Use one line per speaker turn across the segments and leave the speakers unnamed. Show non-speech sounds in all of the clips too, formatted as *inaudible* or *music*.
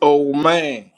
Oh man,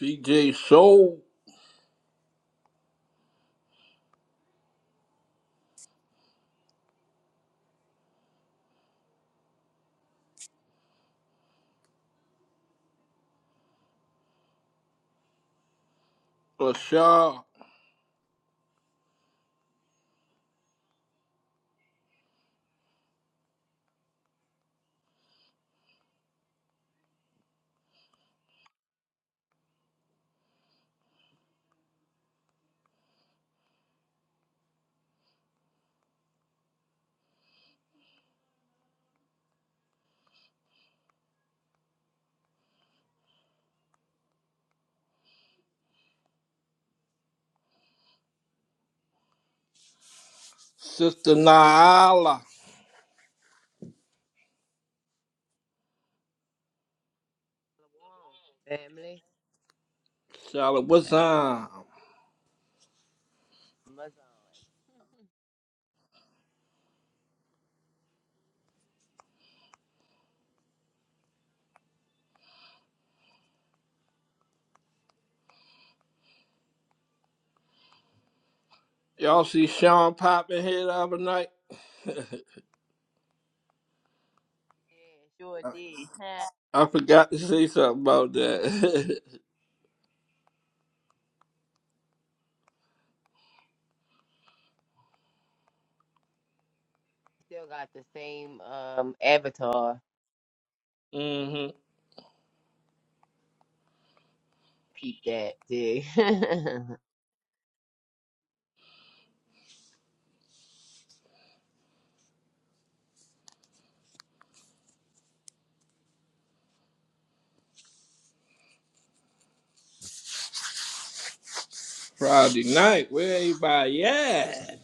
PJ Soul, Rashad, Sister Nyala,
Shalom, family.
Charlotte, what's up?
Amazon. *laughs*
Y'all see Sean popping here the other night? *laughs*
Yeah, sure did. *laughs* Huh.
I forgot to say something about that.
Still got the same um avatar.
*laughs* hmm
Peep that, dig. *laughs*
Friday night, where everybody at?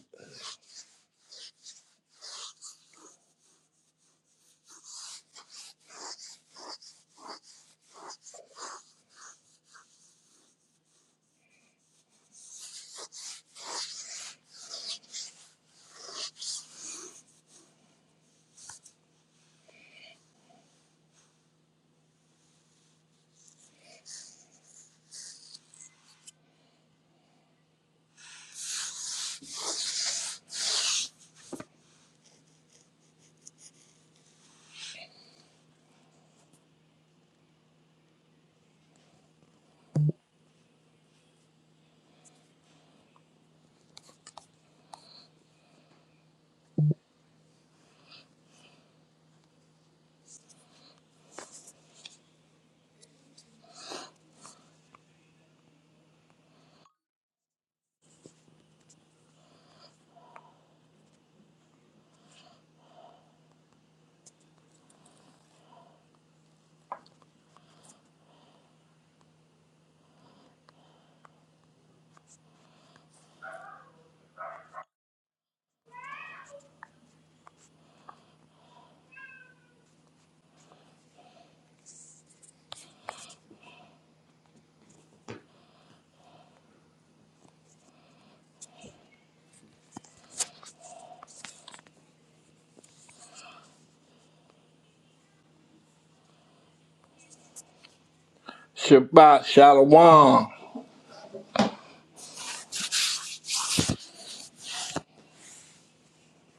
Shabbat Shalom.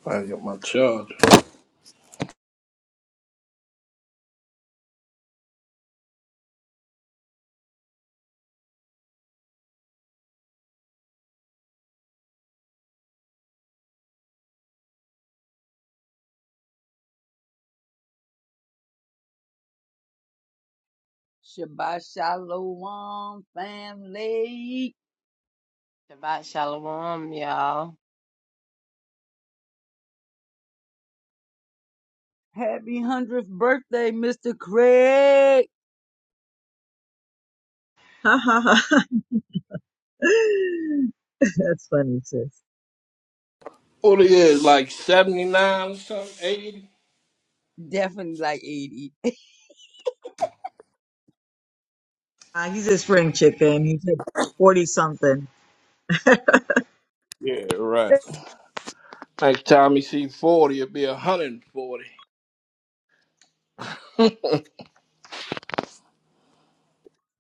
I got my charger.
Shabbat shalom, family.
Shabbat Shalom, y'all.
Happy 100th birthday, Mr. Craig.
Ha ha ha. *laughs* That's funny, sis.
What it is, like 79 or something, 80?
Definitely like 80.
Uh, he's a spring chicken. He's like 40 something.
Yeah, right. Next time you see 40, it'll be 140.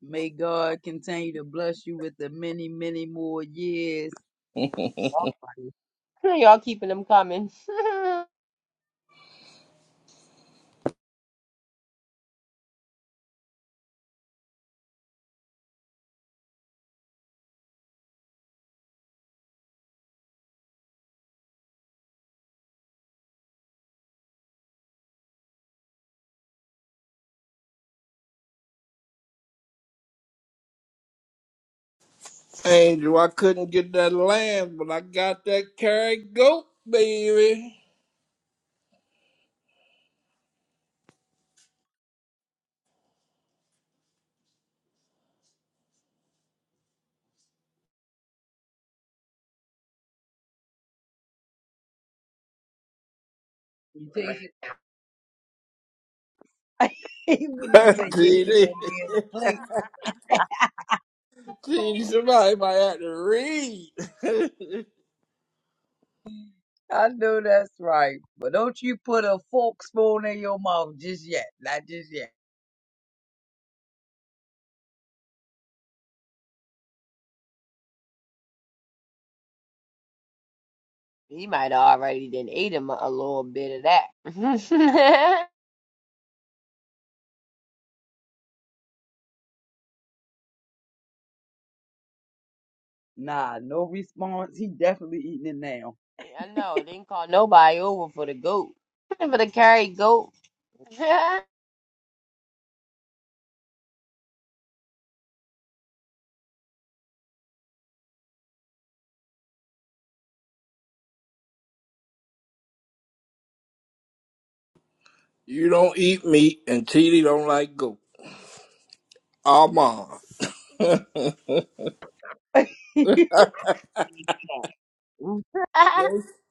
May God continue to bless you with the many, many more years.
Y'all *laughs* y'all keeping them coming.
Angel, I couldn't get that lamb, but I got that carrot goat, baby.
You take it. *laughs*
*laughs*
when you say, yeah, you're going to
TD,
be in the plate.
*laughs*
TD, somebody might have to read. *laughs*
I know that's right. But don't you put a fork spoon in your mouth just yet. Not just yet.
he might have already done ate him a a little bit of that. *laughs*
Nah, no response. He definitely eating it now.
I know, didn't call nobody over for the goat. *laughs* for the carry goat. *laughs*
you don't eat meat, and TD don't like goat. Almond. *laughs* don't,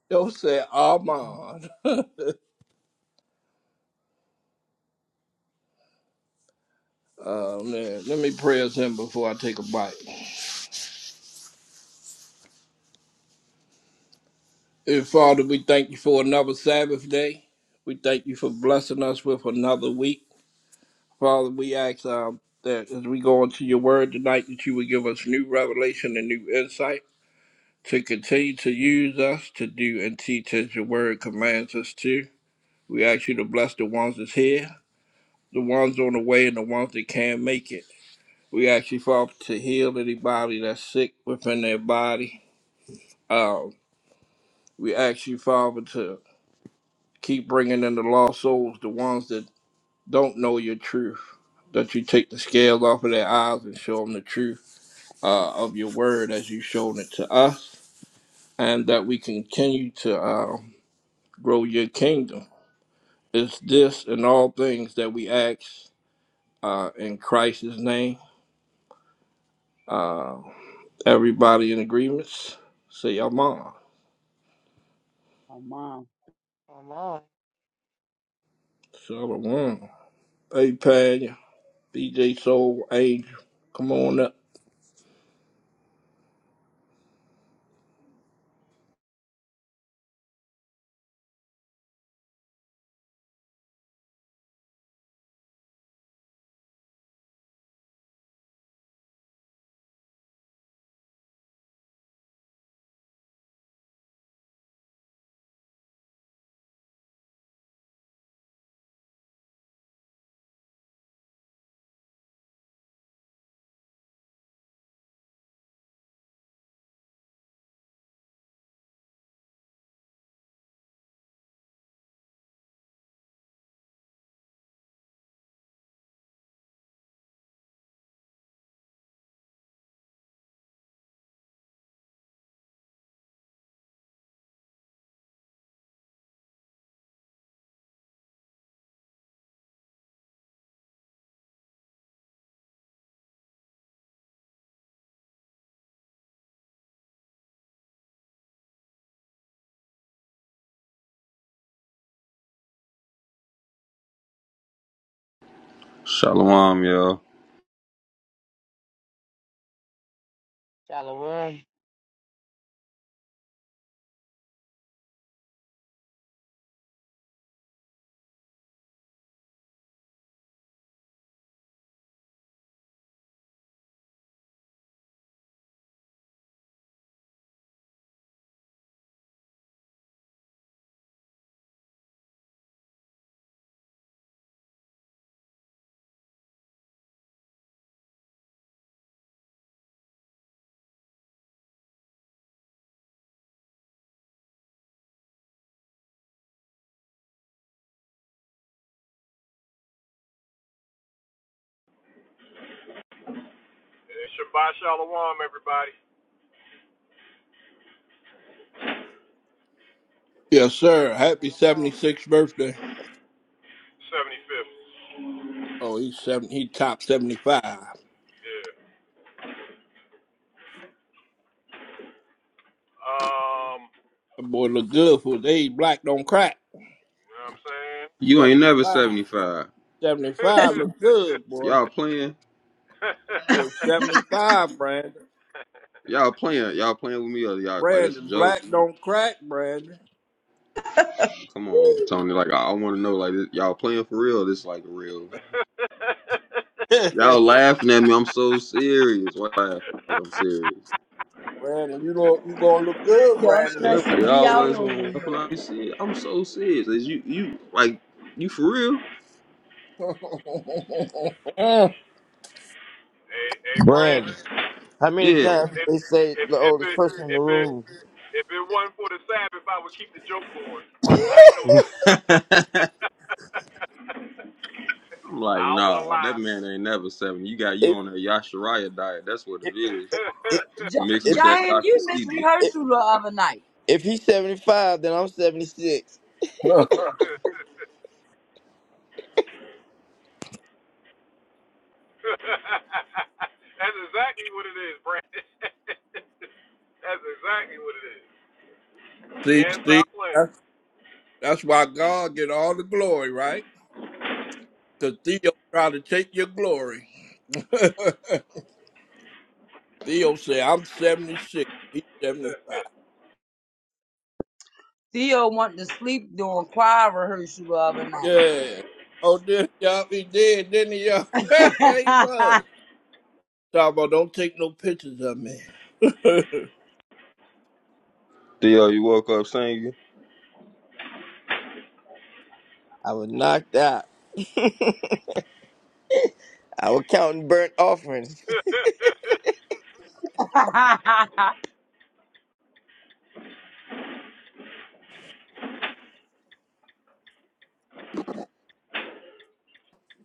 don't say almond. Oh, man. Let me pray us in before I take a bite. Dear Father, we thank you for another Sabbath day. We thank you for blessing us with another week. Father, we ask um, that as we go into your word tonight, that you would give us new revelation and new insight to continue to use us to do and teach as your word commands us to. We ask you to bless the ones that's here, the ones on the way, and the ones that can't make it. We ask you, Father, to heal anybody that's sick within their body. Um, we ask you, Father, to keep bringing in the lost souls, the ones that don't know your truth, that you take the scales off of their eyes and show them the truth uh, of your word as you've shown it to us, and that we continue to uh, grow your kingdom. It's this and all things that we ask uh, in Christ's name. Uh, everybody in agreements, say Amen.
*laughs* My mom.
Come on.
Shalom. Hey, Panya, BJ Soul, Angel, come on up.
Shalom, y'all.
Shalom.
Yes, sir. Happy
Shalom.
76th birthday. Oh, he's seven. He top 75. That boy look good for his age. Black don't crack.
You ain't never
75.
75.
75 look good, boy.
Y'all playing?
Or 75, Brandon.
Y'all playing? Y'all playing with me or y'all like this a
Brandon,
joke?
black don't crack, Brandon.
Come on, Tony. Like I, I want to know, like this, y'all playing for real? Or this like real?
*laughs*
Y'all laughing at me? I'm so serious. Why laughing? Like I'm serious.
Brandon, you look, you gonna look good,
Y'all
Brandon, when you get
stressing
Everybody
be out
always
on
want
me.
to laugh when I see it. I'm so serious. Is you you like you for real?
up.
Brandy, how many
Yeah.
times they say the oldest person in the room?
*laughs* I'm like, nah, that man ain't never seventy. You got you
If
on that Yashariah diet. That's what
if
it is.
if
Ja-
Mixed
if,
with that
Jahan,
Dr.
you missed
CB.
if,
rehearsal the other night.
if he's seventy five, then I'm seventy six.
*laughs* see, see, that's, that's why God get all the glory, right? Cause Theo tried to take your glory. *laughs* Theo said, "I'm 76, he's 75."
Theo wanted to sleep during choir rehearsal the other night.
Yeah. Oh, did y'all? He did, didn't he? Y'all? *laughs* he was.
*laughs*
Dabo, don't take no pictures of me. *laughs*
Theo, you woke up singing?
I was knocked out. I was counting burnt offerings.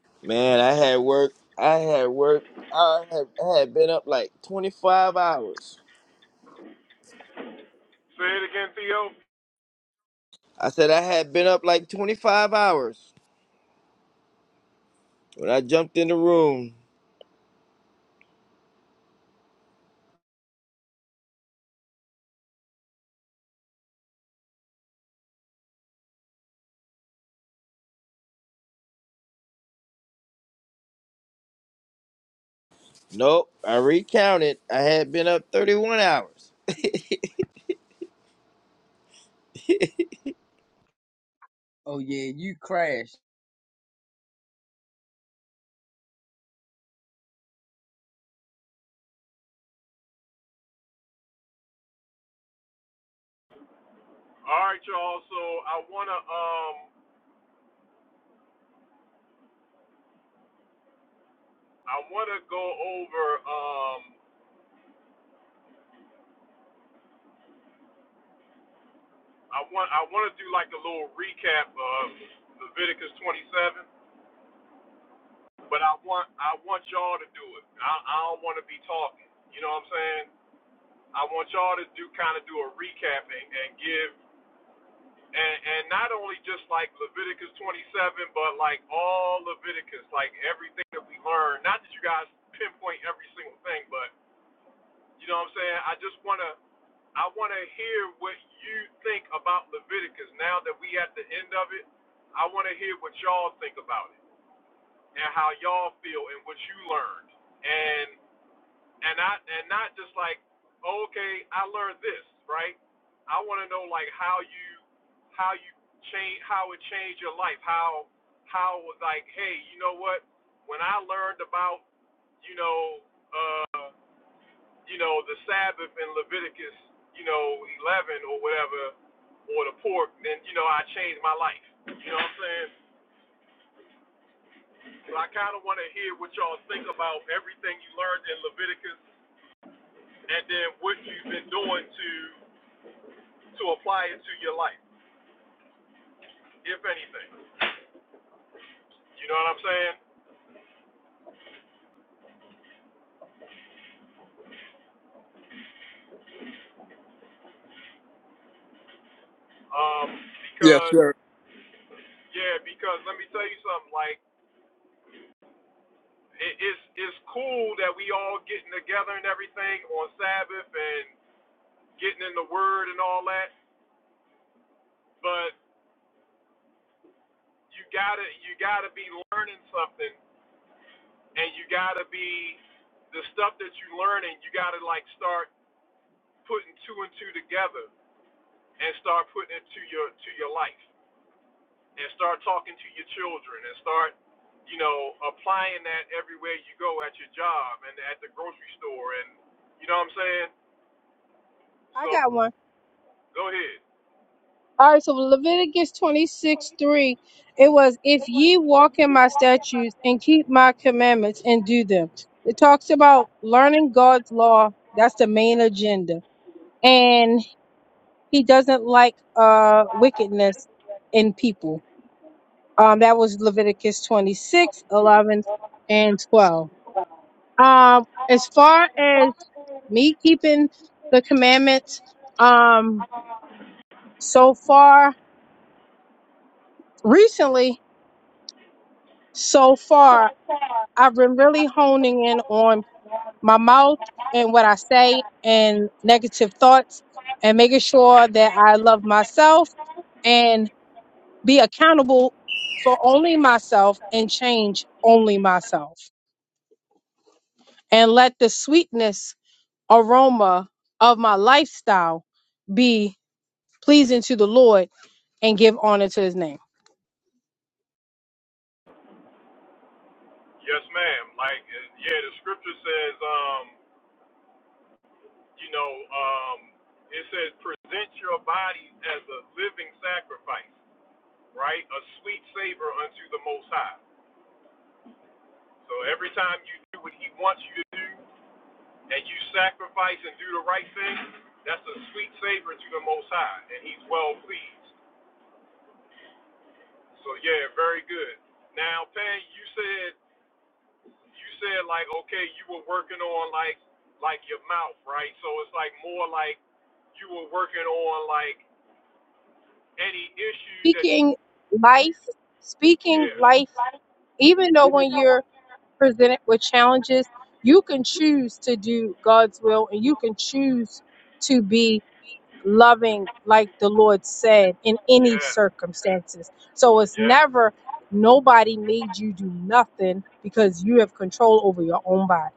*laughs* Man, I had work. I had work. I had, I had been up like twenty five hours. I said I had been up like twenty five hours when I jumped in the room. Nope, I recounted. I had been up thirty one hours.
oh yeah, you crashed.
yes, sir.
I got one. All right, so Leviticus 26 3, it was, If ye walk in my statutes and keep my commandments and do them. It talks about learning God's law. That's the main agenda. And he doesn't like uh, wickedness in people. Um, that was Leviticus 26 11 and 12. Um, as far as me keeping the commandments, um, so far recently, so far I've been really honing in on my mouth and what I say and negative thoughts and making sure that I love myself and be accountable for only myself and change only myself and let the sweetness aroma of my lifestyle be pleasing to the Lord and give honor to his name. Speaking life, speaking life even though when you're presented with challenges, you can choose to do God's will and you can choose to be loving like the Lord said in any circumstances. So it's never nobody made you do nothing because you have control over your own body.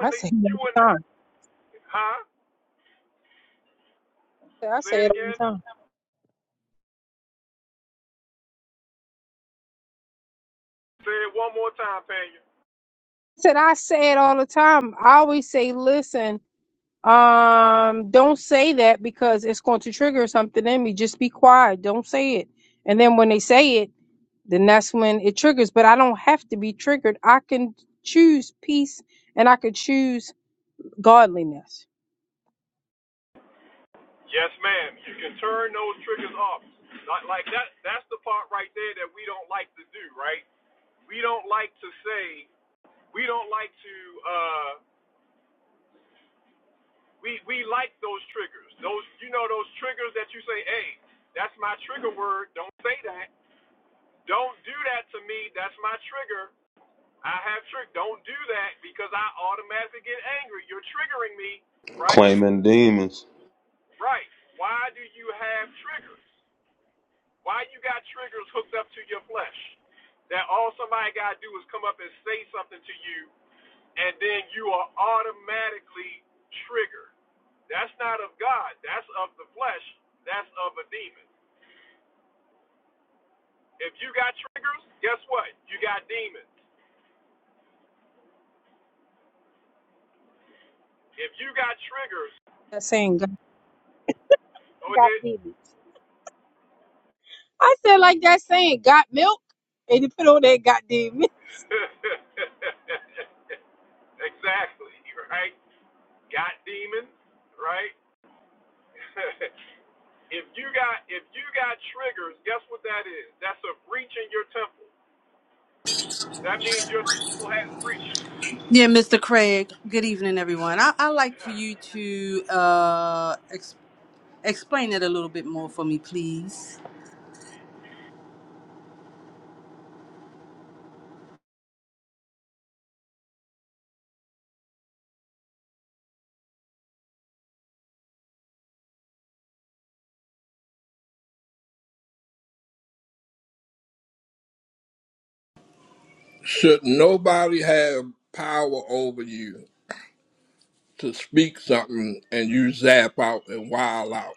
I say it all the *laughs* time. I say it all the time. said I say it all the time. I always say, listen, Um, don't say that because it's going to trigger something in me. Just be quiet. Don't say it. And then when they say it, then that's when it triggers. But I don't have to be triggered. I can choose peace and I could choose godliness.
Claiming demons.
That saying got, got demons. I said like that saying got milk and you put on that got demons. *laughs*
Yeah, Mr. Craig. Good evening, everyone. I, I like for you to uh, ex- explain it a little bit more for me, please.
Should nobody have power over you to speak something and you zap out and wild out,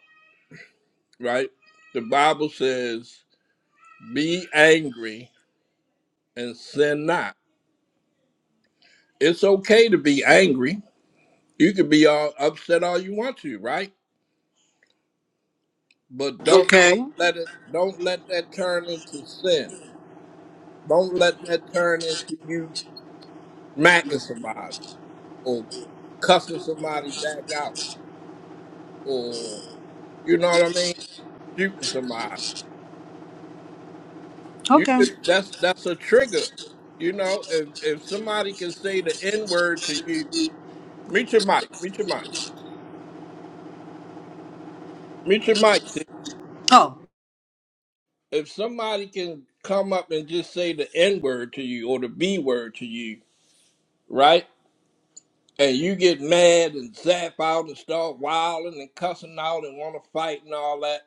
right? The Bible says, be angry and sin not. It's okay to be angry. You can be all upset all you want to, right? But don't don't
Okay.
let it don't let that turn into sin. Don't let that turn into you smacking somebody. or cussing somebody back out or you know what I mean, shooting somebody. You
Okay.
could that's that's a trigger. You know, if if somebody can say the N word to you, meet your mic, meet your mic, meet your mic. T.
Oh,
If somebody can come up and just say the N word to you or the B word to you, right? And you get mad and zap out and start wilding and cussing out and want to fight and all that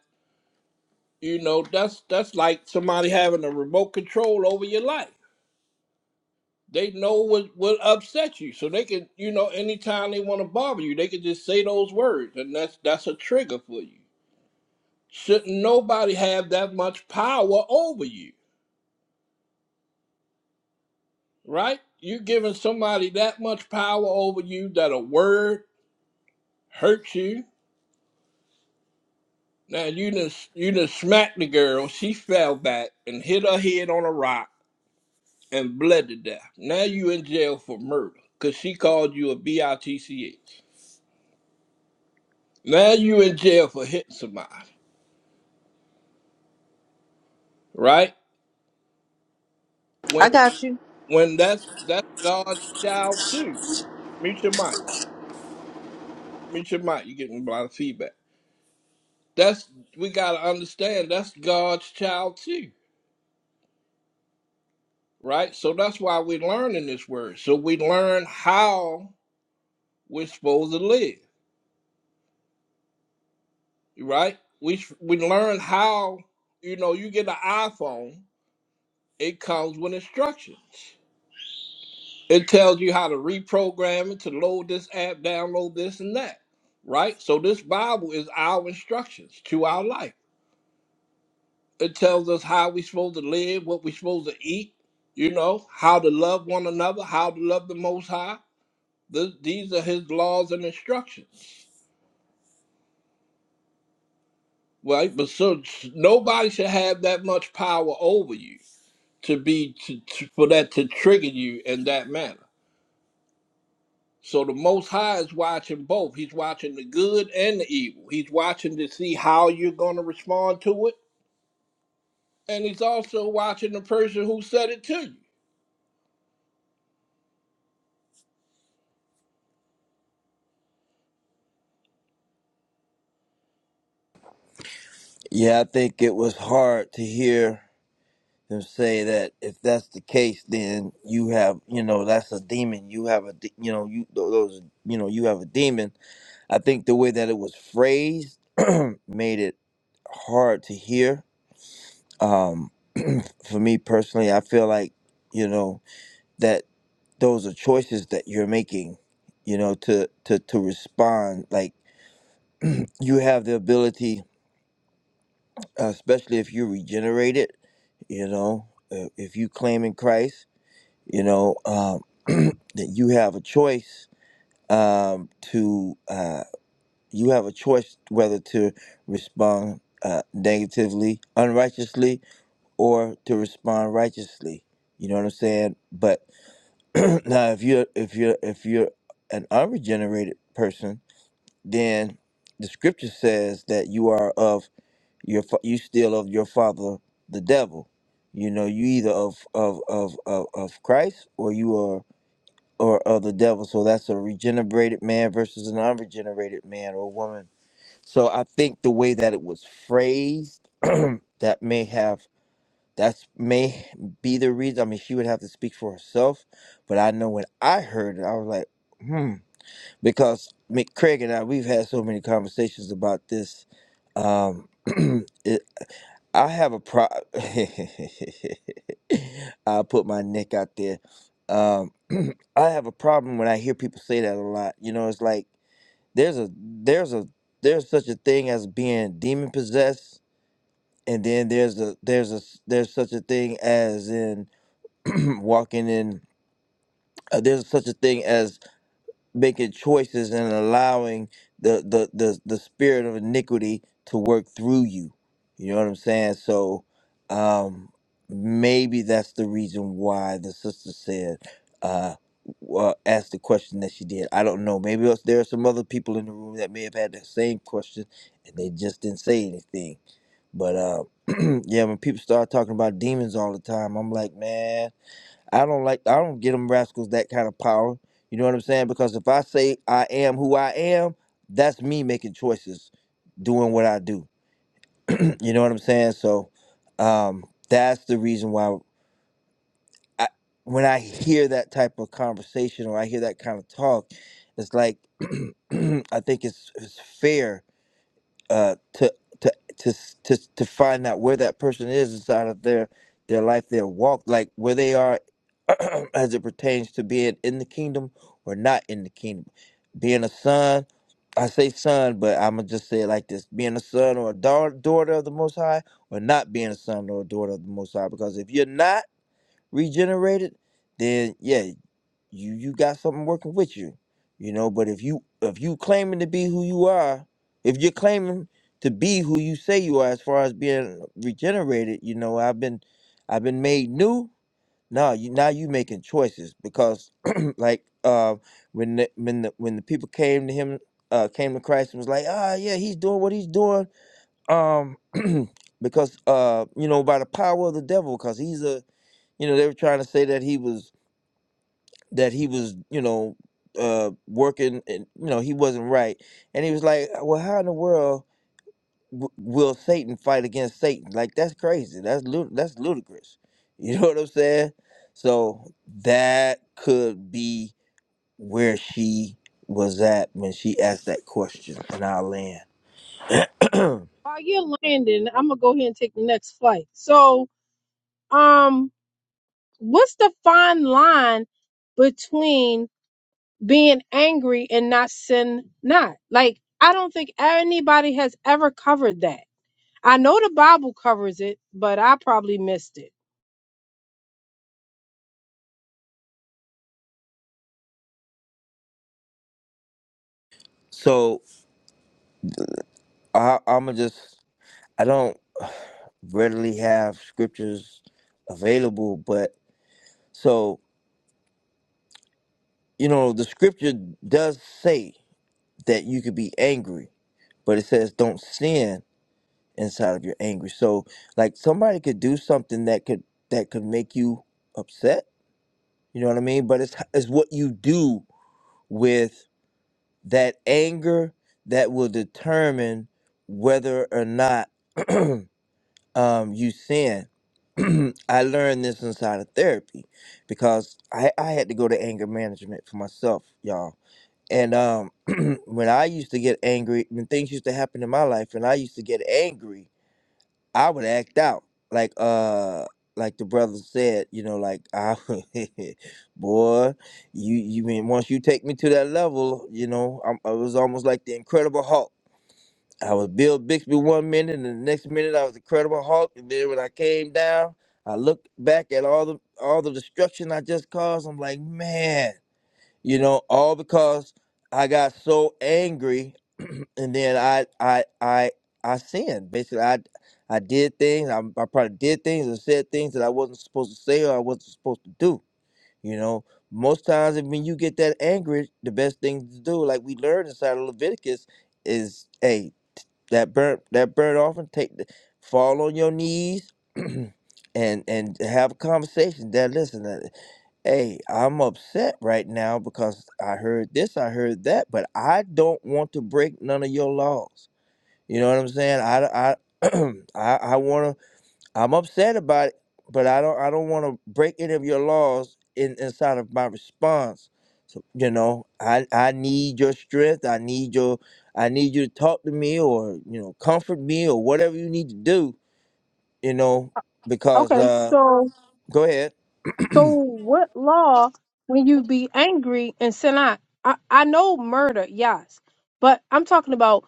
You know, that's that's like somebody having a remote control over your life. They know what will upset you, so they can, you know, anytime they want to bother you, they can just say those words, and that's that's a trigger for you. Shouldn't nobody have that much power over you, right? You're giving somebody that much power over you that a word hurts you. Now you just you just smacked the girl. She fell back and hit her head on a rock and bled to death. Now you in jail for murder because she called you a bitch. Now you in jail for hitting somebody, right? When
I got you.
when that's that's God's child too. Meet your mic. Meet your mic. You're getting a lot of feedback. That's we gotta understand. That's God's child too, right? So that's why we're learning this word. So we learn how we're supposed to live, right? We we learn how you know you get an iPhone It comes with instructions. It tells you how to reprogram it to load this app, download this and that, right? So this Bible is our instructions to our life. It tells us how we're supposed to live, what we're supposed to eat, you know, how to love one another, how to love the Most High. This, these are His laws and instructions, right? But so nobody should have that much power over you to be to, to, for that to trigger you in that manner. So the Most High is watching both. He's watching the good and the evil. He's watching to see how you're going to respond to it, and he's also watching the person who said it to you.
Yeah, I think it was hard to hear them say that if that's the case, then you have, you know, that's a demon. You have a, de- you know, you tho- those, you know, you have a demon. I think the way that it was phrased *clears throat* made it hard to hear. Um, *clears throat* for me personally, I feel like, you know, that those are choices that you're making, you know, to to to respond. Like you have the ability, uh, especially if you regenerate it, you know, uh, if you claim in Christ you know um, *clears throat* that you have a choice um, to uh, you have a choice whether to respond uh, negatively unrighteously or to respond righteously you know what i'm saying but *clears throat* now if you're if you're if you're an unregenerated person then the scripture says that you are of your fa- you still of your father the devil you know you either of of of of, of christ or you are or of the devil. So that's a regenerated man versus an unregenerated man or woman. So I think the way that it was phrased, *clears throat* that may have that's may be the reason. I mean, she would have to speak for herself, but I know when I heard it, I was like, hmm, because Mick Craig and I we've had so many conversations about this. Um, *clears throat* I have a pro. *laughs* I'll put my neck out there. Um, *clears throat* I have a problem when I hear people say that a lot. You know, it's like there's a there's a there's such a thing as being demon possessed, and then there's a there's a s- there's such a thing as in *clears throat* walking in. Uh, there's such a thing as making choices and allowing the the the, the spirit of iniquity to work through you you know what i'm saying so um maybe that's the reason why the sister said uh well, asked the question that she did. I don't know. Maybe else there are some other people in the room that may have had that same question and they just didn't say anything. But uh, *clears throat* yeah, when people start talking about demons all the time, I'm like, man, I don't like I don't give them rascals that kind of power. You know what I'm saying? Because if I say I am who I am, that's me making choices, doing what I do. *clears throat* You know what I'm saying? So um, that's the reason why I, when I hear that type of conversation or I hear that kind of talk, it's like *clears throat* I think it's it's fair uh, to to to to to find out where that person is inside of their their life, their walk, like where they are *clears throat* as it pertains to being in the kingdom or not in the kingdom. Being a son, I say son, but I'm gonna just say it like this: being a son or a daugh- daughter of the Most High, or not being a son or a daughter of the Most High. Because if you're not regenerated, then yeah, you you got something working with you you know but if you if you claiming to be who you are if you're claiming to be who you say you are as far as being regenerated you know i've been i've been made new No, you now you making choices because *clears throat* like uh when the, when the when the people came to him uh came to christ and was like ah yeah he's doing what he's doing um *clears throat* because uh you know by the power of the devil because he's a you know they were trying to say that he was that he was, you know, uh, working and you know he wasn't right, and he was like, "Uh, "Well, how in the world w- will Satan fight against Satan? Like that's crazy. That's lu- that's ludicrous. *laughs* You know what I'm saying? So that could be where she was at when she asked that question in our land. *clears throat*
While you're landing, I'm gonna go ahead and take the next flight. So um what's the fine line between being angry and not sin not like i don't think anybody has ever covered that i know the bible covers it but i probably missed it
so I, I'm gonna just I don't readily have scriptures available, but so you know the scripture does say that you could be angry, but it says don't sin inside of your anger. So like somebody could do something that could that could make you upset. You know what I mean? But it's it's what you do with that anger that will determine whether or not *clears throat* um, you sin. *clears throat* I learned this inside of therapy because I, I had to go to anger management for myself, y'all And um, *clears throat* when I used to get angry, when things used to happen in my life, and I used to get angry, I would act out. Like uh, like the brother said, you know, like I, *laughs* boy, you you mean once you take me to that level, you know, I'm, I was almost like the Incredible Hulk. I was Bill Bixby one minute, and the next minute I was Incredible Hulk. And then when I came down, I looked back at all the all the destruction I just caused. I'm like, man you know all because i got so angry and then i i i i sinned basically i i did things I, I probably did things and said things that i wasn't supposed to say or i wasn't supposed to do you know most times if- when you get that angry the best thing to do like we learned inside of leviticus is hey that burnt that burnt offering take the, fall on your knees *clears throat* and and have a conversation that listen Hey, I'm upset right now because I heard this, I heard that, but I don't want to break none of your laws. You know what I'm saying? I, I, *clears throat* I, I want to. I'm upset about it, but I don't. I don't want to break any of your laws in inside of my response. So you know, I, I need your strength. I need your. I need you to talk to me, or you know, comfort me, or whatever you need to do. You know, because
okay
uh,
so
go ahead.
so what law when you be angry and sin not i, I know murder yes but i'm talking about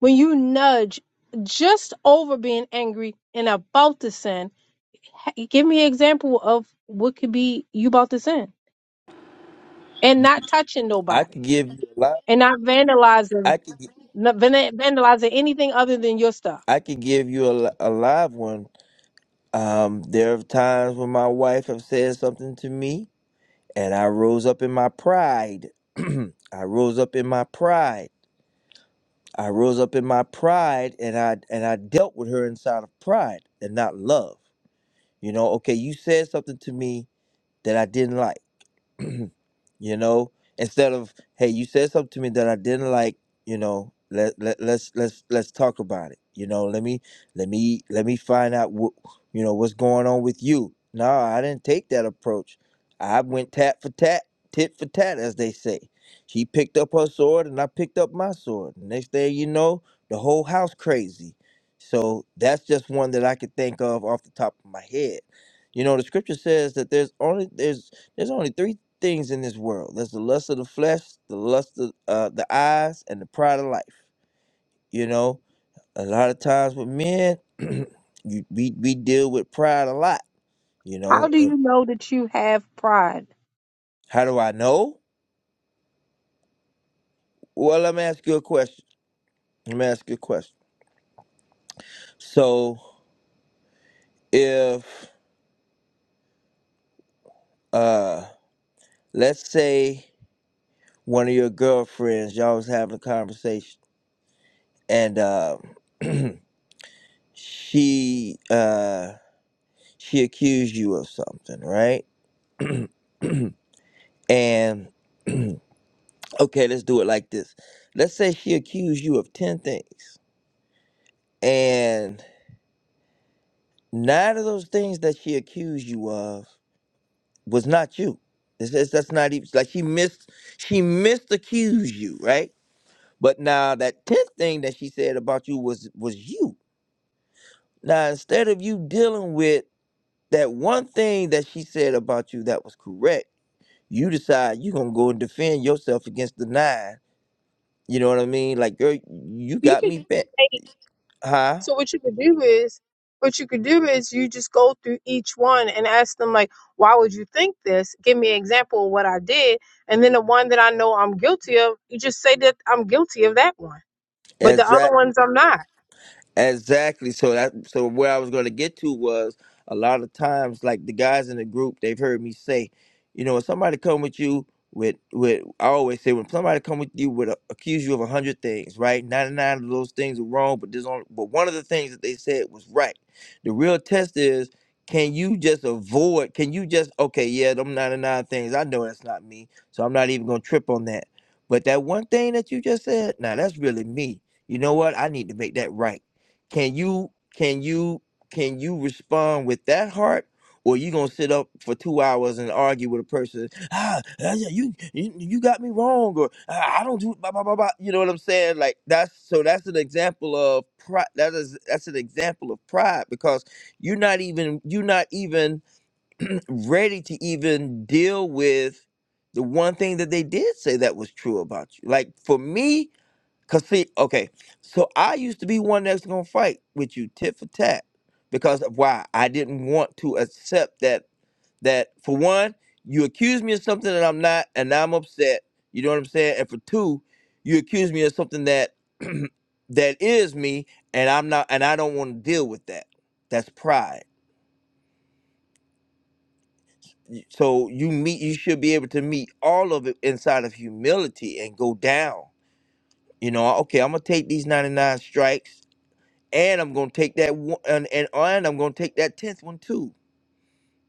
when you nudge just over being angry and about to sin H- give me an example of what could be you about to sin and not touching
I
nobody
could give you a lot.
and not vandalizing
I could.
not van- vandalizing anything other than your stuff
I could give you a, li- a live one. Um, there are times when my wife have said something to me, and I rose up in my pride. *clears throat* I rose up in my pride. I rose up in my pride, and I and I dealt with her inside of pride and not love. You know, okay, you said something to me that I didn't like *clears throat* you know instead of hey you said something to me that i didn't like you know let, let let's let's let's talk about it you know let me let me let me find out what you know what's going on with you no i didn't take that approach i went tat for tat tit for tat as they say she picked up her sword and i picked up my sword next thing you know the whole house crazy so that's just one that i could think of off the top of my head you know the scripture says that there's only there's there's only three things in this world. There's the lust of the flesh, the lust of uh, the eyes, and the pride of life. You know, a lot of times with men, *clears throat* you, we we deal with pride a lot. You
how
know,
do
And
you know that you have pride
how do I know? Well, let me ask you a question. Let me ask you a question. So, if uh, let's say one of your girlfriends, y'all was having a conversation, and um, *clears throat* she uh, she accused you of something, right? *clears throat* And *clears throat* okay, let's do it like this. Let's say she accused you of 10 things, and nine of those things that she accused you of was not you. This is that's not even like she missed she missed accused you, right? But now that 10th thing that she said about you was was you. Now instead of you dealing with that one thing that she said about you that was correct, you decide you're gonna go and defend yourself against the nine. You know what I mean? Like, girl, you
You
got
could
me bent.
say
Huh?
so. What you could do is, what you could do is, you just go through each one and ask them like, "Why would you think this? Give me an example of what I did." And then the one that I know I'm guilty of, you just say that I'm guilty of that one, but the other ones I'm not.
Exactly. So that so where I was going to get to was a lot of times like the guys in the group they've heard me say, you know, when somebody come with you with with I always say when somebody come with you with a, accuse you of a hundred things, right? Ninety nine of those things are wrong, but there's only but one of the things that they said was right. The real test is can you just avoid? Can you just okay? Yeah, them ninety nine things. I know that's not me, so I'm not even gonna trip on that. But that one thing that you just said, now that's really me. You know what? I need to make that right can you can you can you respond with that heart? Or you gonna sit up for two hours and argue with a person? Ah, ah, yeah, you you, you got me wrong, or ah, I don't do blah blah blah blah. You know what I'm saying? Like that's so that's an example of pride. That is that's an example of pride because you're not even you're not even ready to even deal with the one thing that they did say that was true about you. Like for me, Cause see, okay, so I used to be one that's gonna fight with you tit for tat because of why I didn't want to accept that. That for one, you accuse me of something that I'm not, and now I'm upset. You know what I'm saying? And for two, you accuse me of something that *clears throat* that is me, and I'm not, and I don't want to deal with that. That's pride. Y- So you meet, you should be able to meet all of it inside of humility and go down. You know, okay, I'm gonna take these 99 strikes and I'm gonna take that one, and, and and I'm gonna take that tenth one too.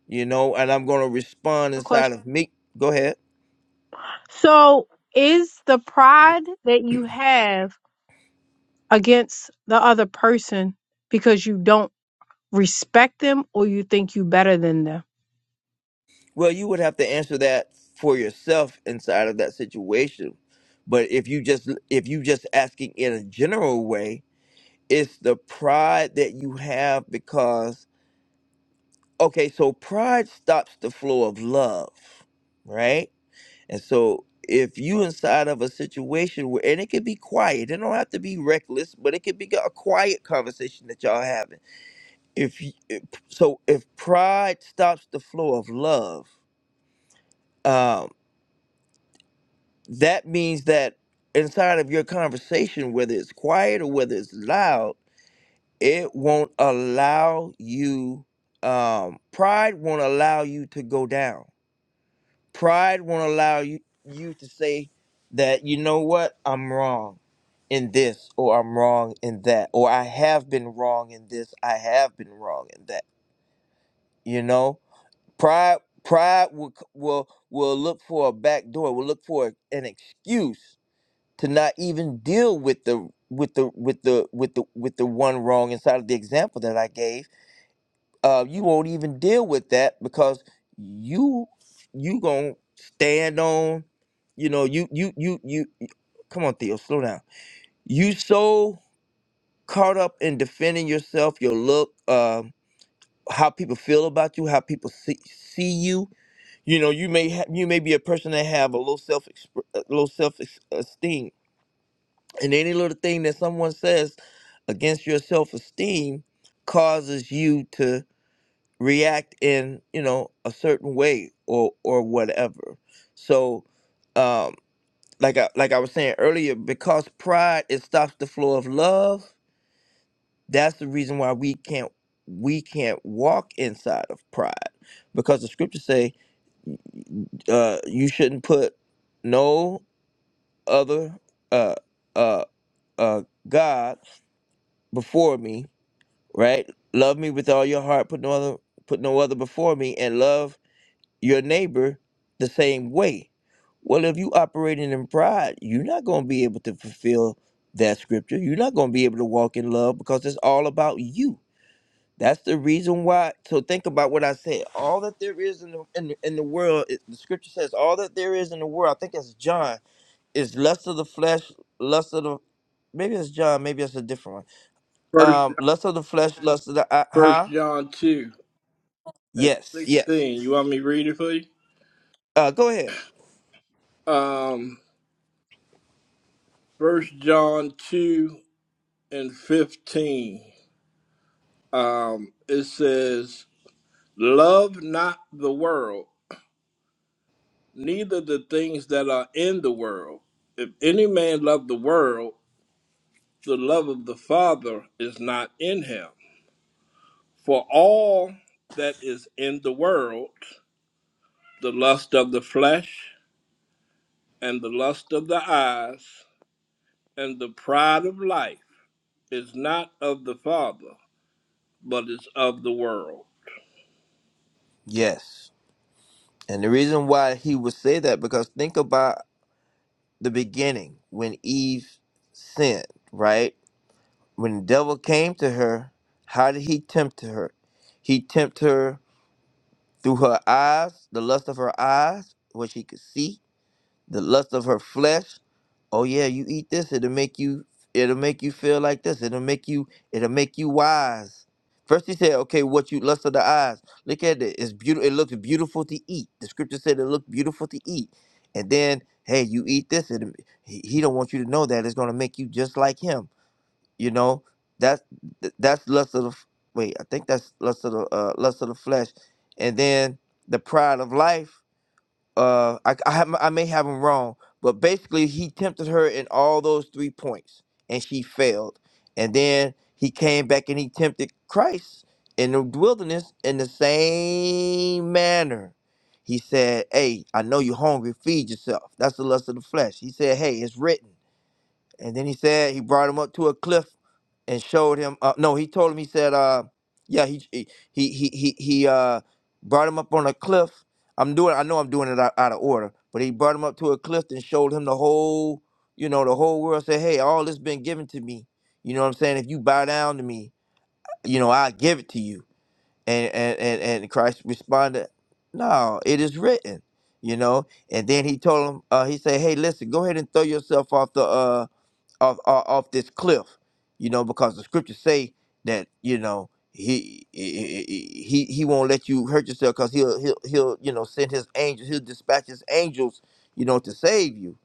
You know, and I'm gonna respond
a
inside
question
of me. Go ahead.
so is the pride that you have against the other person because you don't respect them or you think you better than them.
Well, you would have to answer that for yourself inside of that situation. But if you just if you just asking in a general way, it's the pride that you have because okay, so pride stops the flow of love, right? And so if you inside of a situation where and it could be quiet, it don't have to be reckless, but it could be a quiet conversation that y'all having. If, you- if so, if pride stops the flow of love, um, that means that inside of your conversation, whether it's quiet or whether it's loud, it won't allow you. Um, pride won't allow you to go down Pride won't allow you, you to say that, you know what, I'm wrong in this, or I'm wrong in that, or I have been wrong in this, I have been wrong in that. You know, pride pride will c- will will look for a back door, will look for an excuse to not even deal with the with the with the with the with the one wrong inside of the example that I gave uh, you won't even deal with that because you you gonna stand on you know you you you you come on theo slow down you so caught up in defending yourself your look um how people feel about you how people see, see you you know you may have you may be a person that have a low self a low self esteem and any little thing that someone says against your self esteem causes you to react in you know a certain way or or whatever so um like I, like I was saying earlier because pride it stops the flow of love that's the reason why we can't we can't walk inside of pride because the scriptures say uh you shouldn't put no other uh uh uh god before me right love me with all your heart put no other put no other before me and love your neighbor the same way. Well, if you operating in pride, you're not going to be able to fulfill that scripture. You're not going to be able to walk in love because it's all about you. That's the reason why. So think about what I said. All that there is in the in, the- in the world, it- the scripture says, all that there is in the world. I think it's John. Is lust of the flesh, lust of the maybe it's John, maybe it's a different one.
First,
Um, lust of the flesh, lust of the eye.
First
huh?
John two and
Yes, yes.
sixteen. You want me to read it for you?
Uh, go ahead.
Um, First John two and fifteen. Um, it says, "Love not the world, neither the things that are in the world. If any man love the world." the love of the Father is not in him. For all that is in the world, the lust of the flesh, and the lust of the eyes, and the pride of life, is not of the Father, but is of the world.
Yes. And the reason why he would say that because think about the beginning when Eve sinned, right? When the devil came to her, how did he tempt her? He tempted her through her eyes, the lust of her eyes, what she could see the lust of her flesh. Oh yeah, you eat this, it'll make you it'll make you feel like this. It'll make you it'll make you wise. First he said, okay, what you lust of the eyes. Look at it. It's beautiful. It looks beautiful to eat. The scripture said it looked beautiful to eat. And then, hey, you eat this, and he, he don't want you to know that it's gonna make you just like him. You know, that's th- that's lust of the f- wait. I think that's lust of the uh, lust of the flesh. And then the pride of life uh I I, have, I may have him wrong, but basically he tempted her in all those three points and she failed. And then he came back and he tempted Christ in the wilderness in the same manner. He said, "Hey, I know you're hungry. Feed yourself. That's the lust of the flesh." He said, "Hey, it's written." And then he said he brought him up to a cliff and showed him. Uh, no, he told him. He said, uh, "Yeah, he he he he he he, uh, brought him up on a cliff. I'm doing. I know I'm doing it out, out of order, but he brought him up to a cliff and showed him the whole, you know, the whole world. Said, "Hey, all this been given to me. You know what I'm saying? If you bow down to me, you know, I give it to you." And and and, and Christ responded, "No, it is written." You know, and then he told him. Uh, he said, "Hey, listen, go ahead and throw yourself off the." Uh, off, off off this cliff, you know, because the scriptures say that you know he he he, he won't let you hurt yourself because he'll he'll he'll you know send his angels, he'll dispatch his angels, you know, to save you.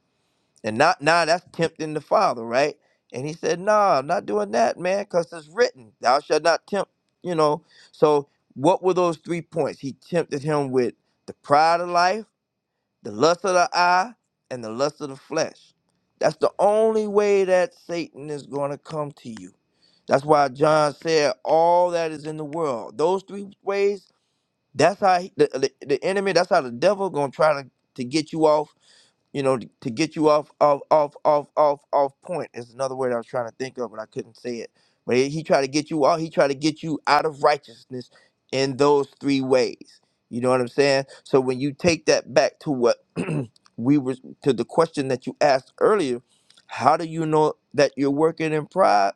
And not now that's tempting the Father, right? And he said, "Nah, I'm not doing that, man, because it's written, Thou shalt not tempt." You know, so what were those three points? He tempted him with the pride of life the lust of the eye and the lust of the flesh. That's the only way that Satan is going to come to you. That's why John said, "All that is in the world." Those three ways. That's how he, the, the the enemy. That's how the devil going to try to to get you off you know, to, to get you off, off, off, off, off, off point is another word I was trying to think of, but I couldn't say it. But he, he tried to get you off. He tried to get you out of righteousness in those three ways. You know what I'm saying? So when you take that back to what *clears throat* we were to the question that you asked earlier, how do you know that you're working in pride?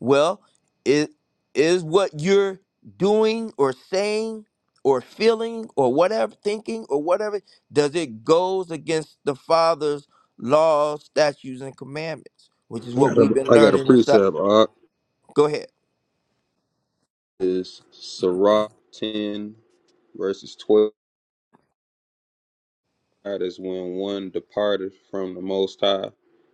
Well, it is what you're doing or saying or feeling or whatever thinking or whatever does it goes against the father's laws, statutes and commandments, which is
I
what
got
we've
a,
been
I got a
learning inside.
precept, Art.
Go ahead.
Is Sirach 10, verses 12. That is when one departed from the Most High,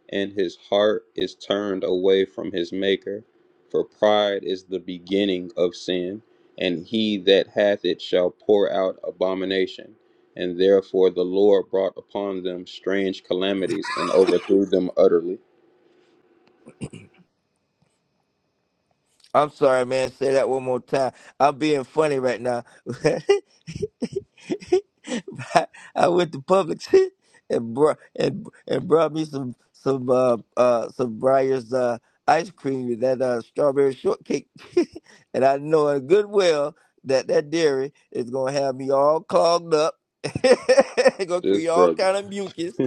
and his heart is turned away from his Maker. For pride is the beginning of sin, and he that hath it shall pour out abomination. And therefore the Lord brought upon them strange calamities and overthrew them utterly.
I'm sorry, man. Say that one more time. I'm being funny right now. *laughs* *laughs* I I went to Publix *laughs* and brought and and brought me some some uh uh some Briar's uh ice cream with that uh strawberry shortcake, *laughs* and I know in good well that that dairy is gonna have me all clogged up. *laughs* it's gonna
This
create all
brother.
kind of
*laughs*
mucus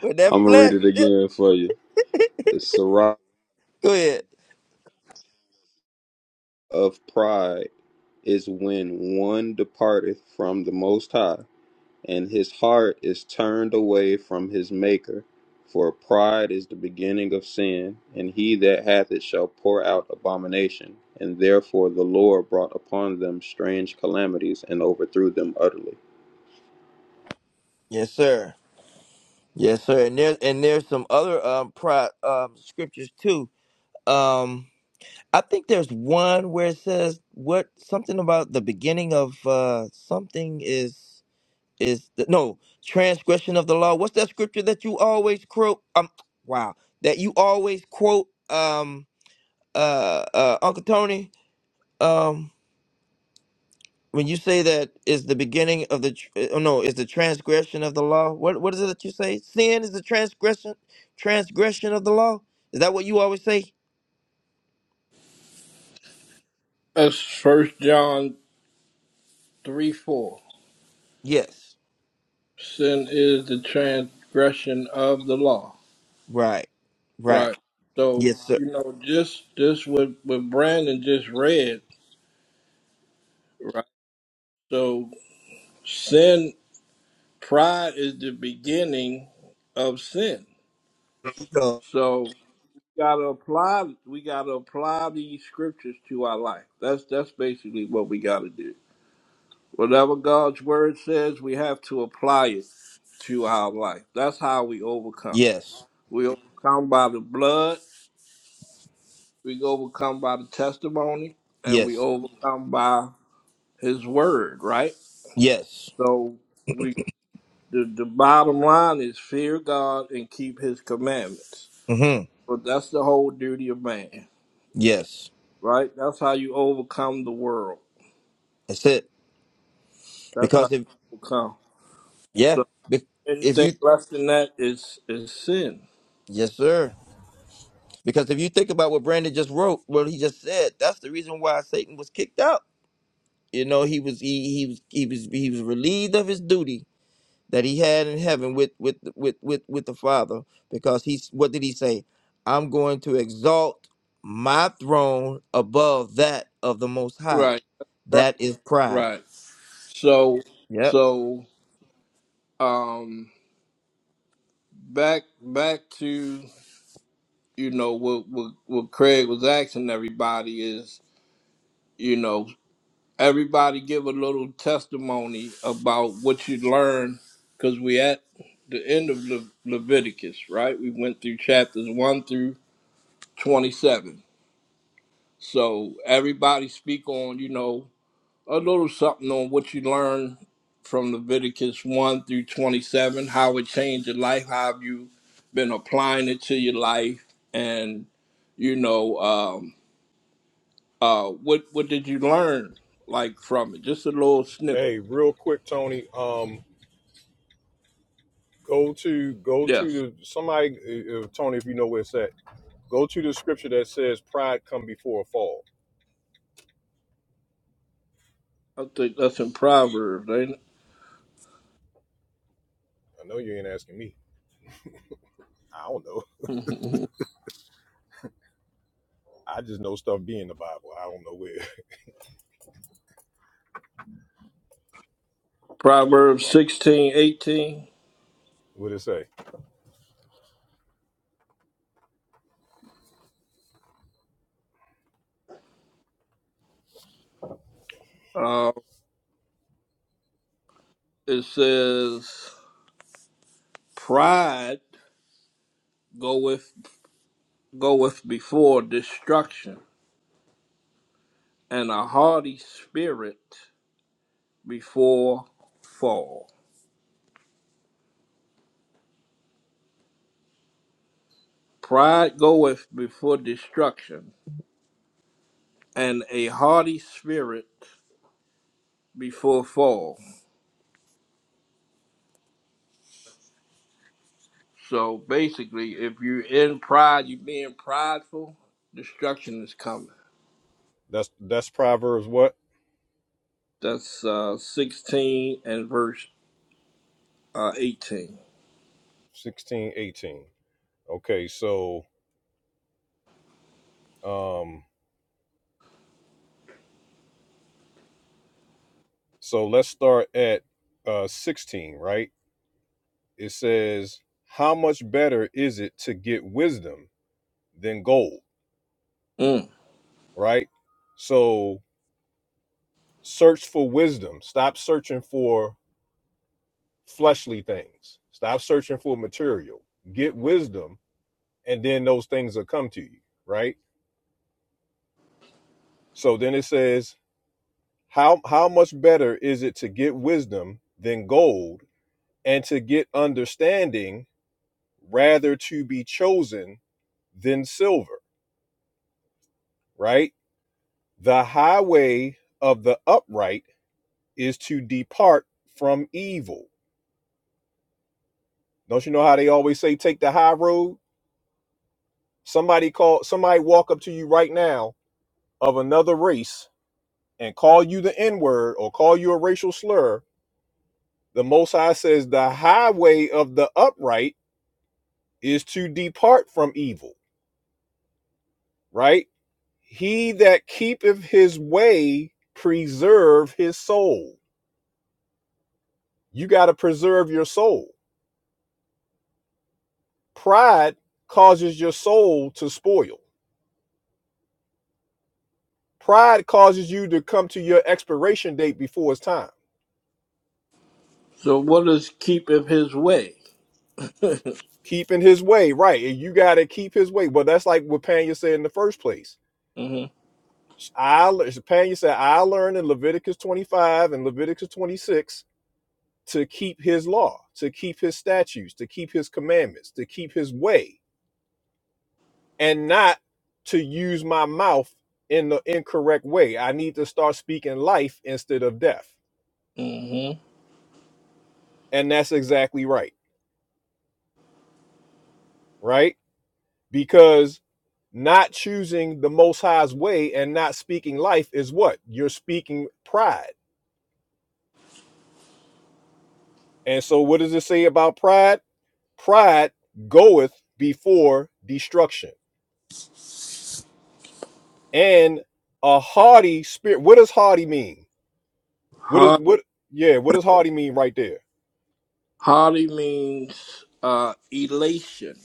with
I'm
that
gonna read
flesh.
it again for you. The Sirach
*laughs* Go ahead.
of pride is when one departeth from the Most High, and his heart is turned away from his Maker. For pride is the beginning of sin, and he that hath it shall pour out abomination. And therefore the Lord brought upon them strange calamities and overthrew them utterly.
Yes, sir. Yes, sir. And there's and there's some other um pro um scriptures too. Um. I think there's one where it says what something about the beginning of uh something is is the, no transgression of the law. What's that scripture that you always quote? Um, wow, that you always quote, um, uh, uh, Uncle Tony, um, when you say that is the beginning of the tr- oh no is the transgression of the law. What what is it that you say? Sin is the transgression transgression of the law. Is that what you always say?
That's First John 3 4.
Yes.
Sin is the transgression of the law.
Right. Right.
Right. So,
Yes,
you know, just just what, what Brandon just read, right? So sin Pride is the beginning of sin.
sir.
So we gotta apply we gotta apply these scriptures to our life. That's that's basically what we gotta do. Whatever God's word says, we have to apply it to our life. That's how we overcome.
Yes.
We overcome by the blood, we overcome by the testimony, and we
Yes.
overcome by his word, right?
Yes.
So we the, the bottom line is fear God and keep his commandments.
Mm-hmm.
But that's the whole duty of man,
Yes.
right? That's how you overcome the world.
That's it.
That's how
Because if
you overcome.
yeah,
So
be- if
anything
you
less than that is is sin.
yes, sir. Because if you think about what Brandon just wrote, what he just said, that's the reason why Satan was kicked out. You know, he was he he was he was he was relieved of his duty that he had in heaven with with with with with the Father. Because he's what did he say? I'm going to exalt my throne above that of the Most High.
Right. Right.
That is pride.
Right. So
Yep.
so um back back to you know what what, what Craig was asking everybody is, you know, everybody give a little testimony about what you learned because we at the end of Le- Leviticus, right? We went through chapters one through 27. So everybody speak on, you know, a little something on what you learned from Leviticus 1 through 27, how it changed your life, how have you been applying it to your life, and, you know, um, uh, what, what did you learn, like, from it? Just a little snippet.
Hey, real quick, Tony. Um, go to go to
Yes.
the somebody, uh, uh, Tony, if you know where it's at. Go to the scripture that says pride come before a fall.
I think that's in Proverbs, ain't
I know you ain't asking me. I don't know.
it?
I just know stuff being the Bible. I don't know where
*laughs* Proverbs sixteen eighteen.
*laughs* what it say.
Uh, it says, pride goeth goeth before destruction, and a haughty spirit before fall. Pride goeth before destruction, and a haughty spirit before fall. So basically, if you're in pride, you're being prideful, destruction is coming.
That's that's Proverbs what
That's uh, 16 and verse uh, 18.
sixteen eighteen. Okay, so um, so let's start at uh sixteen, right? It says, "How much better is it to get wisdom than gold?"
Mm.
Right. So search for wisdom. Stop searching for fleshly things. Stop searching for material. Get wisdom, and then those things will come to you, right? So then it says, how how much better is it to get wisdom than gold, and to get understanding rather to be chosen than silver, right? The highway of the upright is to depart from evil. Don't you know how they always say take the high road? Somebody call somebody walk up to you right now of another race and call you the N-word or call you a racial slur. The most high says the highway of the upright is to depart from evil, right? He that keepeth his way preserve his soul. You got to preserve your soul. Pride causes your soul to spoil. Pride causes you to come to your expiration date before it's time
So what does keepeth his way?
keeping his way right and you got to keep his way well that's like what panya said in the first place
Mm-hmm.
i panya said i learned in leviticus 25 and leviticus 26 to keep his law to keep his statutes to keep his commandments to keep his way and not to use my mouth in the incorrect way i need to start speaking life instead of death
Mm-hmm.
and that's exactly right right because not choosing the most high's way and not speaking life is what you're speaking pride and so what does it say about pride pride goeth before destruction and a haughty spirit what does haughty mean what
Hard
is what yeah what does haughty mean right there
Holly means uh, elation,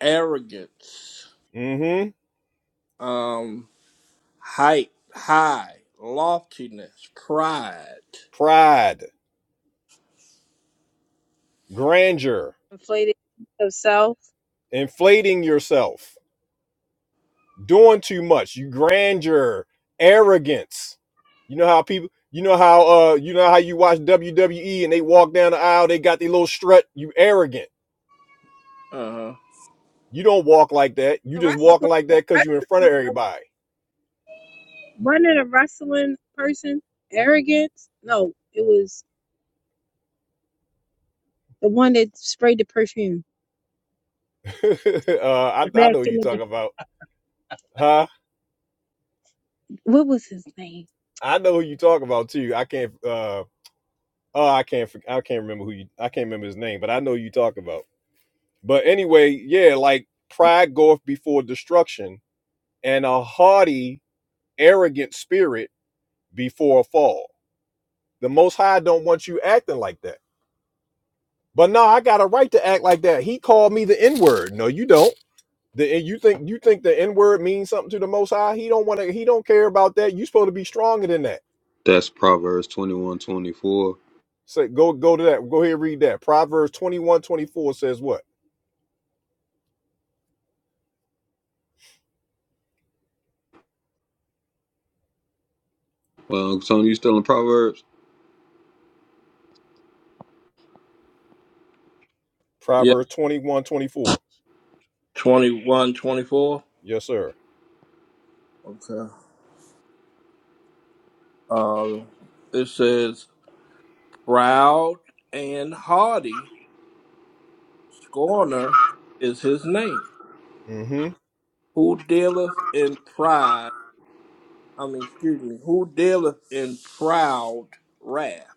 arrogance,
mm-hmm
um, height, high, loftiness, pride.
pride grandeur
Inflated sense of self.
inflating yourself doing too much, you grandeur, arrogance. You know how people, you know how uh, you know how you watch WWE and they walk down the aisle, they got their little strut. You arrogant.
Uh huh.
You don't walk like that. You
The
just
wrestler,
walking like that because you're in front of everybody.
wasn't it a wrestling person? Arrogance? No, it was the one that sprayed the perfume
*laughs* uh, I, I
back
know who
in
you
the day.
talking about, huh?
What was his name?
I know who you talking about too. I can't. Uh, oh, I can't. I can't remember who you. I can't remember his name, but I know who you talking about. But anyway, yeah, like pride goeth before destruction, and a haughty, arrogant spirit before a fall. The Most High don't want you acting like that. But no, I got a right to act like that. He called me the N word. No, you don't. The, you think you think the N word means something to the Most High? He don't want to. He don't care about that. You supposed to be stronger than that.
That's Proverbs twenty one twenty four.
So go go to that. Go ahead and read that. Proverbs twenty one twenty four says what?
Well, Uncle Tony, you still in Proverbs?
Yeah,
Proverbs twenty one twenty four.
Twenty one, twenty four.
Yes, sir.
Okay. Uh, it says, proud and haughty, scorner is his name.
Mm-hmm.
Who dealeth in pride, I mean, excuse me, who dealeth in proud wrath?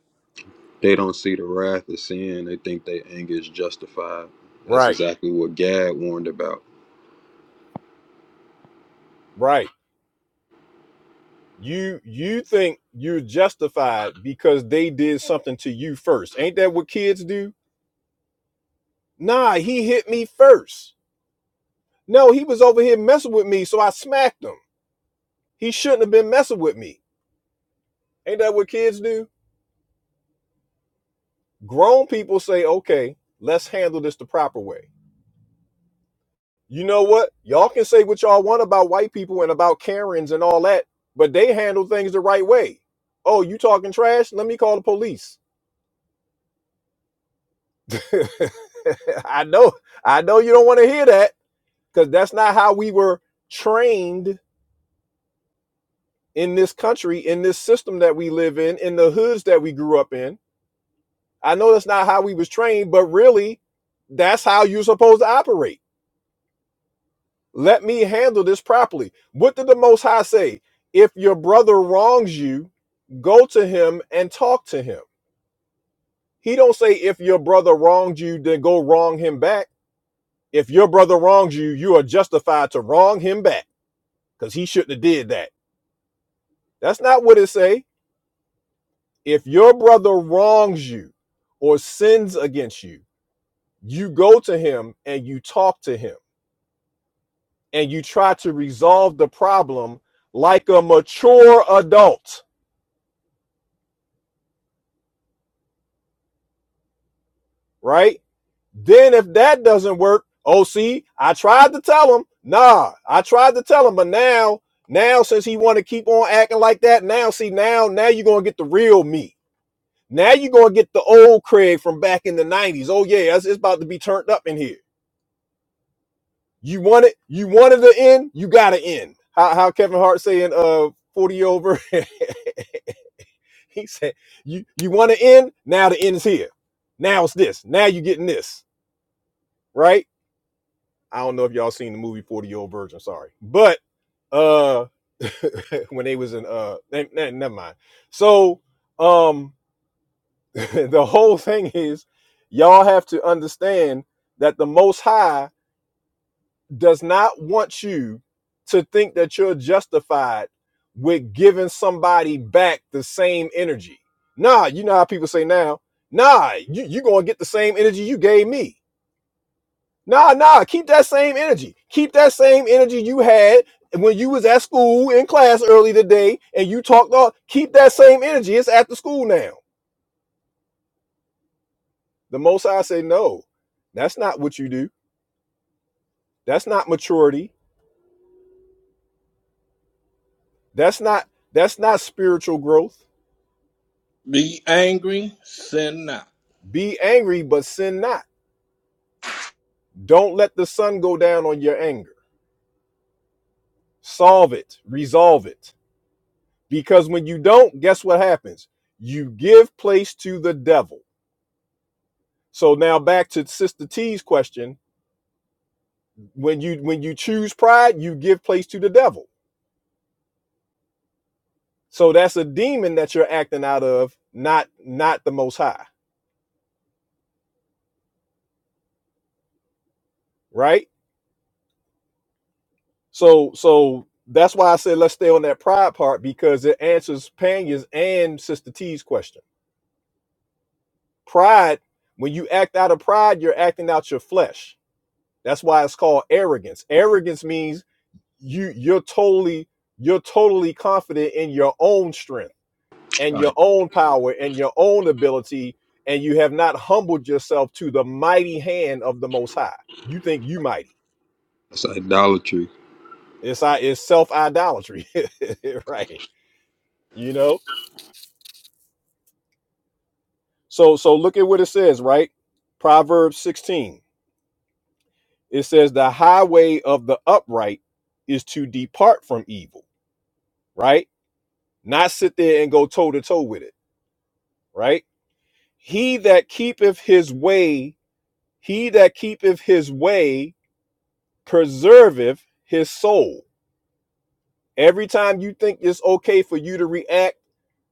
They don't see the wrath of sin. They think their anger is justified. That's
Right.
exactly what Gad warned about.
Right. You you think you're justified because they did something to you first. Ain't that what kids do? Nah, he hit me first. No, he was over here messing with me, so I smacked him. He shouldn't have been messing with me. Ain't that what kids do? Grown people say, okay, let's handle this the proper way. You know what? Y'all can say what y'all want about white people and about Karens and all that, but they handle things the right way. Oh, you talking trash? Let me call the police. *laughs* I know, I know you don't want to hear that because that's not how we were trained in this country, in this system that we live in, in the hoods that we grew up in. I know that's not how we was trained, but really, that's how you're supposed to operate. Let me handle this properly. What did the Most High say? If your brother wrongs you, go to him and talk to him. He don't say if your brother wronged you, then go wrong him back. If your brother wrongs you, you are justified to wrong him back because he shouldn't have did that. That's not what it say If your brother wrongs you or sins against you, you go to him and you talk to him and you try to resolve the problem like a mature adult, right? Then if that doesn't work, oh see, I tried to tell him. Nah, I tried to tell him, but now, now since he want to keep on acting like that, now see now now you're going to get the real me. Now you're going to get the old Craig from back in the 90s. Oh yeah, it's it's about to be turned up in here You want it. You wanted the end. You got to end. How, how Kevin Hart saying uh forty over. *laughs* he said you you want to end. Now the end is here. Now it's this. Now you are getting this right. I don't know if y'all seen the movie Forty Year Old Virgin. Sorry, but uh *laughs* when they was in uh ne- ne- never mind. So um *laughs* the whole thing is y'all have to understand that the Most High does not want you to think that you're justified with giving somebody back the same energy. Nah, you know how people say now, nah, you, you gonna get the same energy you gave me. Nah, nah, keep that same energy. Keep that same energy you had when you was at school in class early today and you talked all keep that same energy. It's after school now. The most High say, no, that's not what you do. That's not maturity. That's not that's not spiritual growth
Be angry, sin not.
Be angry, but sin not. Don't let the sun go down on your anger. Solve it, resolve it. Because when you don't, guess what happens? You give place to the devil. So now back to Sister T's question. When you when you choose pride, you give place to the devil. So that's a demon that you're acting out of, not not the most high, right? So so that's why I said let's stay on that pride part because it answers Panya's and Sister T's question. Pride, when you act out of pride, you're acting out your flesh. That's why it's called arrogance. Arrogance means you you're totally you're totally confident in your own strength and your
Right.
own power and your own ability and you have not humbled yourself to the mighty hand of the most high. You think you mighty.
That's idolatry.
It's i- it's self-idolatry. *laughs* right. You know? So so look at what it says, right? Proverbs 16 it says the highway of the upright is to depart from evil, right? Not sit there and go toe to toe with it, right? He that keepeth his way, he that keepeth his way preserveth his soul. Every time you think it's okay for you to react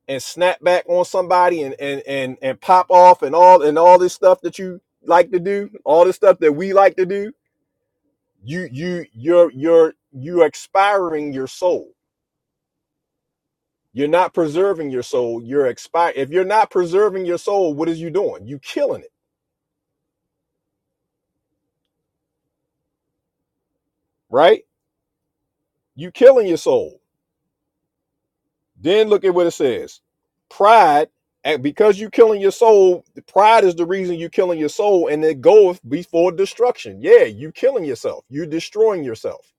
and snap back on somebody and and and and pop off and all and all this stuff that you like to do, all this stuff that we like to do, you you you're you're you are expiring your soul You're not preserving your soul. You're expiring. If you're not preserving your soul, what is you doing? You killing it, right? You killing your soul. Then look at what it says. Pride, and because you killing your soul, pride is the reason you killing your soul, and it goeth before destruction. Yeah, you killing yourself. you are destroying yourself.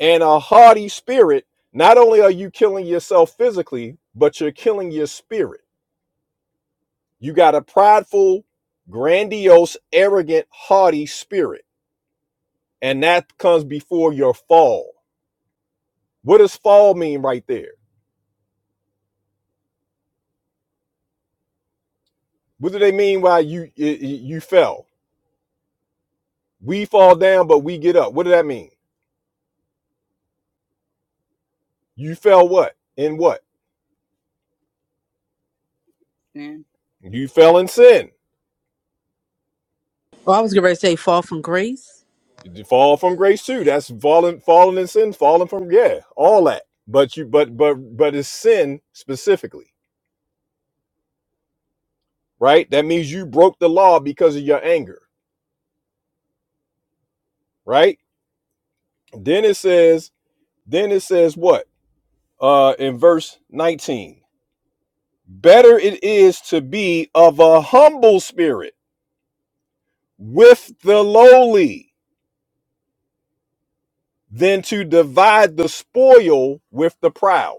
And a haughty spirit, not only are you killing yourself physically, but you're killing your spirit. You got a prideful, grandiose, arrogant, haughty spirit and that comes before your fall. What does fall mean right there? What do they mean by you you, fell? We fall down, but we get up. What does that mean? You fell what? In what?
Man.
You fell in sin.
Well, I was going to say fall from grace.
You fall from grace too. That's falling, falling in sin, falling from yeah, all that. But you, but but but it's sin specifically, right? That means you broke the law because of your anger, right? Then it says, then it says what? Uh, in verse nineteen. Better it is to be of a humble spirit with the lowly than to divide the spoil with the proud,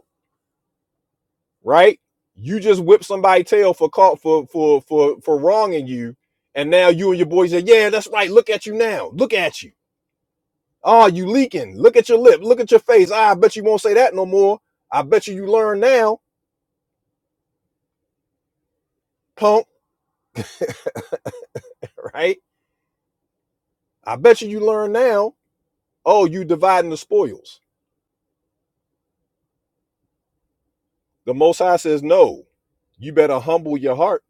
right? You just whip somebody tail for call for for for for wronging you, and now you and your boys say, "Yeah, that's right. Look at you now. Look at you. Oh, you leaking. Look at your lip. Look at your face. Ah, I bet you won't say that no more. I bet you you learn now, punk. *laughs* Right? I bet you you learn now. Oh, you dividing the spoils The Most High says, no, you better humble your heart.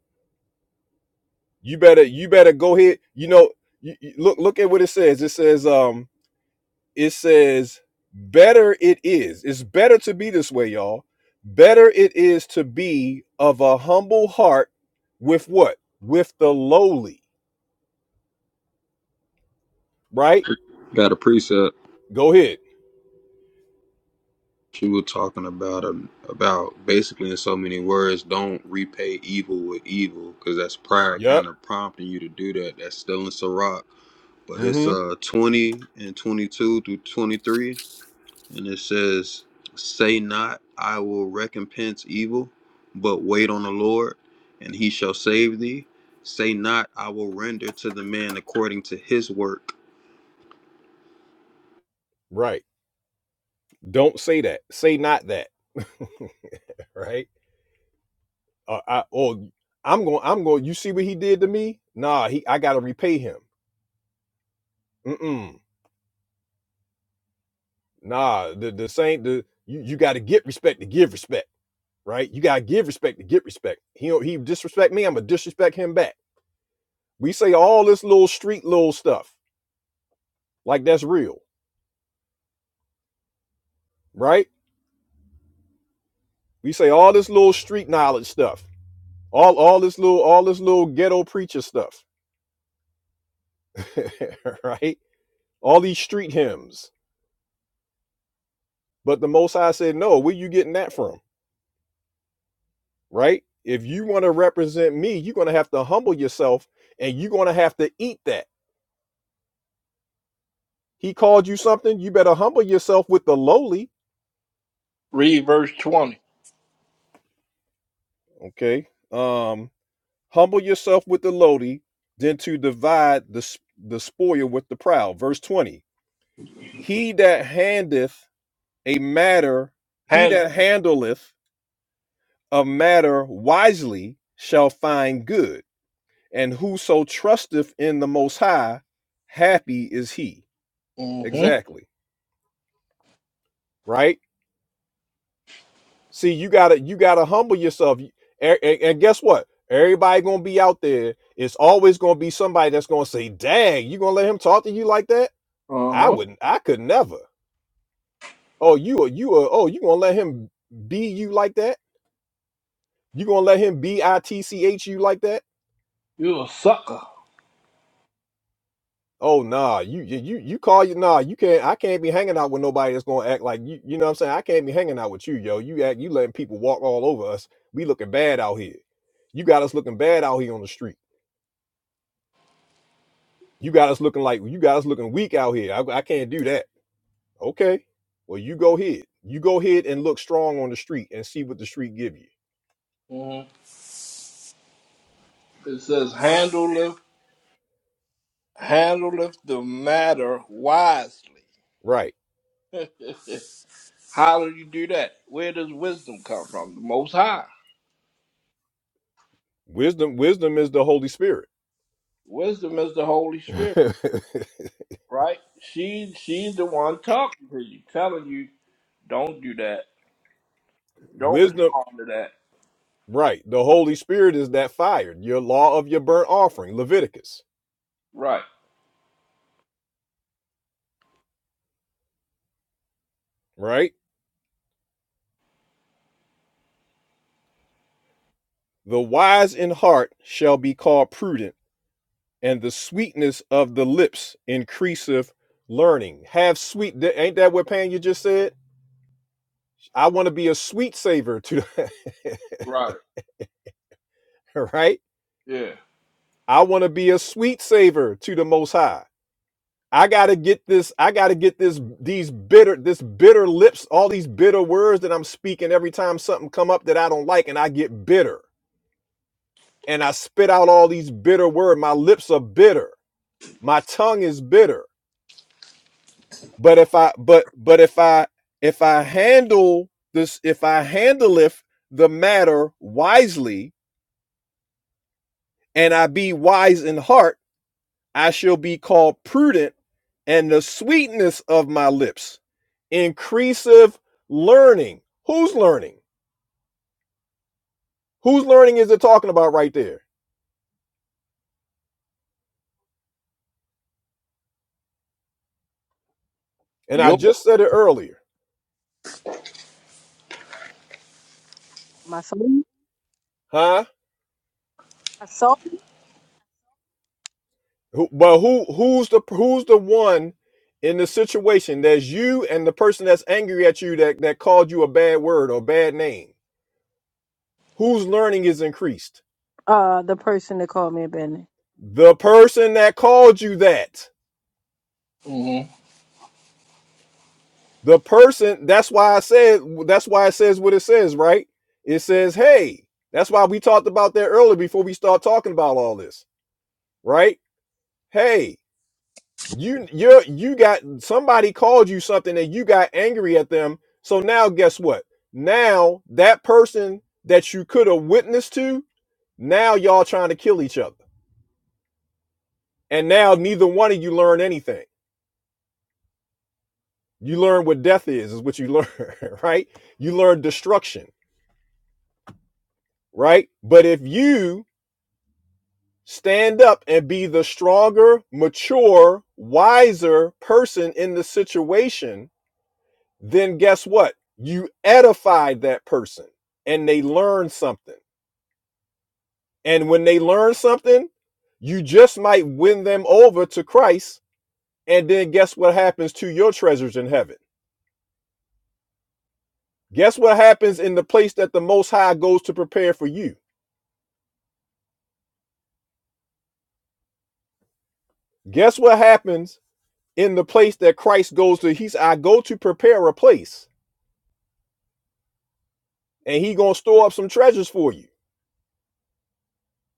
You better, you better go ahead. You know, you, you- look, look at what it says. It says, um, it says, better it is. It's better to be this way, y'all. Better it is to be of a humble heart with what? With the lowly, right?
Got a precept.
Go ahead.
She was talking about um, about basically in so many words, don't repay evil with evil, because that's pride
Yep.
kind of prompting you to do that. That's still in Sirach, but it's
Mm-hmm.
uh twenty and twenty two through twenty three. and it says, Say not, I will recompense evil, but wait on the Lord, and he shall save thee. Say not, I will render to the man according to his work.
Right. Don't say that. Say not that. *laughs* right? Uh, I, oh, I'm going. I'm going. You see what he did to me? Nah, he. I gotta repay him. Mm-mm. Nah, the the same the you, you gotta get respect to give respect, right? You gotta give respect to get respect. He don't- he disrespect me, I'm gonna disrespect him back. We say all this little street little stuff, like that's real, right? We say all this little street knowledge stuff, all all this little all this little ghetto preacher stuff, *laughs* right? All these street hymns. But the most High said, no, where you getting that from? Right? If you want to represent me, you're gonna have to humble yourself and you're gonna have to eat that He called you something. You better humble yourself with the lowly.
Read verse 20.
Okay. Um, humble yourself with the lowly, then to divide the the spoil with the proud. Verse twenty. He that handeth a matter, he
Handle.
that handleth a matter wisely shall find good. And whoso trusteth in the Most High, happy is he.
Mm-hmm.
Exactly. Right See, you gotta you gotta humble yourself. And, and- guess what? Everybody gonna be out there. It's always gonna be somebody that's gonna say, "Dang, you gonna let him talk to you like that? I
Uh-huh.
wouldn't. I could never. Oh, you are you are. Oh, you gonna let him be you like that? You gonna let him b i t c h you like that?
You a sucker.
Oh, nah. you you you call you nah. You can't. I can't be hanging out with nobody that's gonna act like you. You know what I'm saying? I can't be hanging out with you, yo. You act. You letting people walk all over us. We looking bad out here. You got us looking bad out here on the street. You got us looking like you got us looking weak out here. I, I can't do that. Okay. Well, you go ahead. You go ahead and look strong on the street and see what the street give you.
hmm It says, handleth, handleth the matter wisely.
Right.
*laughs* How do you do that? Where does wisdom come from? The Most High.
Wisdom. Wisdom is the Holy Spirit.
Wisdom is the Holy
*laughs*
Spirit, right? She, she's the one talking to you, telling you, don't do that. Don't
wisdom.
respond to that.
Right. The Holy Spirit is that fire. Your law of your burnt offering, Leviticus.
Right,
Right. The wise in heart shall be called prudent, and the sweetness of the lips increaseth learning. Have sweet. Ain't that what Panya just said? I want to be a sweet savor to the
right.
*laughs* right?
Yeah.
I want to be a sweet savor to the most high. I gotta get this, I gotta get this these bitter, this bitter lips, all these bitter words that I'm speaking every time something come up that I don't like, and I get bitter. And I spit out all these bitter words. My lips are bitter. My tongue is bitter. But if I but but if I if I handle this, if I handleth the matter wisely, and I be wise in heart I shall be called prudent, and the sweetness of my lips increaseth learning. Who's learning? Whose learning is it talking about right there? And I
Yup.
just said it earlier,
My soul.
huh?
I saw
Who, but who who's the who's the one in the situation that's you and the person that's angry at you that that called you a bad word or bad name? Whose learning is increased?
uh the person that called me a bandit.
The person that called you that.
hmm
The person, that's why I said, that's why it says what it says, right? It says, hey, that's why we talked about that earlier before we start talking about all this, right? Hey, you you're you got somebody called you something and you got angry at them. So now guess what? Now that person that you could have witnessed to, now y'all trying to kill each other. And now neither one of you learn anything. You learn what death is, is what you learn, *laughs* right? You learn destruction, right? But if you Stand up and be the stronger, mature, wiser person in the situation. Then guess what? You edified that person and they learn something. And when they learn something, you just might win them over to Christ. And then guess what happens to your treasures in heaven? Guess what happens in the place that the Most High goes to prepare for you? Guess what happens in the place that Christ goes to? He's, I go to prepare a place and he gonna store up some treasures for you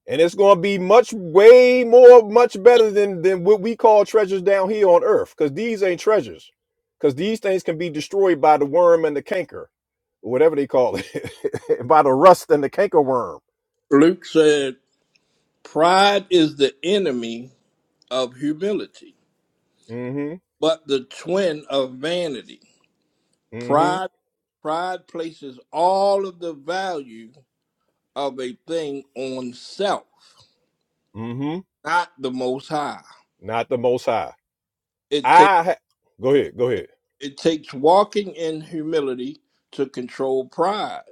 and it's gonna be much way more much better than than what we call treasures down here on earth because these ain't treasures because these things can be destroyed by the worm and the canker or whatever they call it *laughs* by the rust and the canker worm
Luke said, pride is the enemy of humility,
mm-hmm
but the twin of vanity. Pride
mm-hmm
pride places all of the value of a thing on self,
mm-hmm
not the most high.
not the most high
It takes
i ha- go ahead go ahead
it takes walking in humility to control pride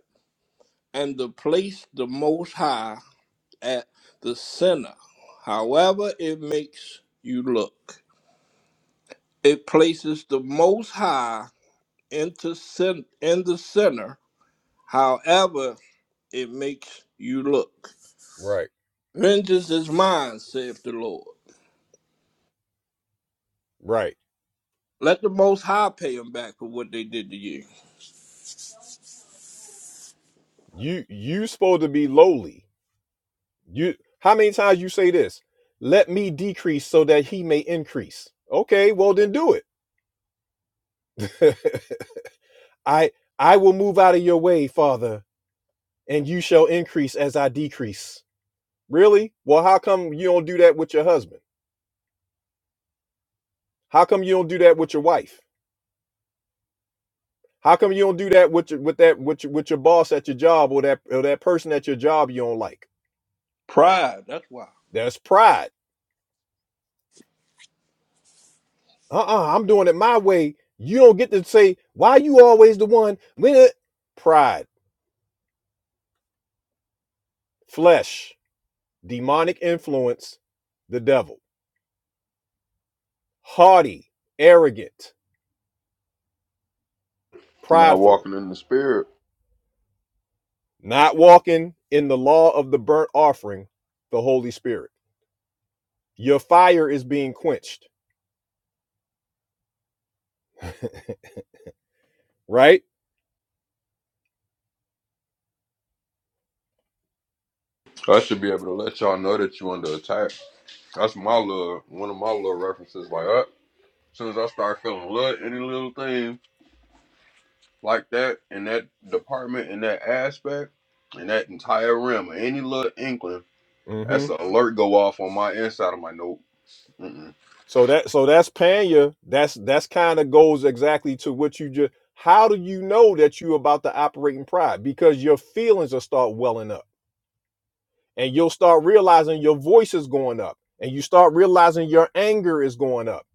and to place the most high at the center. However it makes you look. It places the most high into cen- in the center, however it makes you look.
right
Vengeance is mine, saith the Lord.
right
Let the Most High pay them back for what they did to you.
you you supposed to be lowly You how many times you say this? Let me decrease so that he may increase. Okay, well then do it. *laughs* I I will move out of your way, Father, and you shall increase as I decrease. Really? Well, how come you don't do that with your husband? How come you don't do that with your wife? How come you don't do that with your, with that with your, with your boss at your job or that or that person at your job you don't like?
Pride, that's why.
That's pride. Uh-uh, I'm doing it my way. You don't get to say why you always the one. When pride Flesh, demonic influence, the devil. Haughty, arrogant,
Not
prideful,
walking in the spirit.
not walking in the law of the burnt offering, the Holy Spirit. Your fire is being quenched, right?
I should be able to let y'all know that you under attack. That's my little one of my little references. Like, uh, as soon as I start feeling little any little thing like that in that department, in that aspect, in that entire realm, any little inkling,
Mm-hmm.
that's an alert go off on my inside. I'm like, nope. Mm-mm.
So that so that's Panya. That's that's kind of goes exactly to what you just how do you know that you about to operate in pride? Because your feelings will start welling up and you'll start realizing your voice is going up and you start realizing your anger is going up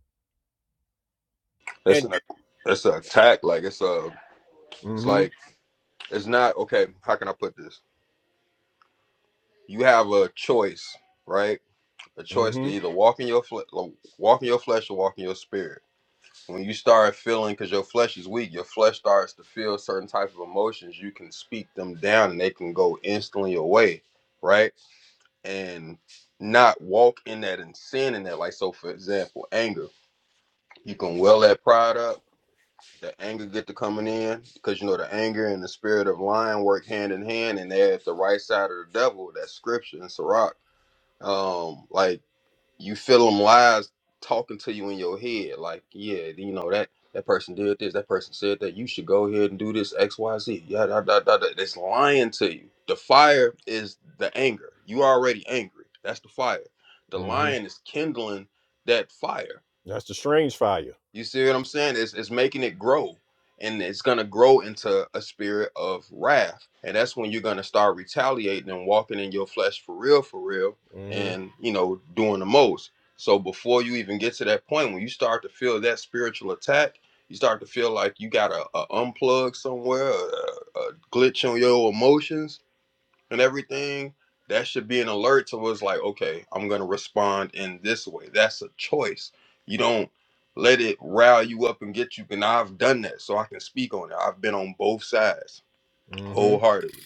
It's
and
an it's an attack. Like it's a it's
Mm-hmm.
like it's not okay. How can I put this? You have a choice, right? A choice to
Mm-hmm.
either walk in your fle- walk in your flesh or walk in your spirit. When you start feeling, because your flesh is weak, your flesh starts to feel certain type of emotions. You can speak them down, and they can go instantly away, right? And not walk in that and sin in that. Like so, for example, anger. You can well that pride up the anger get to coming in because you know the anger and the spirit of lying work hand in hand and they're at the right side of the devil that's scripture and sirach um like you feel them lies talking to you in your head like yeah you know that that person did this that person said that you should go ahead and do this xyz yeah da, da, da, da. it's lying to you the fire is the anger you already angry that's the fire the
Mm-hmm.
lion is kindling that fire
That's the strange fire.
you see what I'm saying? It's it's making it grow. And it's gonna grow into a spirit of wrath. And that's when you're gonna start retaliating and walking in your flesh for real, for real,
Mm-hmm.
and you know, doing the most. So before you even get to that point, when you start to feel that spiritual attack, you start to feel like you got to a a unplug somewhere, a, a glitch on your emotions and everything, that should be an alert to us like, okay, I'm gonna respond in this way. That's a choice. You don't let it rile you up and get you. And I've done that, so I can speak on it. I've been on both sides
Mm-hmm.
wholeheartedly.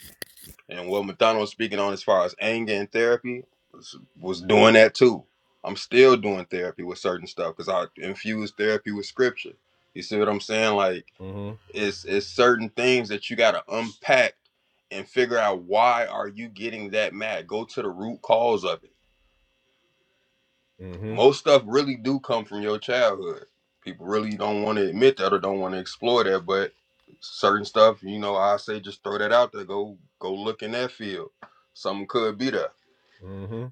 And what McDonald was speaking on as far as anger and therapy was, was doing that too. I'm still doing therapy with certain stuff because I infuse therapy with scripture. You see what I'm saying? Like
Mm-hmm.
it's it's certain things that you got to unpack and figure out why are you getting that mad go to the root cause of it
Mm-hmm.
most stuff really do come from your childhood people really don't want to admit that or don't want to explore that but certain stuff you know i say just throw that out there go go look in that field something could be there
Mm-hmm.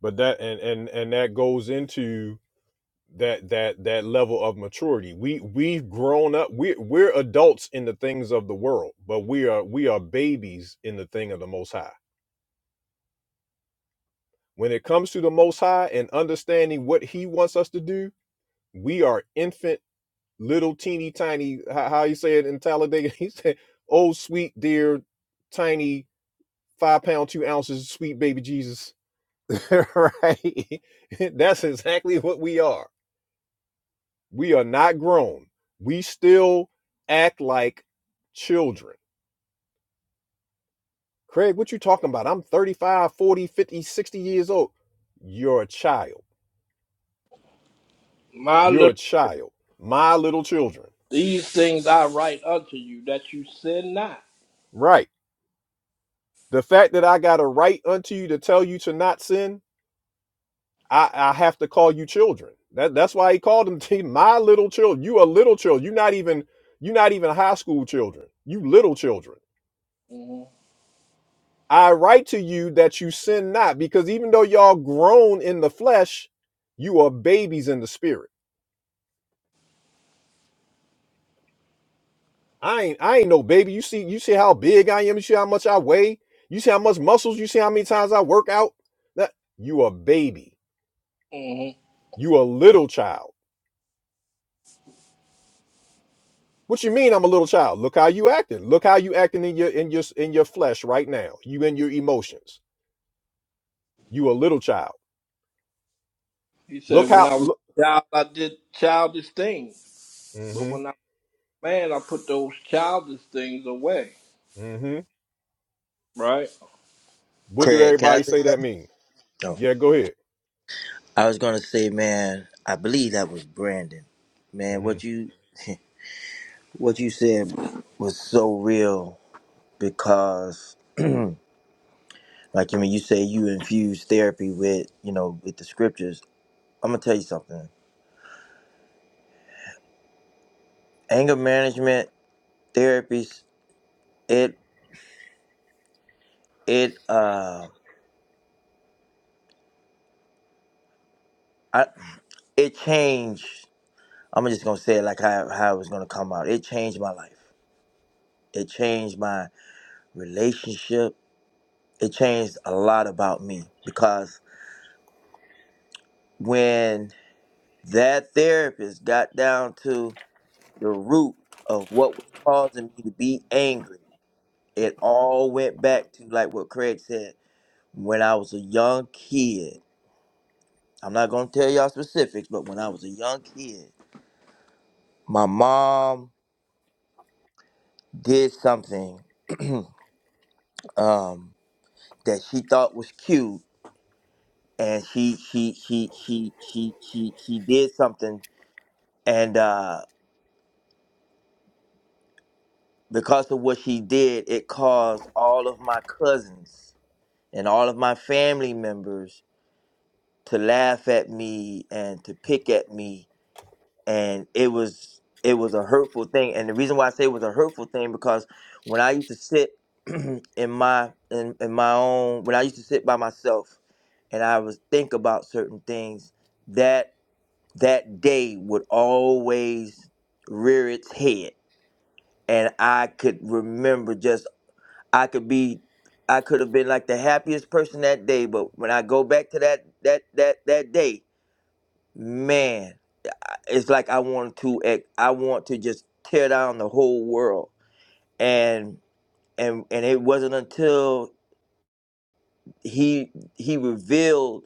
But that and and and that goes into that that that level of maturity. We we've grown up. We we're, we're adults in the things of the world, but we are we are babies in the thing of the Most High. When it comes to the Most High and understanding what He wants us to do, we are infant, little, teeny tiny. How, how you say it in Talladega? *laughs* He said, "Oh, sweet dear, tiny." five pound two ounces sweet baby jesus *laughs* right *laughs* that's exactly what we are we are not grown we still act like children craig what you talking about i'm thirty-five, forty, fifty, sixty years old you're a child
My
you're
little,
a child my little children
these things I write unto you that you sin not.
right the fact that i got a right unto you to tell you to not sin I, I have to call you children. That that's why he called them *laughs* t- my little children. You are little children. You're not even you're not even high school children. You little children.
hmm
I write to you that you sin not, because even though y'all grown in the flesh, you are babies in the spirit. I ain't I ain't no baby. You see you see how big I am. You see how much I weigh. You see how much muscles. You see how many times I work out. That you a baby.
hmm
You a little child. What you mean I'm a little child? Look how you acting. Look how you acting in your in your in your flesh right now. You in your emotions. You a little child.
He
Look
said, when
how
I was
look
a child, I did childish things, but when
Mm-hmm.
I was a man, I put those childish things away.
Mm-hmm.
Right?
What do
Craig, can I
everybody
say
say
something?
that mean?
Oh,
Yeah, go ahead.
I was gonna say, man, I believe that was Brandon. Man, what
Mm-hmm.
you *laughs* what you said was so real because, *clears throat* like, I mean, you say you infuse therapy with you know with the scriptures. I'm gonna tell you something. Anger management therapies, it it uh, I, it changed. I'm just gonna say it like how how it was gonna come out. It changed my life. It changed my relationship. It changed a lot about me because. when that therapist got down to the root of what was causing me to be angry, it all went back to like what Craig said when I was a young kid. I'm not going to tell y'all specifics, but when I was a young kid, my mom did something *clears throat* um, that she thought was cute and she she she she she she, she did something and. uh, Because of what she did, it caused all of my cousins and all of my family members to laugh at me and to pick at me. And it was it was a hurtful thing. And the reason why I say it was a hurtful thing because when I used to sit *clears throat* in my in, in my own when I used to sit by myself and I was think about certain things, that that day would always rear its head and I could remember just I could be I could have been like the happiest person that day, but when I go back to that that that that day, man, it's like I want to ex- I want to just tear down the whole world. And and and it wasn't until he he revealed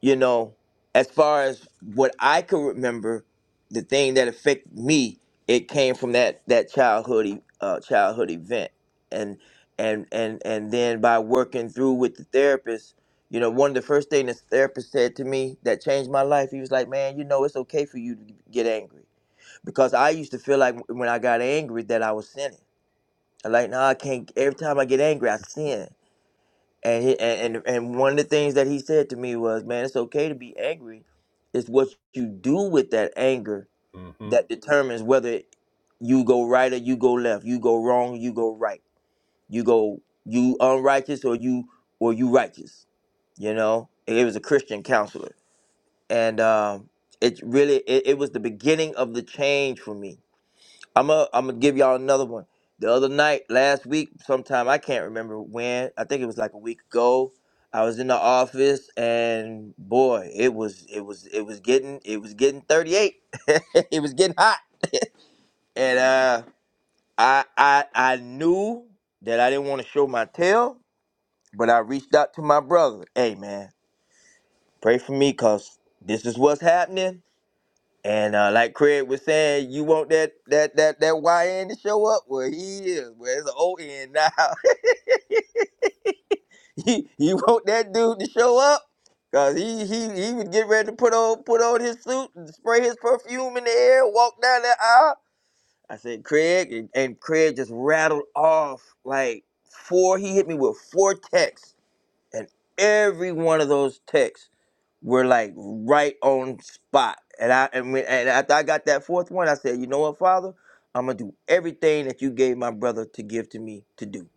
you know, as far as what I can remember, the thing that affected me, it came from that that childhood e- uh, childhood event, and and and and then by working through with the therapist, you know, one of the first things the therapist said to me that changed my life, he was like, "Man, you know, it's okay for you to get angry," because I used to feel like when I got angry that I was sinning. I'm like, no, I can't. Every time I get angry, I sin and, he, and and and one of the things that he said to me was, "Man, it's okay to be angry. It's what you do with that anger
Mm-hmm.
that determines whether you go right or you go left. You go wrong, you go right. You go you unrighteous or you or you righteous. You know. It was a Christian counselor, and um, it really it, it was the beginning of the change for me I'm gonna I'm gonna give y'all another one. The other night, last week, sometime I can't remember when. I think it was like a week ago. I was in the office, and boy, it was it was it was getting it was getting 38. *laughs* it was getting hot, and uh, I I I knew that I didn't want to show my tail, but I reached out to my brother. Hey man, pray for me, cause this is what's happening. And uh, like Craig was saying, you want that that that that YN to show up? Well, he is. Well, it's an ON now. *laughs* you, you want that dude to show up? Cause he he he would get ready to put on put on his suit and spray his perfume in the air, walk down that aisle. I said, Craig, and, and Craig just rattled off like four. He hit me with four texts, and every one of those texts were like right on spot. And I and, when, and after I got that fourth one, I said, you know what, Father, I'm gonna do everything that you gave my brother to give to me to do.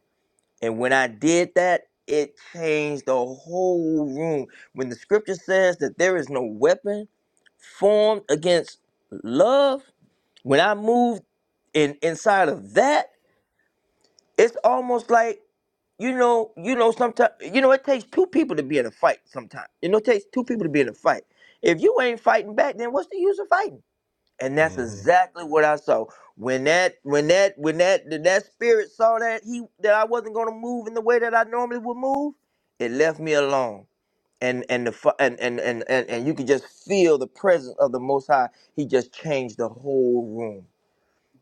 And when I did that, it changed the whole room. When the scripture says that there is no weapon formed against love, when I moved in inside of that, it's almost like you know, you know, sometimes you know it takes two people to be in a fight. Sometimes you know it takes two people to be in a fight. If you ain't fighting back, then what's the use of fighting? And that's
Mm-hmm.
exactly what I saw when that when that when that that that spirit saw that he that I wasn't going to move in the way that I normally would move. It left me alone, and and the fu- and and and and, and you could just feel the presence of the Most High. He just changed the whole room.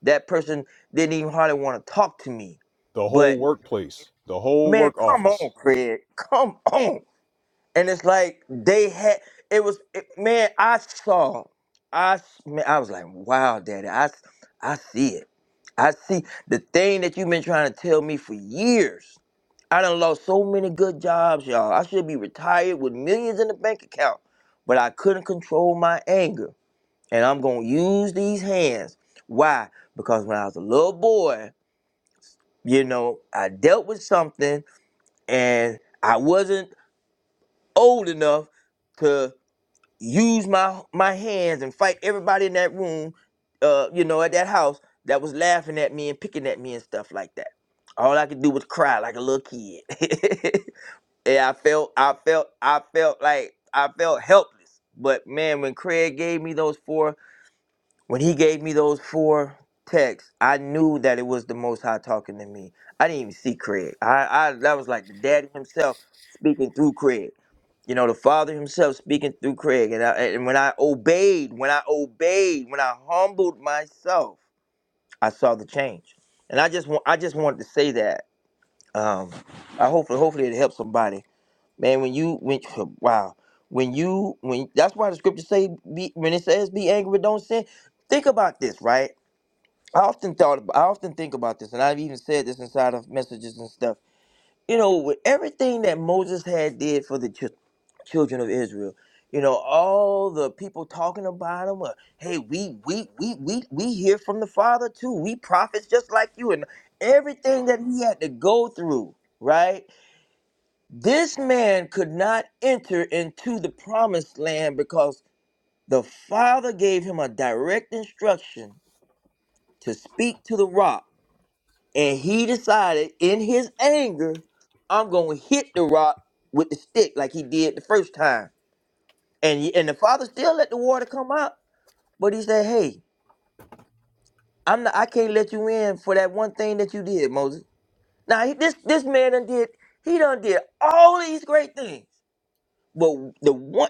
That person didn't even hardly want to talk to me,
The
but
whole workplace, the whole
man,
work
come
office.
on, Craig, come on. And it's like they had it was it- man. I saw, I s- man, I was like, wow, daddy, I s- I see it. I see the thing that you've been trying to tell me for years. I done lost so many good jobs, y'all. I should be retired with millions in the bank account, but I couldn't control my anger. And I'm gonna use these hands. Why? Because when I was a little boy, you know, I dealt with something and I wasn't. old enough to use my my hands and fight everybody in that room, uh, you know, at that house that was laughing at me and picking at me and stuff like that. All I could do was cry like a little kid. *laughs* and I felt I felt I felt like I felt helpless. But man, when Craig gave me those four when he gave me those four texts, I knew that it was the Most High talking to me. I didn't even see Craig. I, I that was like the Daddy himself speaking through Craig. You know, the Father himself speaking through Craig. And, I, and when I obeyed, when I obeyed, when I humbled myself, I saw the change. And I just want, I just wanted to say that. Um, I hopefully, hopefully it helps somebody. Man, when you when *laughs* wow, when you when that's why the scripture say be, when it says be angry but don't sin. Think about this, right? I often thought, ab- I often think about this, and I've even said this inside of messages and stuff. You know, with everything that Moses had did for the chil- children of Israel, you know, all the people talking about him. Uh, hey, we we we we we hear from the Father too. We prophets just like you, and everything that he had to go through. Right, this man could not enter into the promised land because the Father gave him a direct instruction to speak to the rock And he decided in his anger, I'm going to hit the rock with the stick like he did the first time. And, and the father still let the water come out, but he said, hey, I'm not, I can't let you in for that one thing that you did, Moses. Now, he- this, this man done did, he done did all these great things. But the one,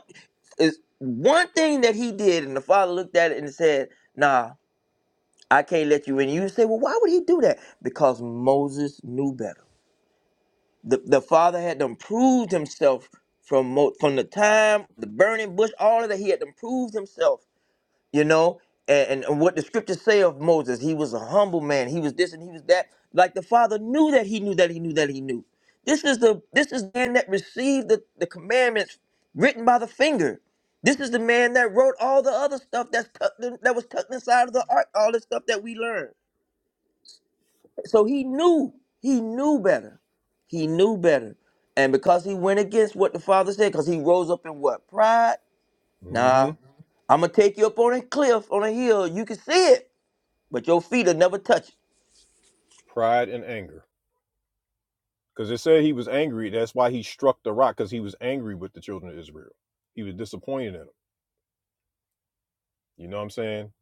is one thing that he did, and the father looked at it and said, nah, I can't let you in. You say, well, why would he do that? Because Moses knew better. the, the father had them proved himself from mo- from the time the burning bush all of that he had them proved himself you know and, and, what the scriptures say of moses he was a humble man he was this and he was that like the father knew that he knew that he knew that he knew this is the this is the man that received the, the commandments written by the finger this is the man that wrote all the other stuff that's tucked in, that was tucked inside of the ark all the stuff that we learned so he knew, he knew better. He knew better. And because he went against what the father said, because he rose up in what? Pride? Nah.
Mm-hmm.
I'm gonna take you up on a cliff, on a hill. You can see it, but your feet'll never touch it.
Pride and anger. Because it said he was angry. That's why he struck the rock, because he was angry with the children of Israel. He was disappointed in them. You know what I'm saying?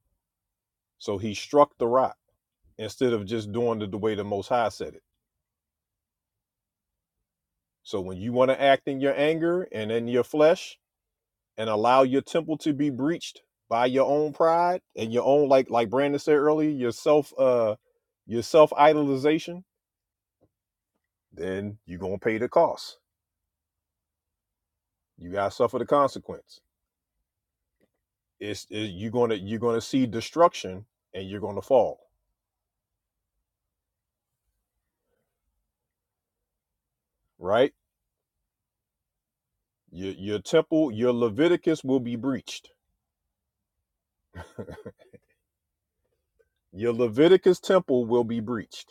So he struck the rock instead of just doing it the way the most high said it. So when you want to act in your anger and in your flesh and allow your temple to be breached by your own pride and your own like like Brandon said earlier, your self uh your self idolization, then you're gonna pay the cost. You gotta suffer the consequence. It's, it, you're gonna you're gonna see destruction and you're gonna fall. Right? Your your temple, your Leviticus will be breached. *laughs* Your Leviticus temple will be breached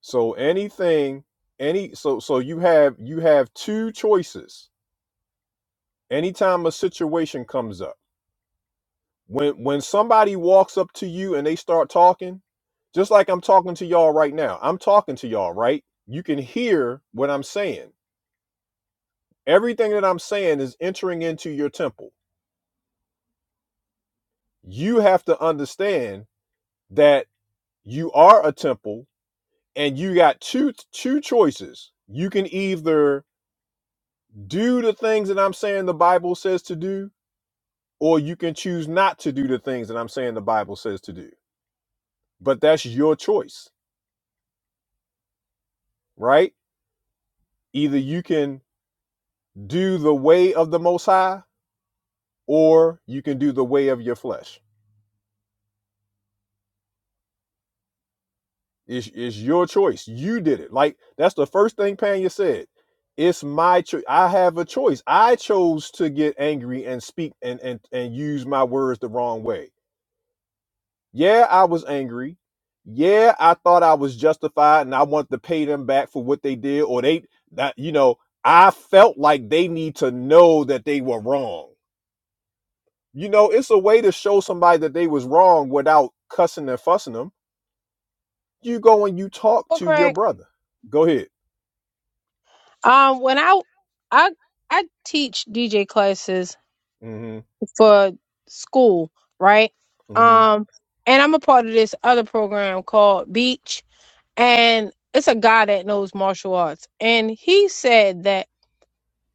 So anything, any so so you have you have two choices anytime a situation comes up. When when somebody walks up to you and they start talking, just like I'm talking to y'all right now. I'm talking to y'all, right? You can hear what I'm saying. Everything that I'm saying is entering into your temple. You have to understand that you are a temple and you got two two choices. You can either do the things that I'm saying the Bible says to do or you can choose not to do the things that I'm saying the Bible says to do. But that's your choice, right? Either you can do the way of the Most High, or you can do the way of your flesh. It's, it's your choice. You did it. Like that's the first thing Panya said. It's my choice. I have a choice. I chose to get angry and speak and, and and use my words the wrong way. Yeah, I was angry. Yeah, I thought I was justified and I wanted to pay them back for what they did or they that you know, I felt like they need to know that they were wrong. You know, it's a way to show somebody that they was wrong without cussing and fussing them. You go and you talk
Well,
to your
correct.
brother. Go ahead.
Um, when I I I teach DJ classes
Mm-hmm.
for school, right?
Mm-hmm.
Um, and I'm a part of this other program called Beach, and it's a guy that knows martial arts, and he said that.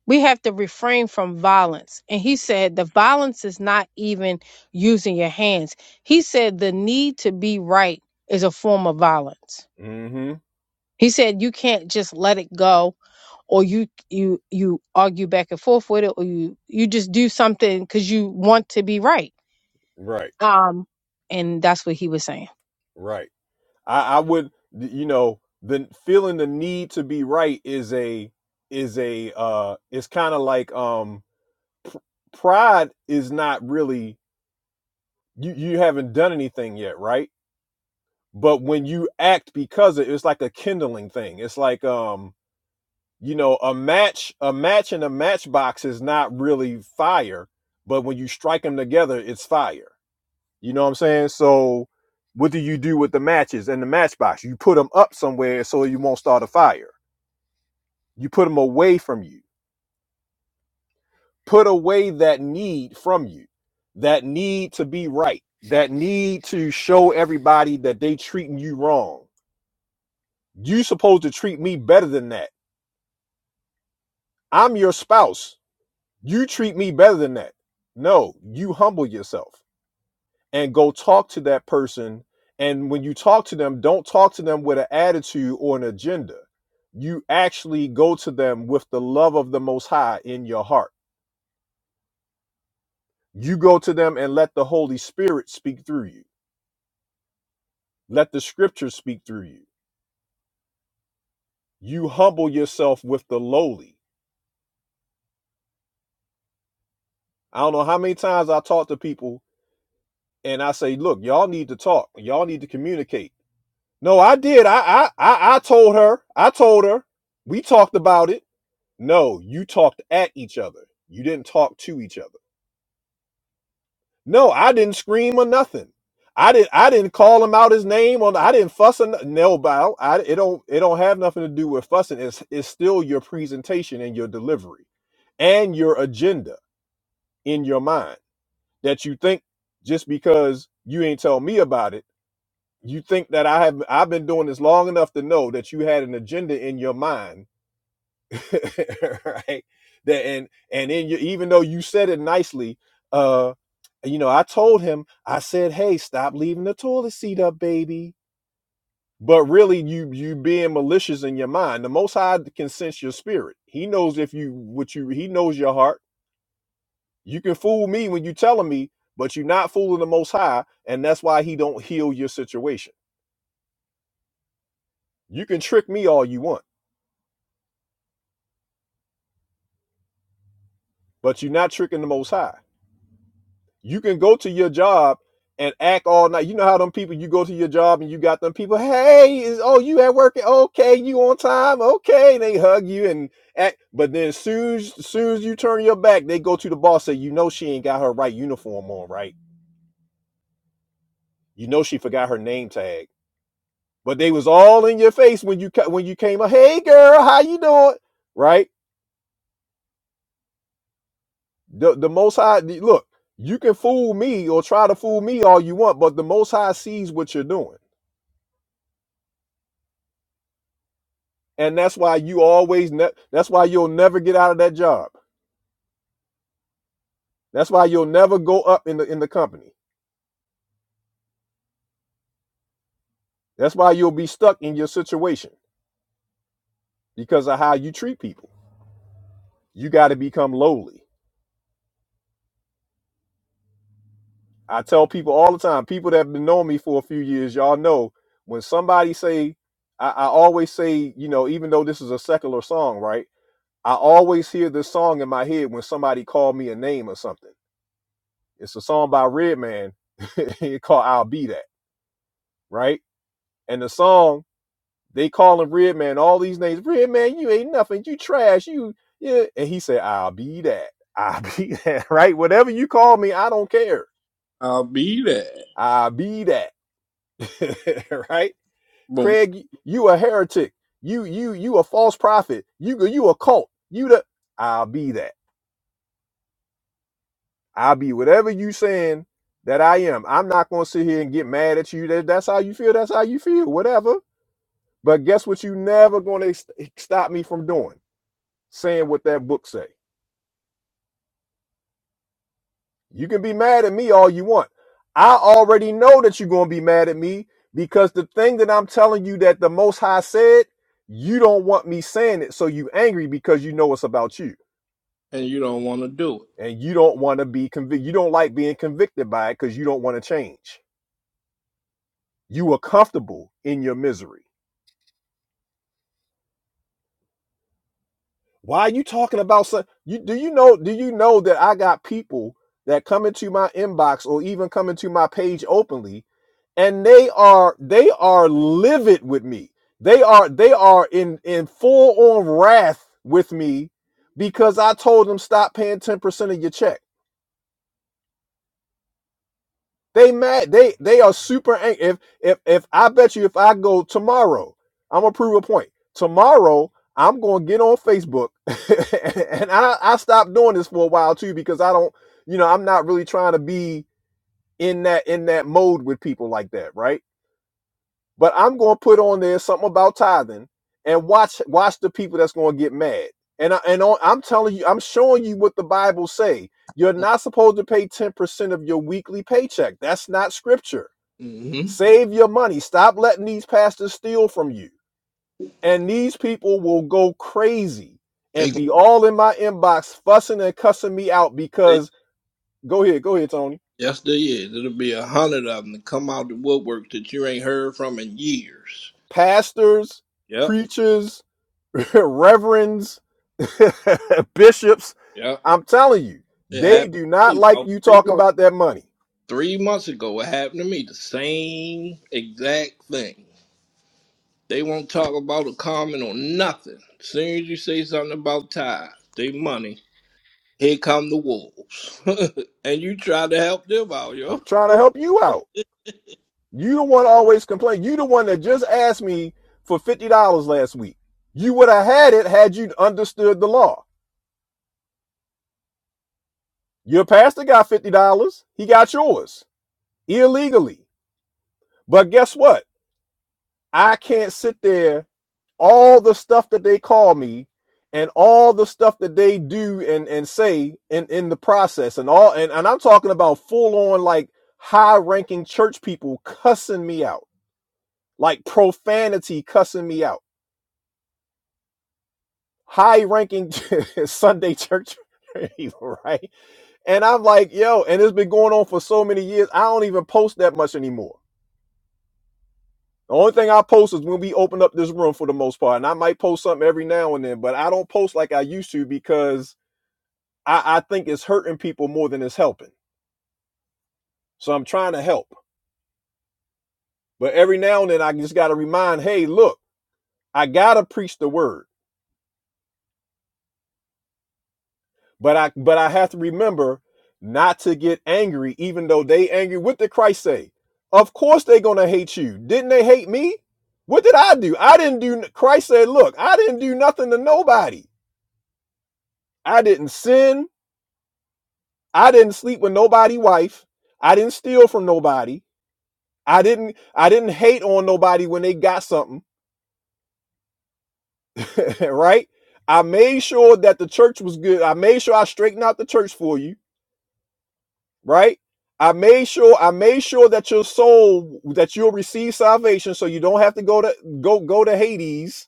we have to refrain from violence. And he said the violence is not even using your hands. He said the need to be right is a form of violence.
Mm-hmm.
He said you can't just let it go or you you you argue back and forth with it or you you just do something cuz you want to be right.
Right.
Um and that's what he was saying.
Right. I, I would you know, the feeling the need to be right is a is a uh it's kind of like um pr- pride is not really you you haven't done anything yet right but when you act because of it, it's like a kindling thing it's like um you know a match a match in a matchbox is not really fire but when you strike them together it's fire you know what i'm saying so what do you do with the matches and the matchbox you put them up somewhere so you won't start a fire you put them away from you put away that need from you, that need to be right, that need to show everybody that they treating you wrong. You supposed to treat me better than that. I'm your spouse. You treat me better than that. No, you humble yourself and go talk to that person. And when you talk to them, don't talk to them with an attitude or an agenda. You actually go to them with the love of the Most High in your heart. You go to them and let the Holy Spirit speak through you Let the scriptures speak through you. You humble yourself with the lowly. I don't know how many times I talk to people and I say, look, y'all need to talk. Y'all need to communicate. No, I did. I I I, told her. I told her. We talked about it. No, you talked at each other. You didn't talk to each other. No, I didn't scream or nothing. I didn't. I didn't call him out his name or no, I didn't fuss or no no, bow. I it don't it don't have nothing to do with fussing. It's it's still your presentation and your delivery, and your agenda in your mind that you think just because you ain't tell me about it, you think that I have I've been doing this long enough to know that you had an agenda in your mind *laughs* right? That and and then you, even though you said it nicely, uh, you know, I told him, I said, "Hey, stop leaving the toilet seat up, baby." But really, you you being malicious in your mind. The Most High can sense your spirit. He knows if you what you he knows your heart. You can fool me when you telling me, but you're not fooling the Most High, and that's why He don't heal your situation. You can trick me all you want, but you're not tricking the Most High. You can go to your job and act all night. You know how them people you go to your job and you got them people, hey, is oh you at work? Okay, you on time, okay. And they hug you and act but then as soon as as soon as you turn your back, they go to the boss, say, you know she ain't got her right uniform on, right? You know she forgot her name tag. But they was all in your face when you ca- when you came up, hey girl, how you doing? Right? The the most high look, you can fool me or try to fool me all you want, but the most high sees what you're doing and that's why you always ne- that's why you'll never get out of that job that's why you'll never go up in the in the company that's why you'll be stuck in your situation because of how you treat people you got to become lowly i tell people all the time people that have been knowing me for a few years y'all know when somebody say I, I always say you know even though this is a secular song right i always hear this song in my head when somebody call me a name or something it's a song by redman *laughs* called i'll be that right and the song They call him Red Man, all these names. Red Man, you ain't nothing. You trash. You yeah. And he said, I'll be that. *laughs* I'll be that. Right? Whatever you call me, I don't care.
I'll be there.
I'll be that. *laughs* right?
Boom.
Craig, you a heretic. You you you a false prophet. You you a cult. You the I'll be that. I'll be whatever you saying that I am. I'm not gonna sit here and get mad at you. That that's how you feel. That's how you feel. Whatever. But guess what? You never gonna stop me from doing saying what that book say. You can be mad at me all you want. I already know that you're going to be mad at me because the thing that I'm telling you that the Most High said, you don't want me saying it. So you angry because you know it's about you
And you don't want to do
and you don't want to be convicted. You don't like being convicted by it because you don't want to change. You are comfortable in your misery. Why are you talking about some you do you know do you know that I got people that come into my inbox or even come into my page openly and they are they are livid with me. They are they are in in full on wrath with me because I told them stop paying 10% of your check. They mad. They they are super angry. If if if I bet you if I go tomorrow, I'm gonna prove a point. Tomorrow, I'm gonna get on Facebook, *laughs* and I I stopped doing this for a while too because I don't, you know, I'm not really trying to be in that in that mode with people like that, right? But I'm gonna put on there something about tithing and watch watch the people that's gonna get mad. And I, and on, I'm telling you, I'm showing you what the Bible say. You're
it.
not supposed to pay 10% of your weekly paycheck. That's not scripture
Mm-hmm.
Save your money. Stop letting these pastors steal from you. And these people will go crazy and be
They,
all in my inbox fussing and cussing me out because go ahead, go ahead, Tony.
Yes, there is. It'll be a hundred of them to come out the woodwork that you ain't heard from in years.
Pastors,
Yep,
preachers, *laughs* reverends, *laughs* bishops,
yep.
I'm telling you,
It happened
they do
to
not
me
like
about
you
three
talking
months.
about that money.
Three months ago, it happened to me. The same exact thing. They won't talk about a comment or nothing. As soon as you say something about tithe, they money, here come the wolves. *laughs* and you try to help them out,
I'm
yo.
trying to help you out. You the one always complain. You the one that just asked me for $50 last week. You would have had it had you understood the law. Your pastor got $50. He got yours illegally. But guess what? I can't sit there, all the stuff that they call me and all the stuff that they do and, and say in, in the process and all and, and I'm talking about full on like high ranking church people cussing me out. Like profanity cussing me out. High ranking *laughs* Sunday church *laughs* right? And I'm like, yo, and it's been going on for so many years. I don't even post that much anymore. The only thing I post is when we open up this room for the most part. And I might post something every now and then, but I don't post like I used to because I, I think it's hurting people more than it's helping. So I'm trying to help. But every now and then I just gotta remind, hey, look, I gotta preach the word. But I but I have to remember not to get angry, even though they angry. What did Christ say? Of course they are gonna hate you. Didn't they hate me? What did I do? I didn't do Christ said, look, I didn't do nothing to nobody. I didn't sin. I didn't sleep with nobody wife. I didn't steal from nobody. I didn't I didn't hate on nobody when they got something, *laughs* right? I made sure that the church was good. I made sure I straightened out the church for you, right? I made sure I made sure that your soul that you'll receive salvation so you don't have to go to go go to Hades,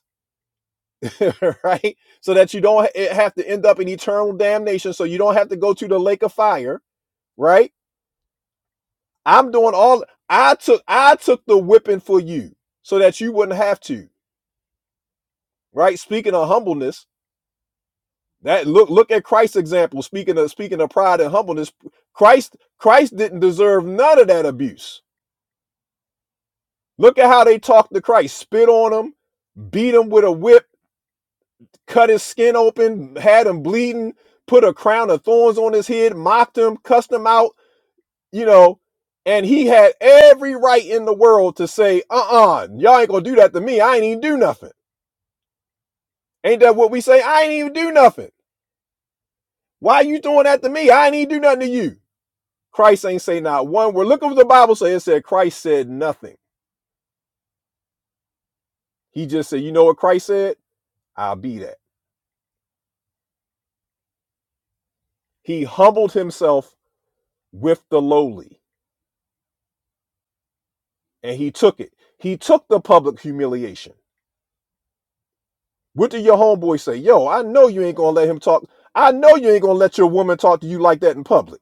*laughs* right? So that you don't ha- have to end up in eternal damnation so you don't have to go to the lake of fire, right? I'm doing all I took I took the whipping for you so that you wouldn't have to. Right? Speaking of humbleness, that look look at Christ's example. Speaking of speaking of pride and humbleness, Christ Christ didn't deserve none of that abuse. Look at how they talked to Christ, spit on him, beat him with a whip, cut his skin open, had him bleeding, put a crown of thorns on his head, mocked him, cussed him out, you know, and he had every right in the world to say, uh-uh, y'all ain't gonna do that to me. I ain't even do nothing. Ain't that what we say? I ain't even do nothing. Why are you throwing that to me? I ain't even do nothing to you. Christ ain't say not one word. Look at what the Bible said. It said Christ said nothing. He just said, you know what Christ said? I'll be that. He humbled himself with the lowly and he took it. He took the public humiliation. What did your homeboy say? Yo, I know you ain't gonna let him talk. I know you ain't gonna let your woman talk to you like that in public.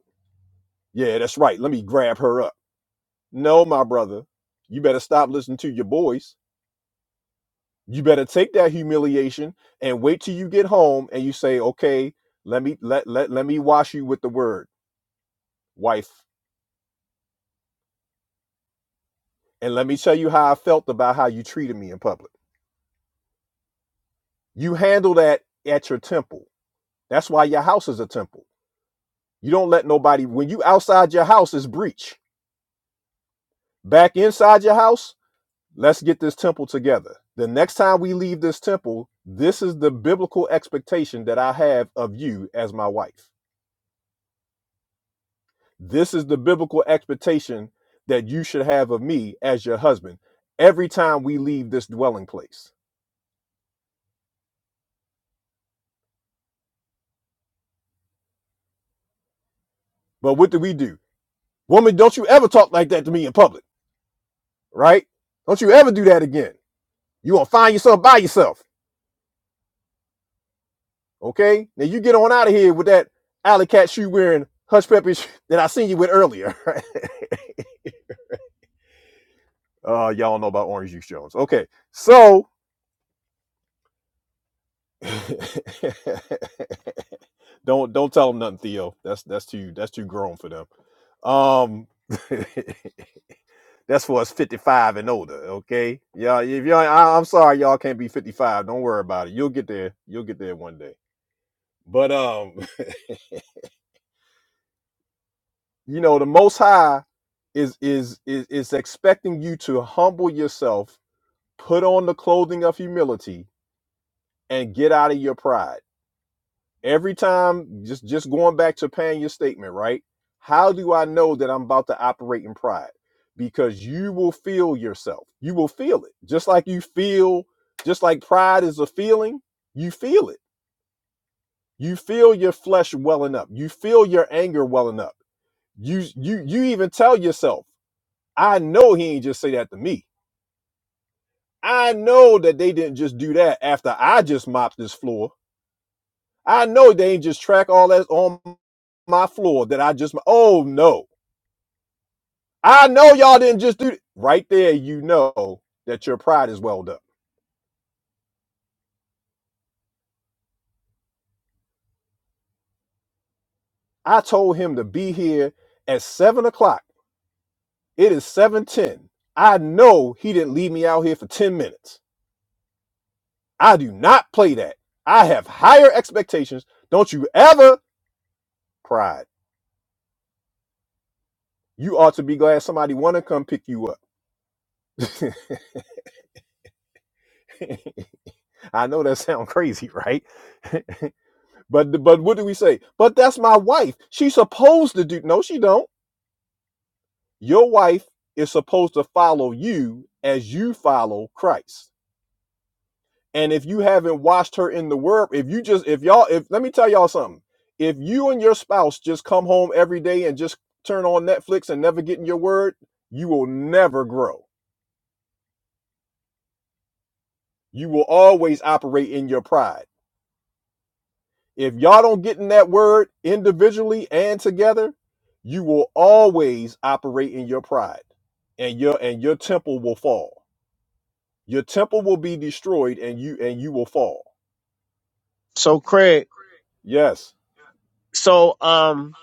Yeah, that's right. Let me grab her up. No, my brother. You better stop listening to your boys you better take that humiliation and wait till you get home and you say okay let me let let, let me wash you with the word wife and let me tell you how i felt about how you treated me in public you handle that at your temple that's why your house is a temple you don't let nobody when you outside your house is breach back inside your house let's get this temple together the next time we leave this temple this is the biblical expectation that i have of you as my wife This is the biblical expectation that you should have of me as your husband every time we leave this dwelling place. But what do we do? Woman, don't you ever talk like that to me in public, right? Don't you ever do that again. You gonna find yourself by yourself, okay? Now you get on out of here with that alley cat shoe wearing hush pepper sh- that I seen you with earlier. *laughs* uh, y'all know about Orange Juice Jones. Okay, so *laughs* don't don't tell them nothing, Theo. That's that's too that's too grown for them. Um, *laughs* that's for us fifty five and older. Okay, yeah. If y'all, I, I'm sorry, y'all can't be fifty five. Don't worry about it. You'll get there. You'll get there one day. But um, *laughs* you know, the Most High is is is is expecting you to humble yourself, put on the clothing of humility, and get out of your pride. every time just just going back to Panya's statement right how do i know that i'm about to operate in pride because you will feel yourself you will feel it just like you feel just like pride is a feeling you feel it you feel your flesh welling up you feel your anger welling up you you you even tell yourself i know he ain't just say that to me i know that they didn't just do that after i just mopped this floor I know they ain't just track all that on my floor that I just. Oh no, I know y'all didn't just do it. right there. You know that your pride is welled up. I told him to be here at seven o'clock. It is seven ten. I know he didn't leave me out here for ten minutes. I do not play that. I have higher expectations. Don't you ever pride. You ought to be glad somebody want to come pick you up. *laughs* I know that sounds crazy, right? *laughs* But but what do we say? But that's my wife. She's supposed to do. No, she don't. Your wife is supposed to follow you as you follow Christ. And if you haven't watched her in the word, if you just if y'all if let me tell y'all something. If you and your spouse just come home every day and just turn on Netflix and never get in your word, you will never grow. You will always operate in your pride If y'all don't get in that word individually and together, you will always operate in your pride and your and your temple will fall. Your temple will be destroyed and you and you will fall.
So Craig,
Yes.
so um,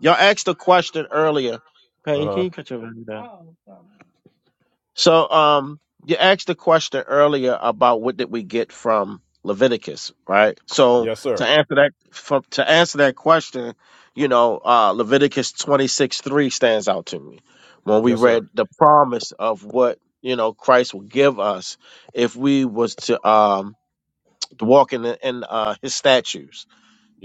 y'all asked a question earlier. Payne, can
Uh-huh.
you cut your video down? Oh. So um, you asked a question earlier about what did we get from Leviticus, right? So
Yes,
to
sir.
answer that, from, to answer that question, you know, uh, Leviticus twenty six three stands out to me when we
Yes, sir.
read the promise of what you know Christ will give us if we was to um walk in the, in uh, His statutes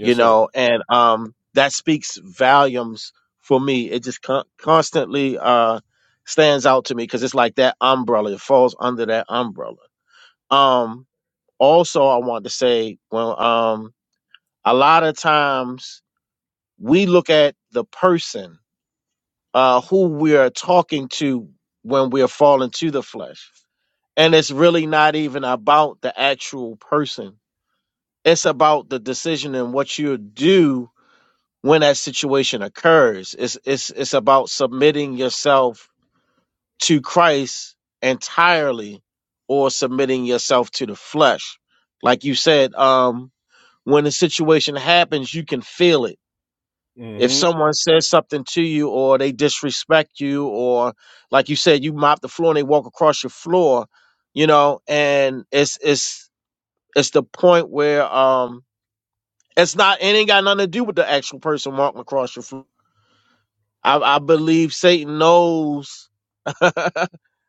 you
sir.
know, and um, that speaks volumes for me. It just con- constantly uh, stands out to me because it's like that umbrella. It falls under that umbrella. Um, also, I want to say, well, um, a lot of times we look at the person uh, who we are talking to when we are falling to the flesh, and it's really not even about the actual person. It's about the decision and what you do when that situation occurs. It's it's it's about submitting yourself to Christ entirely or submitting yourself to the flesh. Like you said, um, when the situation happens, you can feel it. If
Mm-hmm.
someone says something to you or they disrespect you or like you said, you mop the floor and they walk across your floor, you know, and it's it's it's the point where um it's not it ain't got nothing to do with the actual person walking across your floor I, I believe Satan knows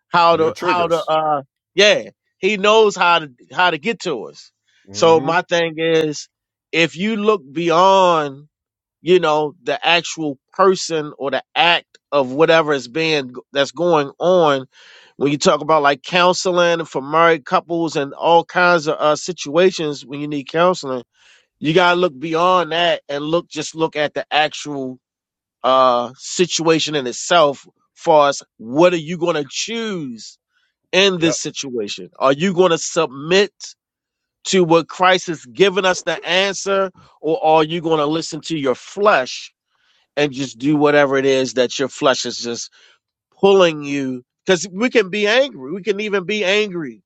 how
Your
to how to
triggers.
uh yeah he knows how to how to get to us. So
Mm-hmm.
my thing is, if you look beyond you know the actual person or the act of whatever is being that's going on, when you talk about like counseling for married couples and all kinds of uh, situations when you need counseling, you gotta look beyond that and look just look at the actual uh, situation in itself, far as what are you going to choose in this
Yep.
situation? Are you going to submit to what Christ has given us the answer, or are you going to listen to your flesh and just do whatever it is that your flesh is just pulling you? Because we can be angry. We can even be angry,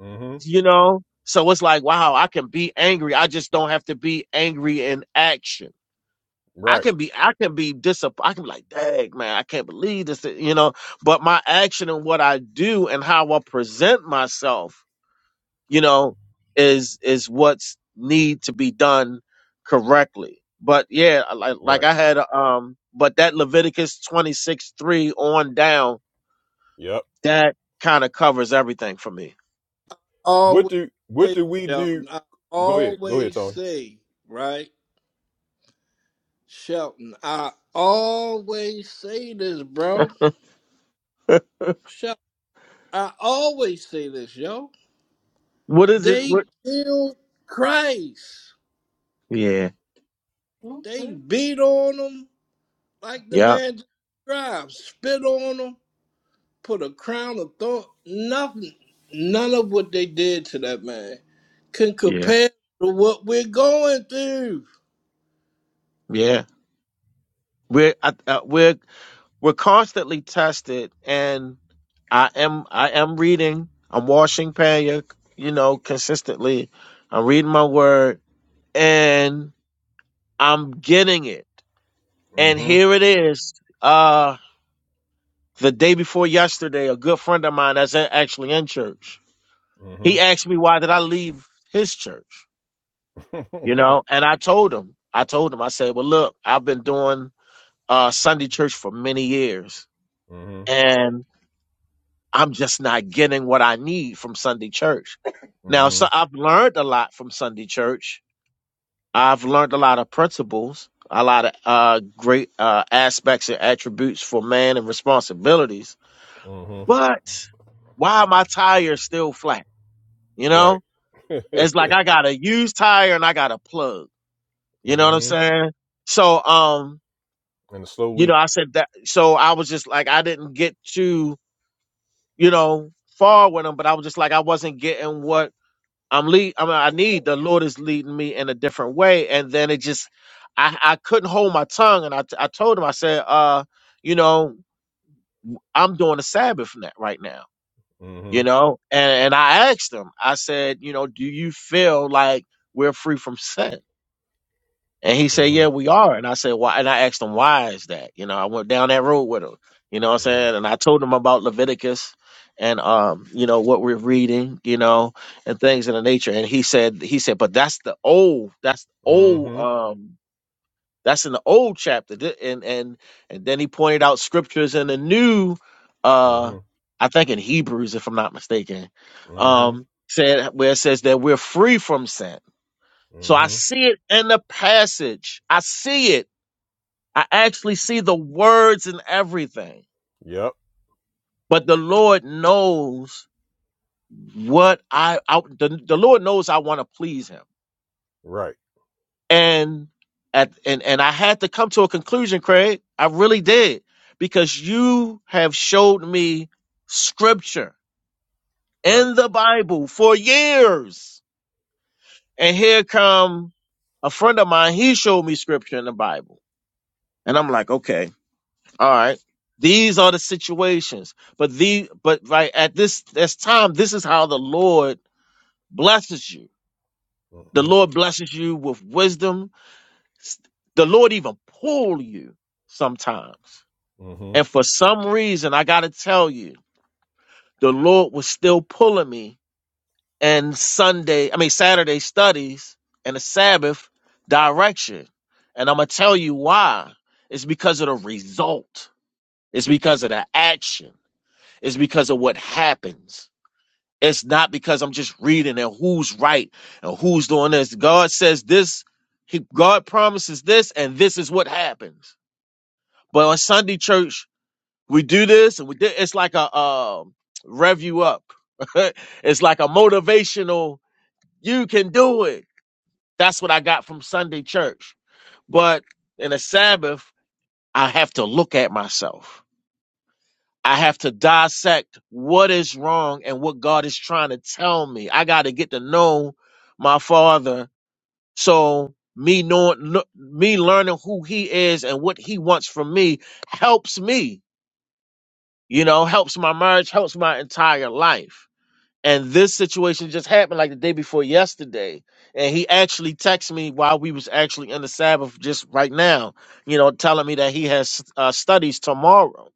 Mm-hmm.
you know? So it's like, wow, I can be angry. I just don't have to be angry in action I
Right.
can be, I can be disappointed. I can be like, dang, man, I can't believe this, you know. But my action and what I do and how I present myself, you know, is is what's need to be done correctly. But yeah, like like
Right.
I had, um, but that Leviticus twenty six three on down,
Yep.
that kind of covers everything for me.
What
Always
do what
say,
do we
yo,
do?
I
Go ahead. Go ahead,
always
Tony.
say, right? Shelton, I always say this, bro. Shelton, I always say this, yo.
What is it?
They
What?
killed Christ.
Yeah.
They beat on him like the
Yeah.
man just described, spit on him, put a crown of thorn. Nothing, none of what they did to that man can
Yeah.
compare to what we're going through.
Yeah. We're I, uh, we're We're constantly tested, and I am I am reading. I'm washing Panya, you know, consistently. I'm reading my word, and I'm getting it. And
Mm-hmm.
here it is. Uh, the day before yesterday, a good friend of mine that's a- actually in church, he
Mm-hmm.
asked me why did I leave his church, you
*laughs*
know, and I told him. I told him. I said, well, look, I've been doing uh Sunday church for many years,
mm-hmm.
and." I'm just not getting what I need from Sunday church. Now,
Mm-hmm.
so I've learned a lot from Sunday church. I've learned a lot of principles, a lot of uh, great uh, aspects and attributes for man and responsibilities.
Mm-hmm.
But why are my tires still flat? You
Right.
know,
*laughs*
it's
mm-hmm.
like I got a used tire and I got a plug. You know what I'm
And
saying? So, um,
a slow
you know,
leak.
I said that. So I was just like, I didn't get too, you know, far with them, but I was just like, I wasn't getting what I'm lead. I mean, I need the Lord is leading me in a different way. And then it just, I, I couldn't hold my tongue, and I, t- I told him, I said, uh, you know, I'm doing a Sabbath net right now,
Mm-hmm.
you know, and and I asked him, I said, you know, do you feel like we're free from sin? And he said,
Mm-hmm.
Yeah, we are. And I said, Why? And I asked him, Why is that? You know, I went down that road with him. You know what I'm saying?
Mm-hmm.
And I told him about Leviticus and um, you know, what we're reading, you know, and things of the nature. And he said, he said, but that's the old, that's old,
Mm-hmm.
um, that's in the old chapter. Th- And and and then he pointed out scriptures in the new uh
Mm-hmm.
I think in Hebrews, if I'm not mistaken,
Mm-hmm.
um, said where it says that we're free from sin so I
Mm-hmm.
see it in the passage. I see it. I actually see the words and everything.
Yep.
But the Lord knows what I, I the, the Lord knows I want to please him.
Right.
And at and, and I had to come to a conclusion, Craig. I really did. Because you have showed me scripture
Right.
in the Bible for years. And here come a friend of mine, he showed me scripture in the Bible. And I'm like, okay. All right. These are the situations. But the but right at this this time, this is how the Lord blesses you. The
Mm-hmm.
Lord blesses you with wisdom. S- The Lord even pull you sometimes.
Mm-hmm.
And for some reason, I gotta tell you, the Lord was still pulling me and Sunday, I mean Saturday studies and the Sabbath direction. And I'm gonna tell you why. It's because of the result. It's because of the action. Is because of what happens. It's not because I'm just reading and who's right and who's doing this. God says this, he, God promises this, and this is what happens. But on Sunday church, we do this and we did it's like a um rev you up. *laughs* it's like a motivational, you can do it. That's what I got from Sunday church. But in a Sabbath, I have to look at myself. I have to dissect what is wrong and what God is trying to tell me. I got to get to know my Father. So me knowing, lo- me learning who He is and what He wants from me helps me. You know, helps my marriage, helps my entire life. And this situation just happened like the day before yesterday. And he actually texted me while we was actually in the Sabbath just right now, you know, telling me that he has uh, studies tomorrow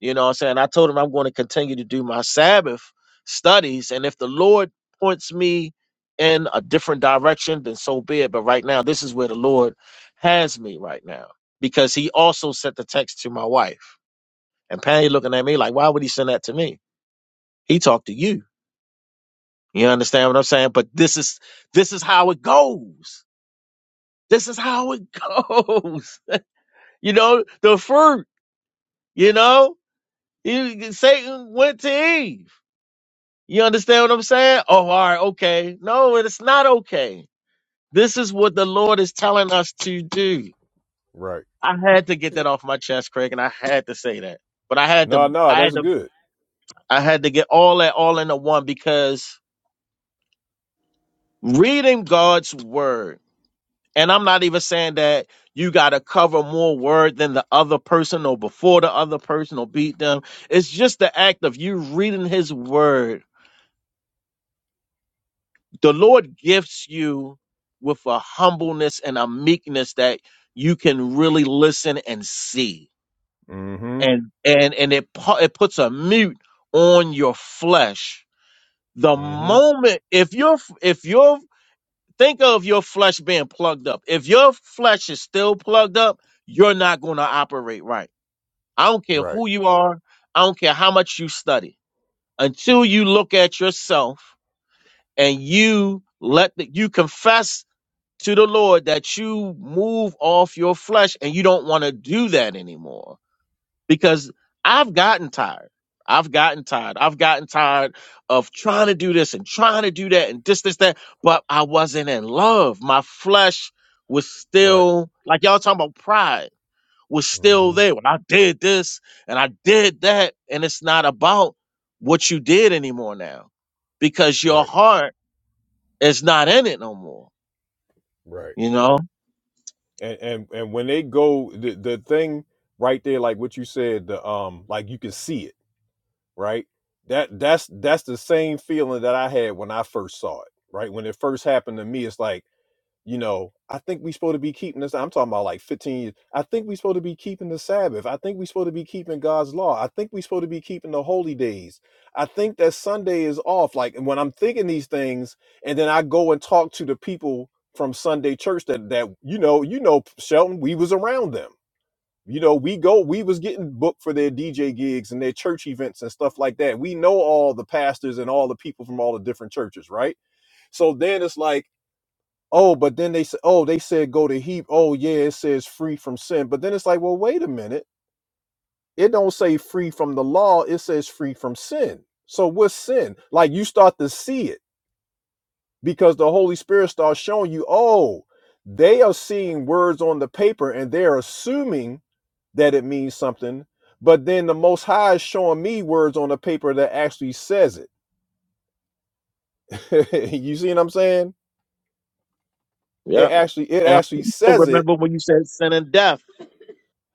you know what I'm saying? I told him I'm going to continue to do my Sabbath studies. And if the Lord points me in a different direction, then so be it. But right now, this is where the Lord has me right now because he also sent the text to my wife. And Patty looking at me like, why would he send that to me? He talked to you. You understand what I'm saying? But this is this is how it goes. This is how it *laughs* goes. You know, the fruit, you know, You- Satan went to Eve. You understand what I'm saying? Oh, all right, okay. No, it's not okay. This is what the Lord is telling us to do.
Right.
I had to get that off my chest, Craig, and I had to say that. But I had
No,
to,
no,
I had
that's
to,
good.
I had to get all that all into one because reading God's word, and I'm not even saying that you got to cover more word than the other person or before the other person or beat them. It's just the act of you reading His word the Lord gifts you with a humbleness and a meekness that you can really listen and see,
Mm-hmm.
and and and it pu- it puts a mute on your flesh. The
Mm-hmm.
moment if you're if you're think of your flesh being plugged up, if your flesh is still plugged up, you're not going to operate right. I don't care
Right.
who you are. I don't care how much you study. Until you look at yourself and you let the, you confess to the Lord that you move off your flesh and you don't want to do that anymore because I've gotten tired. I've gotten tired. I've gotten tired of trying to do this and trying to do that and this, this, that. But I wasn't in love. My flesh was
Right.
still, like y'all talking about pride, was still
Mm-hmm.
there. When I did this and I did that, and it's not about what you did anymore now because your
Right.
heart is not in it no more,
Right.
you know?
And and and when they go the, the thing right there, like what you said, the um like you can see it, right? That that's that's the same feeling that I had when I first saw it, right? When it first happened to me, it's like you know, I think we supposed to be keeping this. I'm talking about like 15 years. I think we supposed to be keeping the Sabbath. I think we supposed to be keeping God's law. I think we supposed to be keeping the holy days. I think that Sunday is off. Like when I'm thinking these things, and then I go and talk to the people from Sunday church that that you know, you know, Shelton, we was around them. You know, we go, we was getting booked for their DJ gigs and their church events and stuff like that. We know all the pastors and all the people from all the different churches, right? So then it's like Oh, but then they said, oh, they said go to heap. Oh, yeah, it says free from sin. But then it's like, well, wait a minute. It don't say free from the law. It says free from sin. So what's sin? Like you start to see it because the Holy Spirit starts showing you, oh, they are seeing words on the paper and they're assuming that it means something. But then the Most High is showing me words on the paper that actually says it. *laughs* you see what I'm saying?
Yeah.
It actually, it
And I
actually
also
says it,
remember when you said sin and death,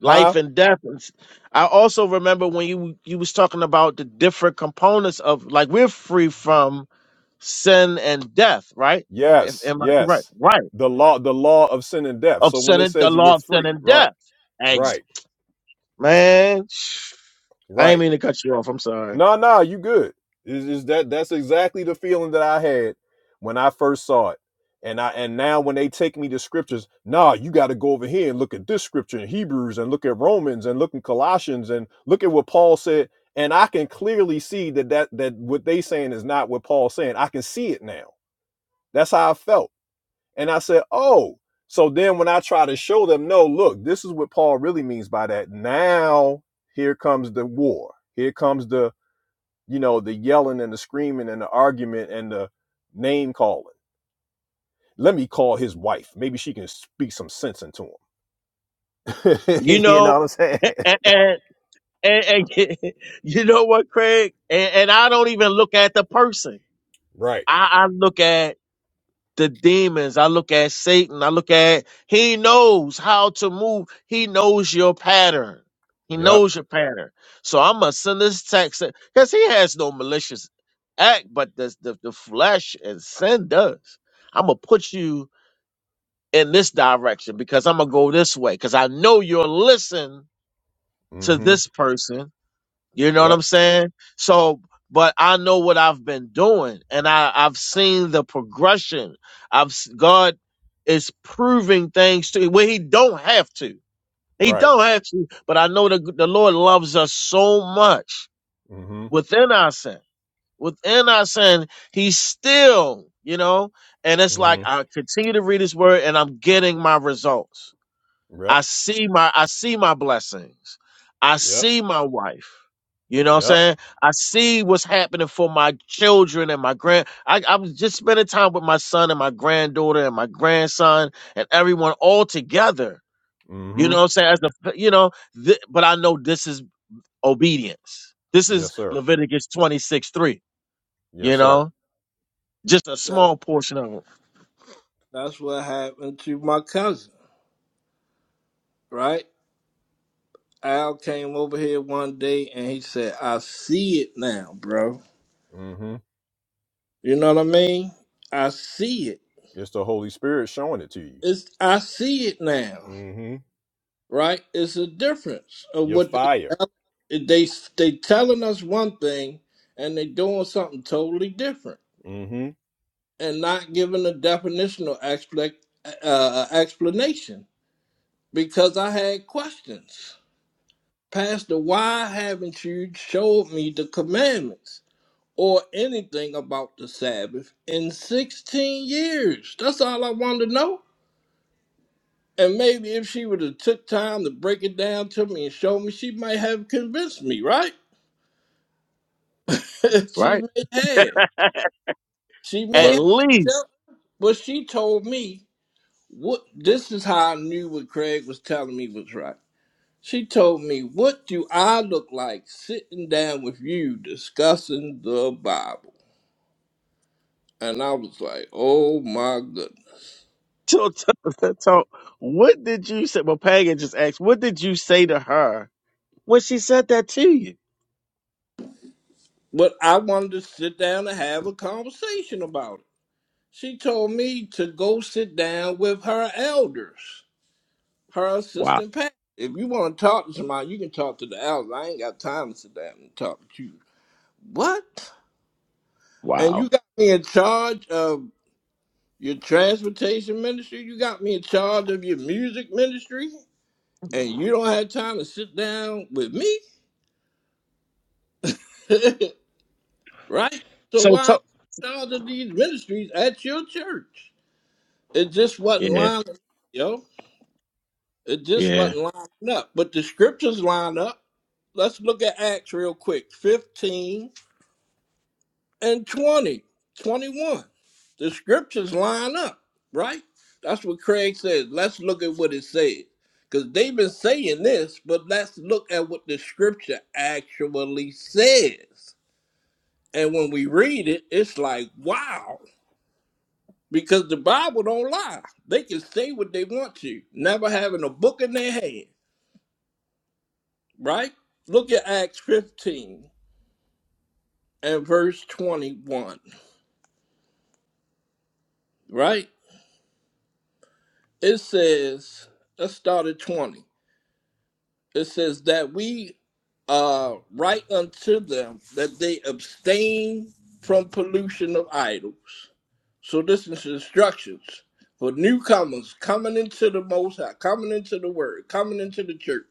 huh?
and death. And s- I also remember when you you was talking about the different components of like we're free from sin and death, right? If,
Yes,
am I correct?
yes.
Right.
The law, the law of sin and death.
Of
So when
sin
it
and the
says we're
law of sin
free,
and
right,
death. Ex-
right,
man, *sighs* I ain't
right.
mean to cut you off. I'm sorry.
No, no, you good. Is is that that's exactly the feeling that I had when I first saw it. And I and now when they take me to scriptures, nah, you gotta go over here and look at this scripture in Hebrews and look at Romans and look in Colossians and look at what Paul said. And I can clearly see that that that what they saying is not what Paul's saying. I can see it now. That's how I felt And I said, oh. So then when I try to show them, no, look, this is what Paul really means by that. Now here comes the war. Here comes the, you know, the yelling and the screaming and the argument and the name calling. Let me call his wife. Maybe she can speak some sense into
You
him. *laughs* you
know,
know what I'm saying?
and, and, and, and *laughs* you know what, Craig? And, and I don't even look at the person.
Right.
I, I look at the demons. I look at Satan. I look at he knows how to move. He knows your pattern. He
Yep.
knows your pattern. So I'm gonna send this text because he has no malicious act, but the, the the flesh and sin does. I'm gonna put you in this direction because I'm gonna go this way because I know you'll listen to
Mm-hmm.
this person you know what
Yep.
I'm saying? So, but I know what I've been doing and I, I've seen the progression. I've, s- God is proving things to, where he don't have to. He
Right.
don't have to, but I know the, the Lord loves us so much
Mm-hmm.
within our sin. Within our sin, He still, you know, and it's like
Mm-hmm.
I continue to read his word and I'm getting my results.
Yep.
I see my I see my blessings. I
Yep.
see my wife. You know what I'm
Yep.
saying? I see what's happening for my children and my grand. I, I'm just spending time with my son and my granddaughter and my grandson and everyone all together. You
Mm-hmm.
know what I'm saying? As a, you know, th- but I know this is obedience. This is
Yes, sir.
Leviticus 26 3, you
Yes, sir.
know, just a
That,
small portion of it,
that's what happened to my cousin, right? Al came over here one day and he said, I see it now, bro.
Mm-hmm.
You know what I mean? I see it.
It's the Holy Spirit showing it to you.
It's I see it now.
Mm-hmm.
Right? It's a difference of
You're
what
fire.
they they they telling us one thing and they doing something totally different
hmm
and not giving a definitional expla- uh, uh, explanation because I had questions. Pastor, why haven't you showed me the commandments? or anything about the Sabbath in 16 years. That's all I wanted to know. And maybe if she would have took time to break it down to me and show me, she might have convinced me, right? *laughs* she
right?
may have. She may
At
But
have.
least.
yeah. But she told me what this is how I knew what Craig was telling me was right. She told me, What do I look like sitting down with you discussing the Bible? And I was like, Oh my goodness.
So, so, *laughs* so what did you say? Well, Pagan just asked, what did you say to her when she said that to you?
But I wanted to sit down and have a conversation about it. She told me to go sit down with her elders, her
Wow,
assistant pastor. If you want to talk to somebody, you can talk to the elders. I ain't got time to sit down and talk to you. What? And
wow.
you got me in charge of your transportation ministry? You got me in charge of your music ministry? And you don't have time to sit down with me? *laughs* right? So
So,
why am
so
I in charge of these ministries at your church? It just wasn't
yeah,
lining up, yo. It just
yeah.
wasn't lining up. But the scriptures line up. Let's look at Acts real quick 15 and 20, 21. The scriptures line up, right? That's what Craig says. Let's look at what it says. Because they've been saying this, but let's look at what the scripture actually says. And when we read it, it's like, wow. because the Bible don't lie. They can say what they want to, never having a book in their hand, right? Look at Acts 15 and verse 21, right? It says, let's start at 20. It says that we uh, write unto them that they abstain from pollution of idols. So this is instructions for newcomers coming into the Most High, coming into the Word, coming into the church,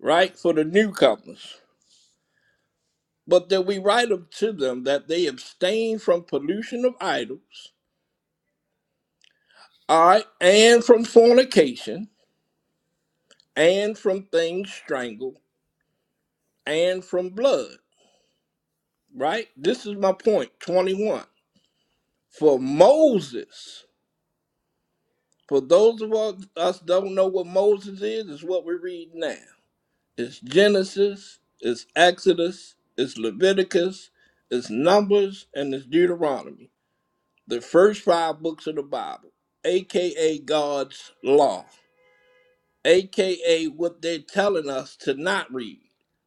right? For the newcomers but that we write unto them that they abstain from pollution of idols, all right, and from fornication, and from things strangled, and from blood, right? This is my point, 21. For Moses, for those of us us don't know what Moses is, is what we read now. It's Genesis, it's Exodus, it's Leviticus, it's Numbers, and it's Deuteronomy. the first five books of the Bible, aka God's law, aka what they're telling us to not read,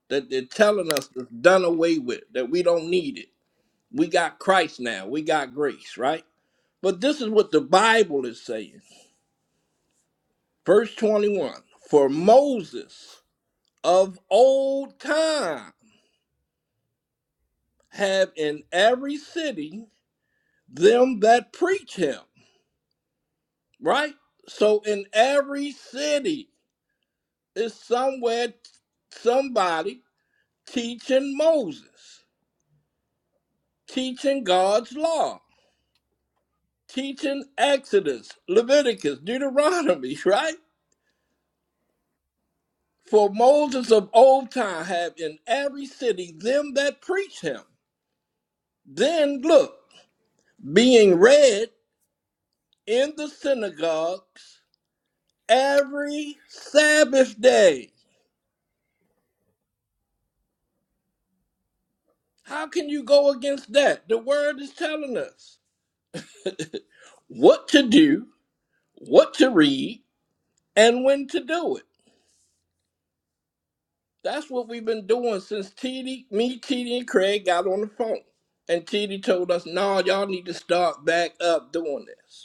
that they're telling us is done away with, that we don't need it. We got Christ now, we got grace, right? But this is what the Bible is saying. Verse 21 For Moses of old time have in every city them that preach him, right? So in every city, is somewhere somebody teaching Moses, teaching God's law, teaching Exodus, Leviticus, Deuteronomy, *laughs* right? For Moses of old time have in every city them that preach him. Then look, being read in the synagogues every Sabbath day. How can you go against that? The word is telling us what to do, what to read, and when to do it. That's what we've been doing since TD, me, TD, and Craig got on the phone. And TD told us, no, nah, y'all need to start back up doing this.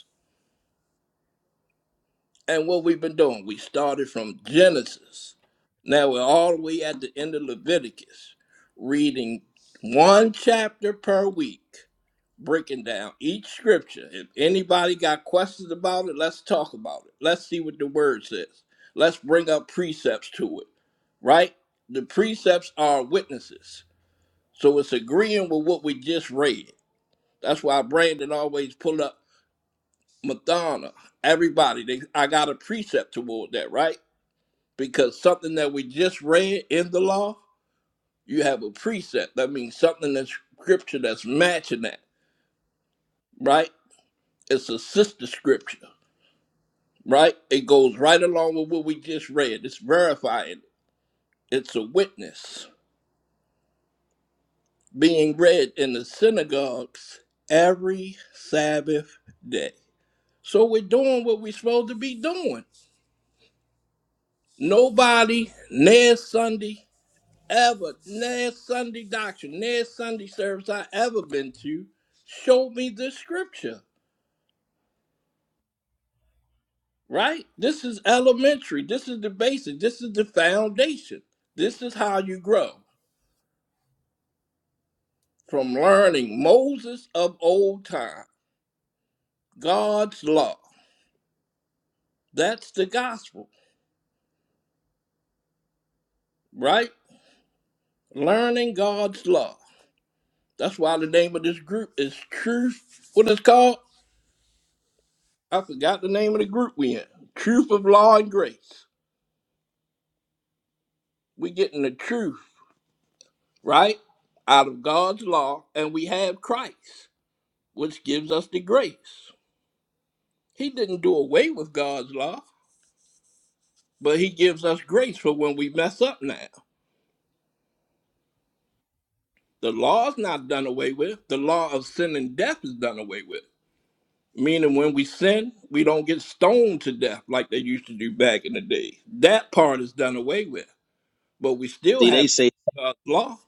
And what we've been doing, we started from Genesis. Now we're all the way at the end of Leviticus, reading one chapter per week, breaking down each scripture. If anybody got questions about it, let's talk about it. Let's see what the word says. Let's bring up precepts to it, right? The precepts are witnesses. So it's agreeing with what we just read. That's why Brandon always pull up Madonna, everybody, they, I got a precept toward that, right? Because something that we just read in the law, you have a precept. That means something that's scripture that's matching that, right? It's a sister scripture, right? It goes right along with what we just read. It's verifying. It's a witness being read in the synagogues every Sabbath day. So we're doing what we're supposed to be doing. Nobody, next Sunday, ever next Sunday doctrine, next Sunday service I ever been to, showed me this scripture. Right? This is elementary. This is the basic. This is the foundation. This is how you grow from learning Moses of old time, God's law. That's the gospel, right? Learning God's law. That's why the name of this group is Truth. What it's called? I forgot the name of the group we in. Truth of Law and Grace. We getting the truth right? Out of God's law, and we have Christ, which gives us the grace. He didn't do away with God's law, but He gives us grace for when we mess up now. The law is not done away with, the law of sin and death is done away with. Meaning, when we sin, we don't get stoned to death like they used to do back in the day. That part is done away with, but we still
See,
have
they say,
God's law.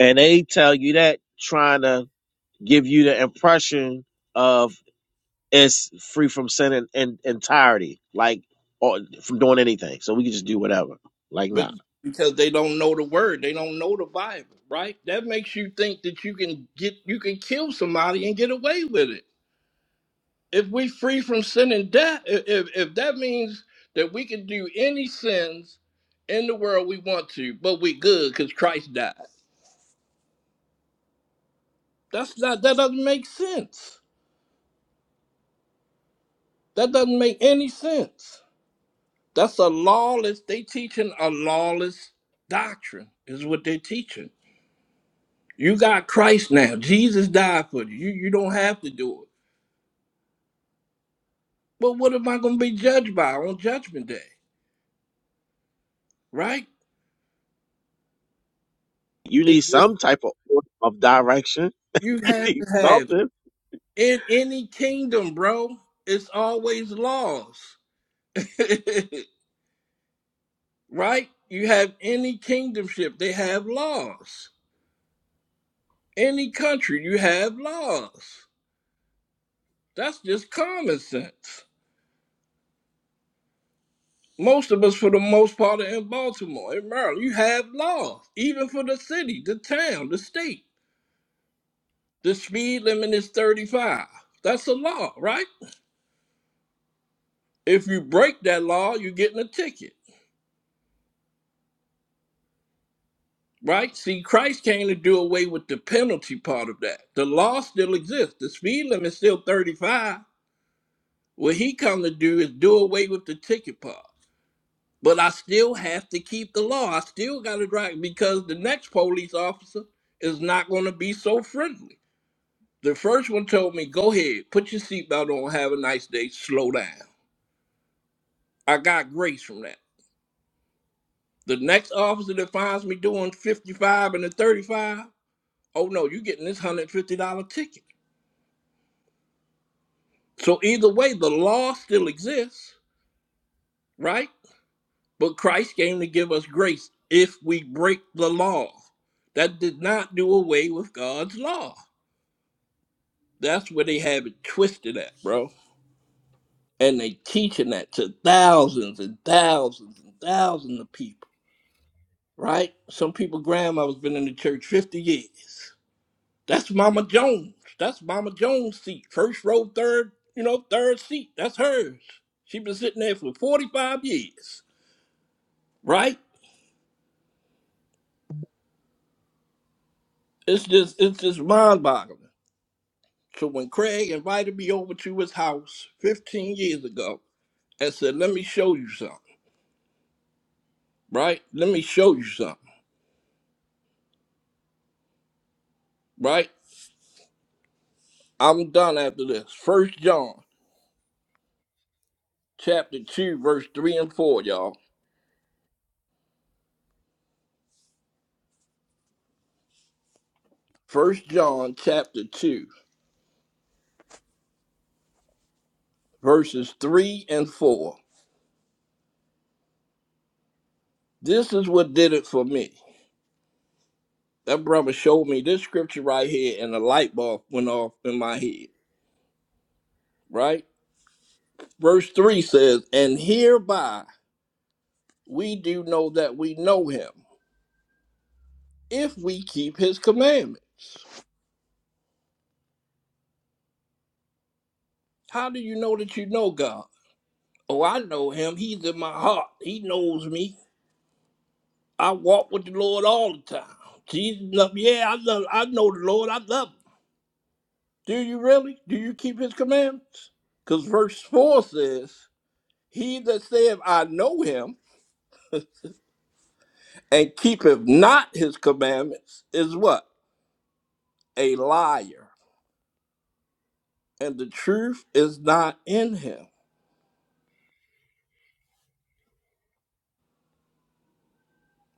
and they tell you that trying to give you the impression of it's free from sin in, in entirety, like or from doing anything. So we can just do whatever. Like,
but
nah.
because they don't know the word, they don't know the Bible, right? That makes you think that you can get you can kill somebody and get away with it. If we free from sin and death, i- if if that means that we can do any sins in the world we want to, but we good because Christ died. That's not that doesn't make sense. That doesn't make any sense. That's a lawless. They teaching a lawless doctrine is what they're teaching. You got Christ now. Jesus died for you. You you don't have to do it. But what am I going to be judged by on Judgment Day? Right?
You need
It's just
some type of order of direction.
you
*laughs* you
have
need
to have it.
something.
In any kingdom, bro, it's always laws. *laughs* right? You have any kingdomship, they have laws. Any country, you have laws. That's just common sense. Most of us, for the most part, are in Baltimore, in Maryland. You have laws, even for the city, the town, the state The speed limit is 35. That's a law, right? If you break that law, you're getting a ticket, right? See, Christ came to do away with the penalty part of that. The law still exists. The speed limit is still 35. What he come to do is do away with the ticket part. But I still have to keep the law. I still got to drive because the next police officer is not going to be so friendly. The first one told me, go ahead, put your seatbelt on, have a nice day, slow down. I got grace from that. The next officer that finds me doing 55 and a 35, oh no, you're getting this $150 ticket. So either way, the law still exists, right? But Christ came to give us grace if we break the law. That did not do away with God's law. That's where they have it twisted at, bro. And they teaching that to thousands and thousands and thousands of people, right? Some people grandma's been in the church 50 years. That's Mama Jones. That's Mama Jones' seat. First row, third, you know, third seat. That's hers. She been sitting there for 45 years, right? It's just it's just mind boggling. So when Craig invited me over to his house 15 years ago and said, Let me show you something, right? Let me show you something, right? I'm done after this. First John chapter 2, verse 3 and 4, y'all. First John chapter 2, verses 3 and 4. This is what did it for me. That brother showed me this scripture right here, and the light bulb went off in my head, right? Verse 3 says, And hereby we do know that we know him if we keep his commandment. How do you know that you know God? Oh, I know him. He's in my heart. He knows me. I walk with the Lord all the time. Jesus, love, me. yeah, I love, I know the Lord. I love him. Do you really? Do you keep his commandments? Because verse 4 says, He that saith, I know him, *laughs* and keepeth not his commandments, is what? A liar. And the truth is not in him.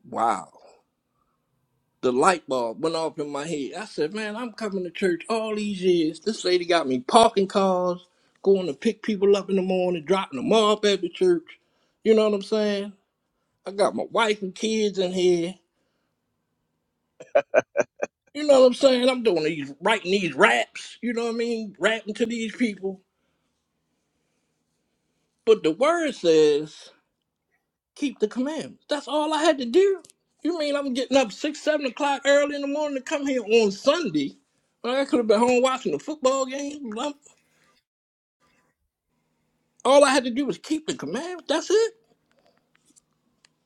Wow. The light bulb went off in my head. I said, Man, I'm coming to church all these years. This lady got me parking cars, going to pick people up in the morning, dropping them off at the church. You know what I'm saying? I got my wife and kids in here. You know what I'm saying? I'm doing these writing these raps, you know what I mean? Rapping to these people. But the word says, keep the commandments. That's all I had to do. You mean I'm getting up six, seven o'clock early in the morning to come here on Sunday? When I could have been home watching the football game. I'm- All I had to do was keep the commandments. That's it.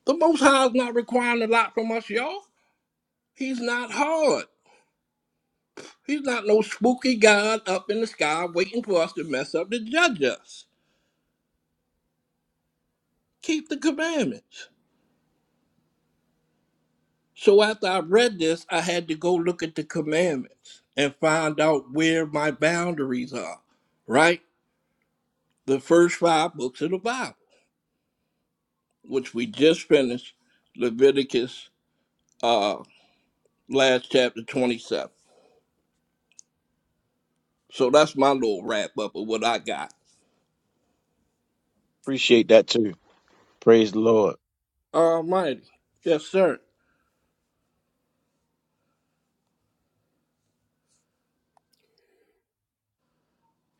The Most High is not requiring a lot from us, y'all. He's not hard. He's not no spooky God up in the sky waiting for us to mess up to judge us. Keep the commandments. So after I read this, I had to go look at the commandments and find out where my boundaries are, right? The first five books of the Bible, which we just finished, Leviticus uh last chapter 27. So that's my little wrap up of what I got.
Appreciate that too. Praise the Lord.
Almighty. Yes, sir.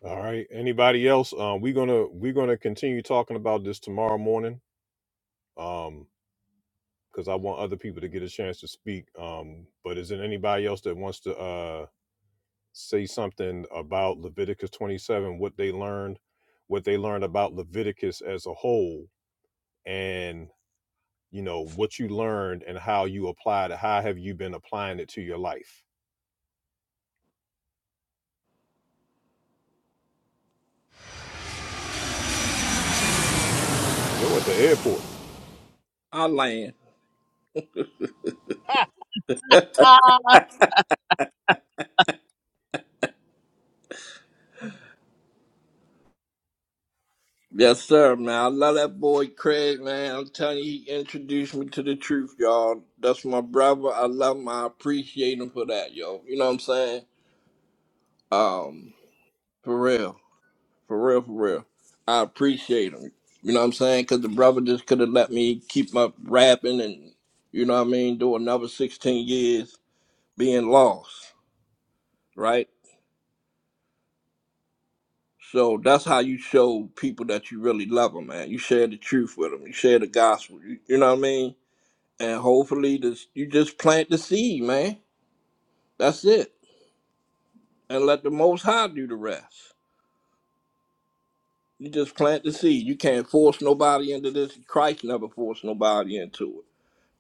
all right, anybody else? Um, we're gonna we're gonna continue talking about this tomorrow morning. Um, because I want other people to get a chance to speak. Um, but is there anybody else that wants to uh say something about Leviticus 27, what they learned, what they learned about Leviticus as a whole, and you know what you learned and how you applied it. How have you been applying it to your life? Yo, at the airport.
I land. Yes, sir, man. I love that boy Craig, man. I'm telling you, he introduced me to the truth, y'all. That's my brother. I love him. I appreciate him for that, yo. You know what I'm saying? Um, for real, for real, for real. I appreciate him. You know what I'm saying? Because the brother just could have let me keep my rapping and, you know what I mean, do another 16 years being lost, right? So that's how you show people that you really love them, man. You share the truth with them. You share the gospel. You, you know what I mean? And hopefully, this you just plant the seed, man. That's it. And let the Most High do the rest. You just plant the seed. You can't force nobody into this. Christ never forced nobody into it.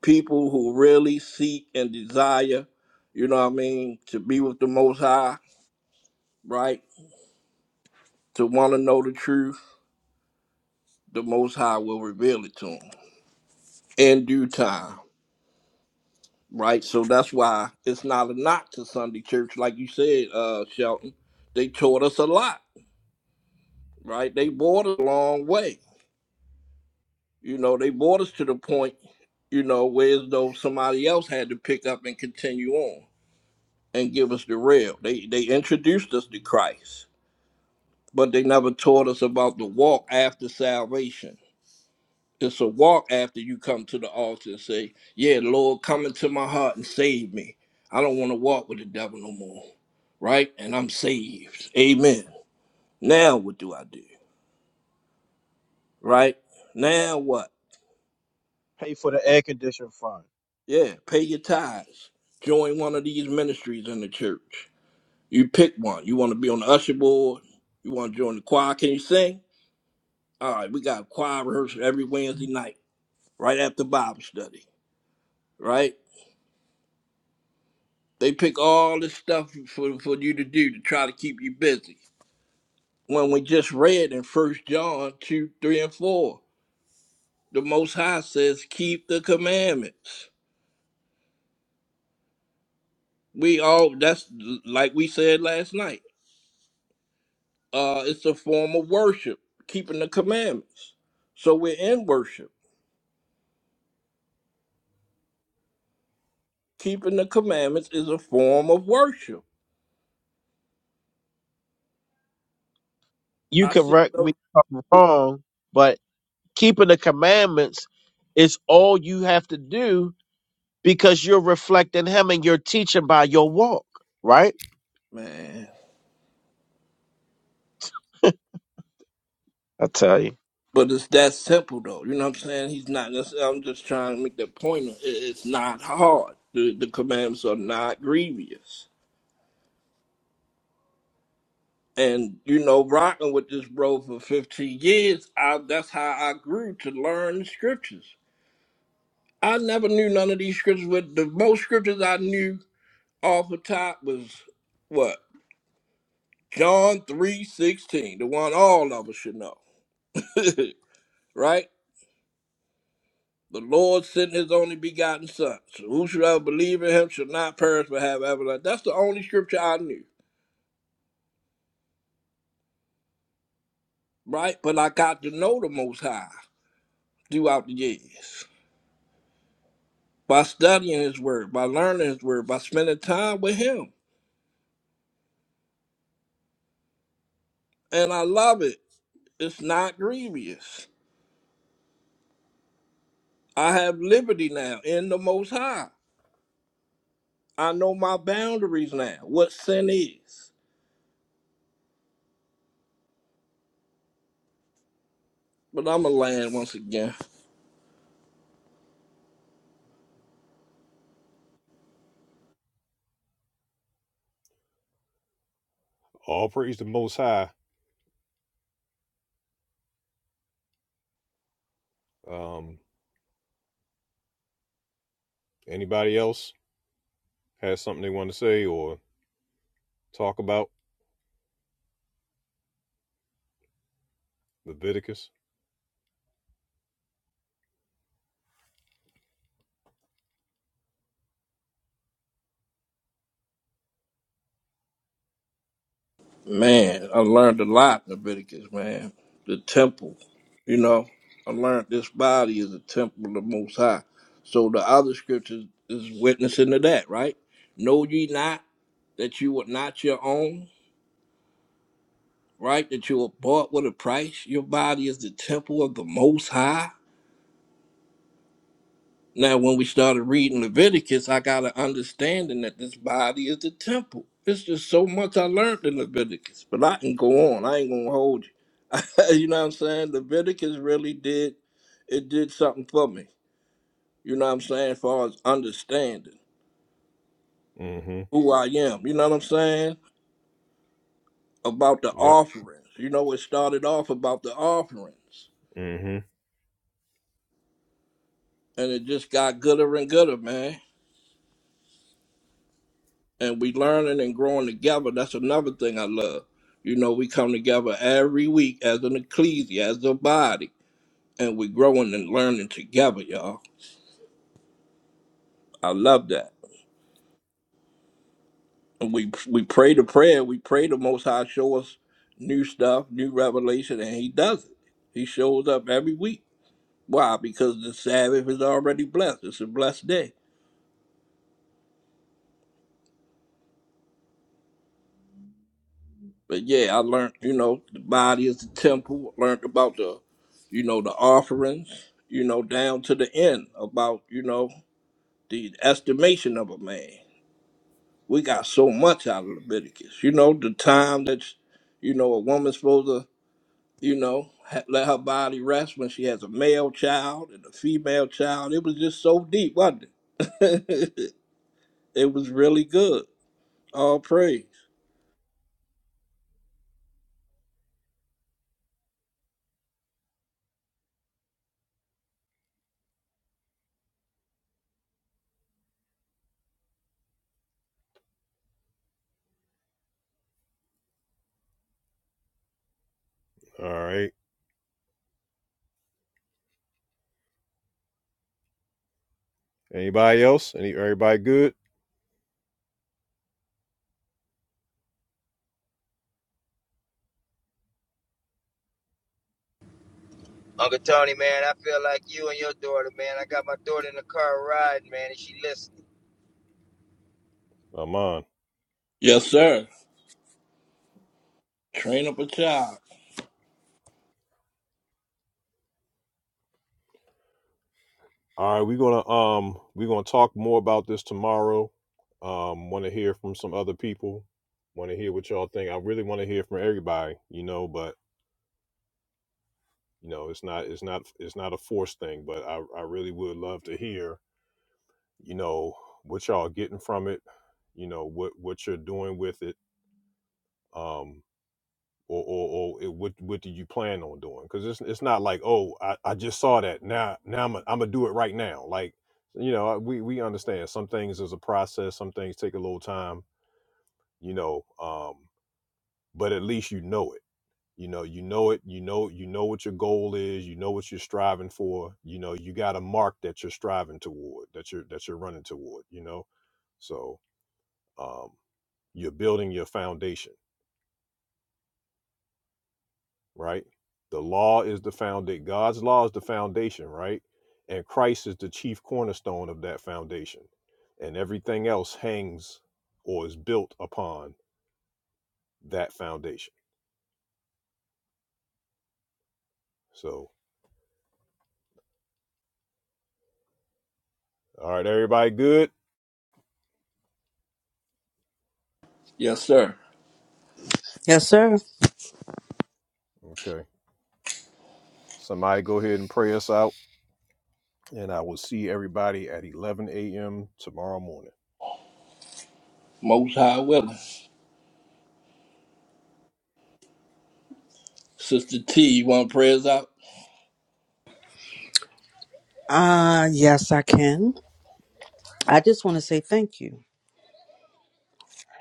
People who really seek and desire, you know what I mean, to be with the Most High, right? To want to know the truth, the Most High will reveal it to them in due time, right? So that's why it's not a knock to Sunday church, like you said, uh, Shelton. They taught us a lot, right? They brought us a long way You know, they brought us to the point, you know, where as though somebody else had to pick up and continue on and give us the rail. They they introduced us to Christ, but they never taught us about the walk after salvation. It's a walk after you come to the altar and say, Yeah, Lord, come into my heart and save me. I don't want to walk with the devil no more. Right? And I'm saved. Amen. Now what do I do? Right? Now what?
pay for the air conditioning fund.
Yeah, pay your tithes. Join one of these ministries in the church. You pick one. You want to be on the usher board? You want to join the choir? Can you sing? All right, we got choir rehearsal every Wednesday night, right after Bible study, right? They pick all this stuff for, for you to do to try to keep you busy. When we just read in First John 2, 3, and 4, the Most High says, keep the commandments. We all, that's like we said last night Uh, it's a form of worship, keeping the commandments. So we're in worship. Keeping the commandments is a form of worship.
You
I see
correct me
those,
if I'm wrong, but keeping the commandments is all you have to do because you're reflecting him and you're teaching by your walk, right?
man.
I tell you.
But it's that simple, though. You know what I'm saying? He's not. that's- I'm just trying to make that point. It- It's not hard. The, the commandments are not grievous. And you know, rocking with this bro for 15 years, I, that's how I grew to learn the scriptures. I never knew none of these scriptures. But the most scriptures I knew off the top was what? John 3:16, the one all of us should know. *laughs* right? The Lord sent his only begotten son. So whosoever believe in him shall not perish but have everlasting. That's the only scripture I knew, right? But I got to know the most high throughout the years. By studying his word, by learning his word, by spending time with him. And I love it. It's not grievous. I have liberty now in the most high. I know my boundaries now, what sin is. But I'm going to land once again.
All praise the Most High. Um, anybody else? has something they want to say or talk about Leviticus.
Man, I learned a lot in Leviticus, man. The temple, you know, I learned this body is a temple of the Most High. So the other scriptures is witnessing to that, right? Know ye not that you are not your own, right? That you are bought with a price. Your body is the temple of the Most High Now, when we started reading Leviticus, I got an understanding that this body is the temple. It's just so much I learned in Leviticus, but I can go on. I ain't gonna hold you. *laughs* you know what I'm saying? Leviticus really did it did something for me. You know what I'm saying? As far as understanding
Mm-hmm.
who I am. You know what I'm saying? About the
Yep.
offerings. You know, it started off about the offerings.
Mm-hmm.
And it just got gooder and gooder, man. and we learning and growing together. That's another thing I love. You know, we come together every week as an ecclesia, as a body, and we growing and learning together, y'all. I love that. And we we pray the prayer. We pray the Most High show us new stuff, new revelation, and He does it. He shows up every week. Why? Because the Sabbath is already blessed. It's a blessed day But yeah, I learned, you know, the body is the temple. Learned about the, you know, the offerings, you know, down to the end about, you know, the estimation of a man. We got so much out of Leviticus. You know, the time that, you know, a woman's supposed to, you know, ha- let her body rest when she has a male child and a female child. It was just so deep, wasn't it? *laughs* it was really good. All praise.
All right. Anybody else? Any everybody good?
Uncle Tony, man, I feel like you and your daughter, man. I got my daughter in the car riding, man, and she listening.
I'm on.
Yes, sir. Train up a child.
All right, we're gonna um we're gonna talk more about this tomorrow. Um wanna hear from some other people. Wanna hear what y'all think. I really wanna hear from everybody, you know, but you know, it's not it's not it's not a forced thing, but I, I really would love to hear, you know, what y'all are getting from it, you know, what what you're doing with it. um. or or, or it, what what do you plan on doing? Because it's it's not like oh I, I just saw that now now I'm i I'm gonna do it right now. Like you know I- we we understand some things is a process, some things take a little time. You know, um, but at least you know it. You know, you know it. You know you know what your goal is. You know what you're striving for. You know you got a mark that you're striving toward that you're that you're running toward. You know, so um, you're building your foundation right? The law is the foundation. God's law is the foundation, right? And Christ is the chief cornerstone of that foundation. And everything else hangs or is built upon that foundation. So, all right, everybody good?
Yes, sir.
Yes, sir.
Okay. Somebody go ahead and pray us out. And I will see everybody at 11 a.m. tomorrow morning.
Most High willing. Sister T, you want to pray us out?
Uh, yes, I can. I just want to say thank you.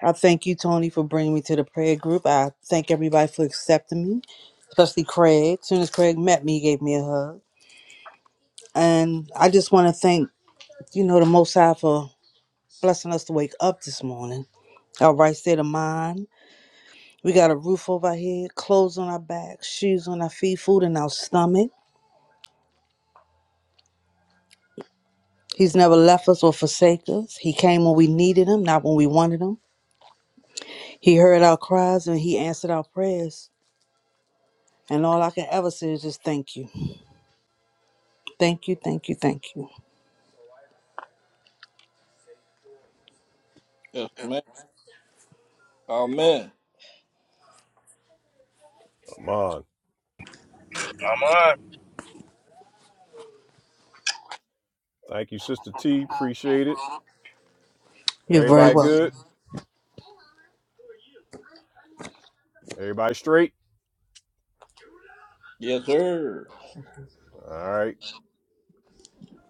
I thank you, Tony, for bringing me to the prayer group. I thank everybody for accepting me, especially Craig. As soon as Craig met me, he gave me a hug. And I just want to thank, you know, the Most High for blessing us to wake up this morning. our right state of mind. We got a roof over our head, clothes on our back, shoes on our feet, food in our stomach. He's never left us or forsake us. He came when we needed him, not when we wanted him. He heard our cries and he answered our prayers. And all I can ever say is just thank you. Thank you, thank you, thank you.
Yes, ma'am. Amen.
Amon.
I'm on.
Thank you, Sister T. Appreciate it.
You're very
Everybody
welcome.
good? Everybody straight?
Yes, sir.
All right.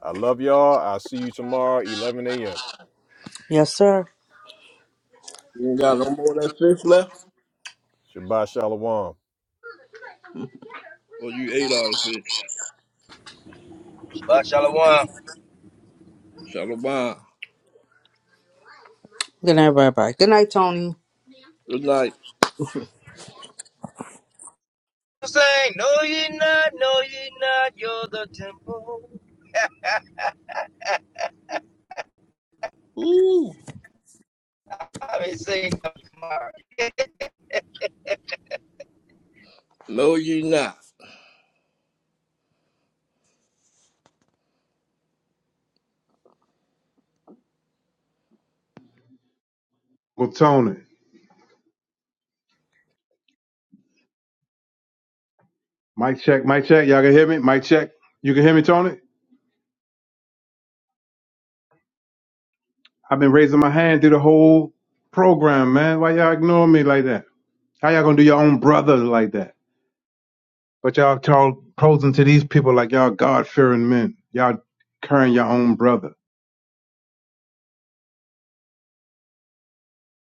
I love y'all. I'll see you tomorrow, 11 a.m.
Yes, sir.
You ain't got no more of that fish left?
Shabbat Shalom.
Or you ate all the fish?
Shabbat shalom.
Shalom.
Good night, everybody. Good night, Tony.
Good night.
I'm saying, no, ye not, no, ye not, you're the temple.
Ooh.
I've been saying that
No, you not.
Well, Tony, mic check, mic check. Y'all can hear me? Mic check. You can hear me, Tony? I've been raising my hand through the whole program, man. Why y'all ignoring me like that? How y'all gonna do your own brother like that? But y'all, y'all posing to these people like y'all God fearing men. Y'all carrying your own brother.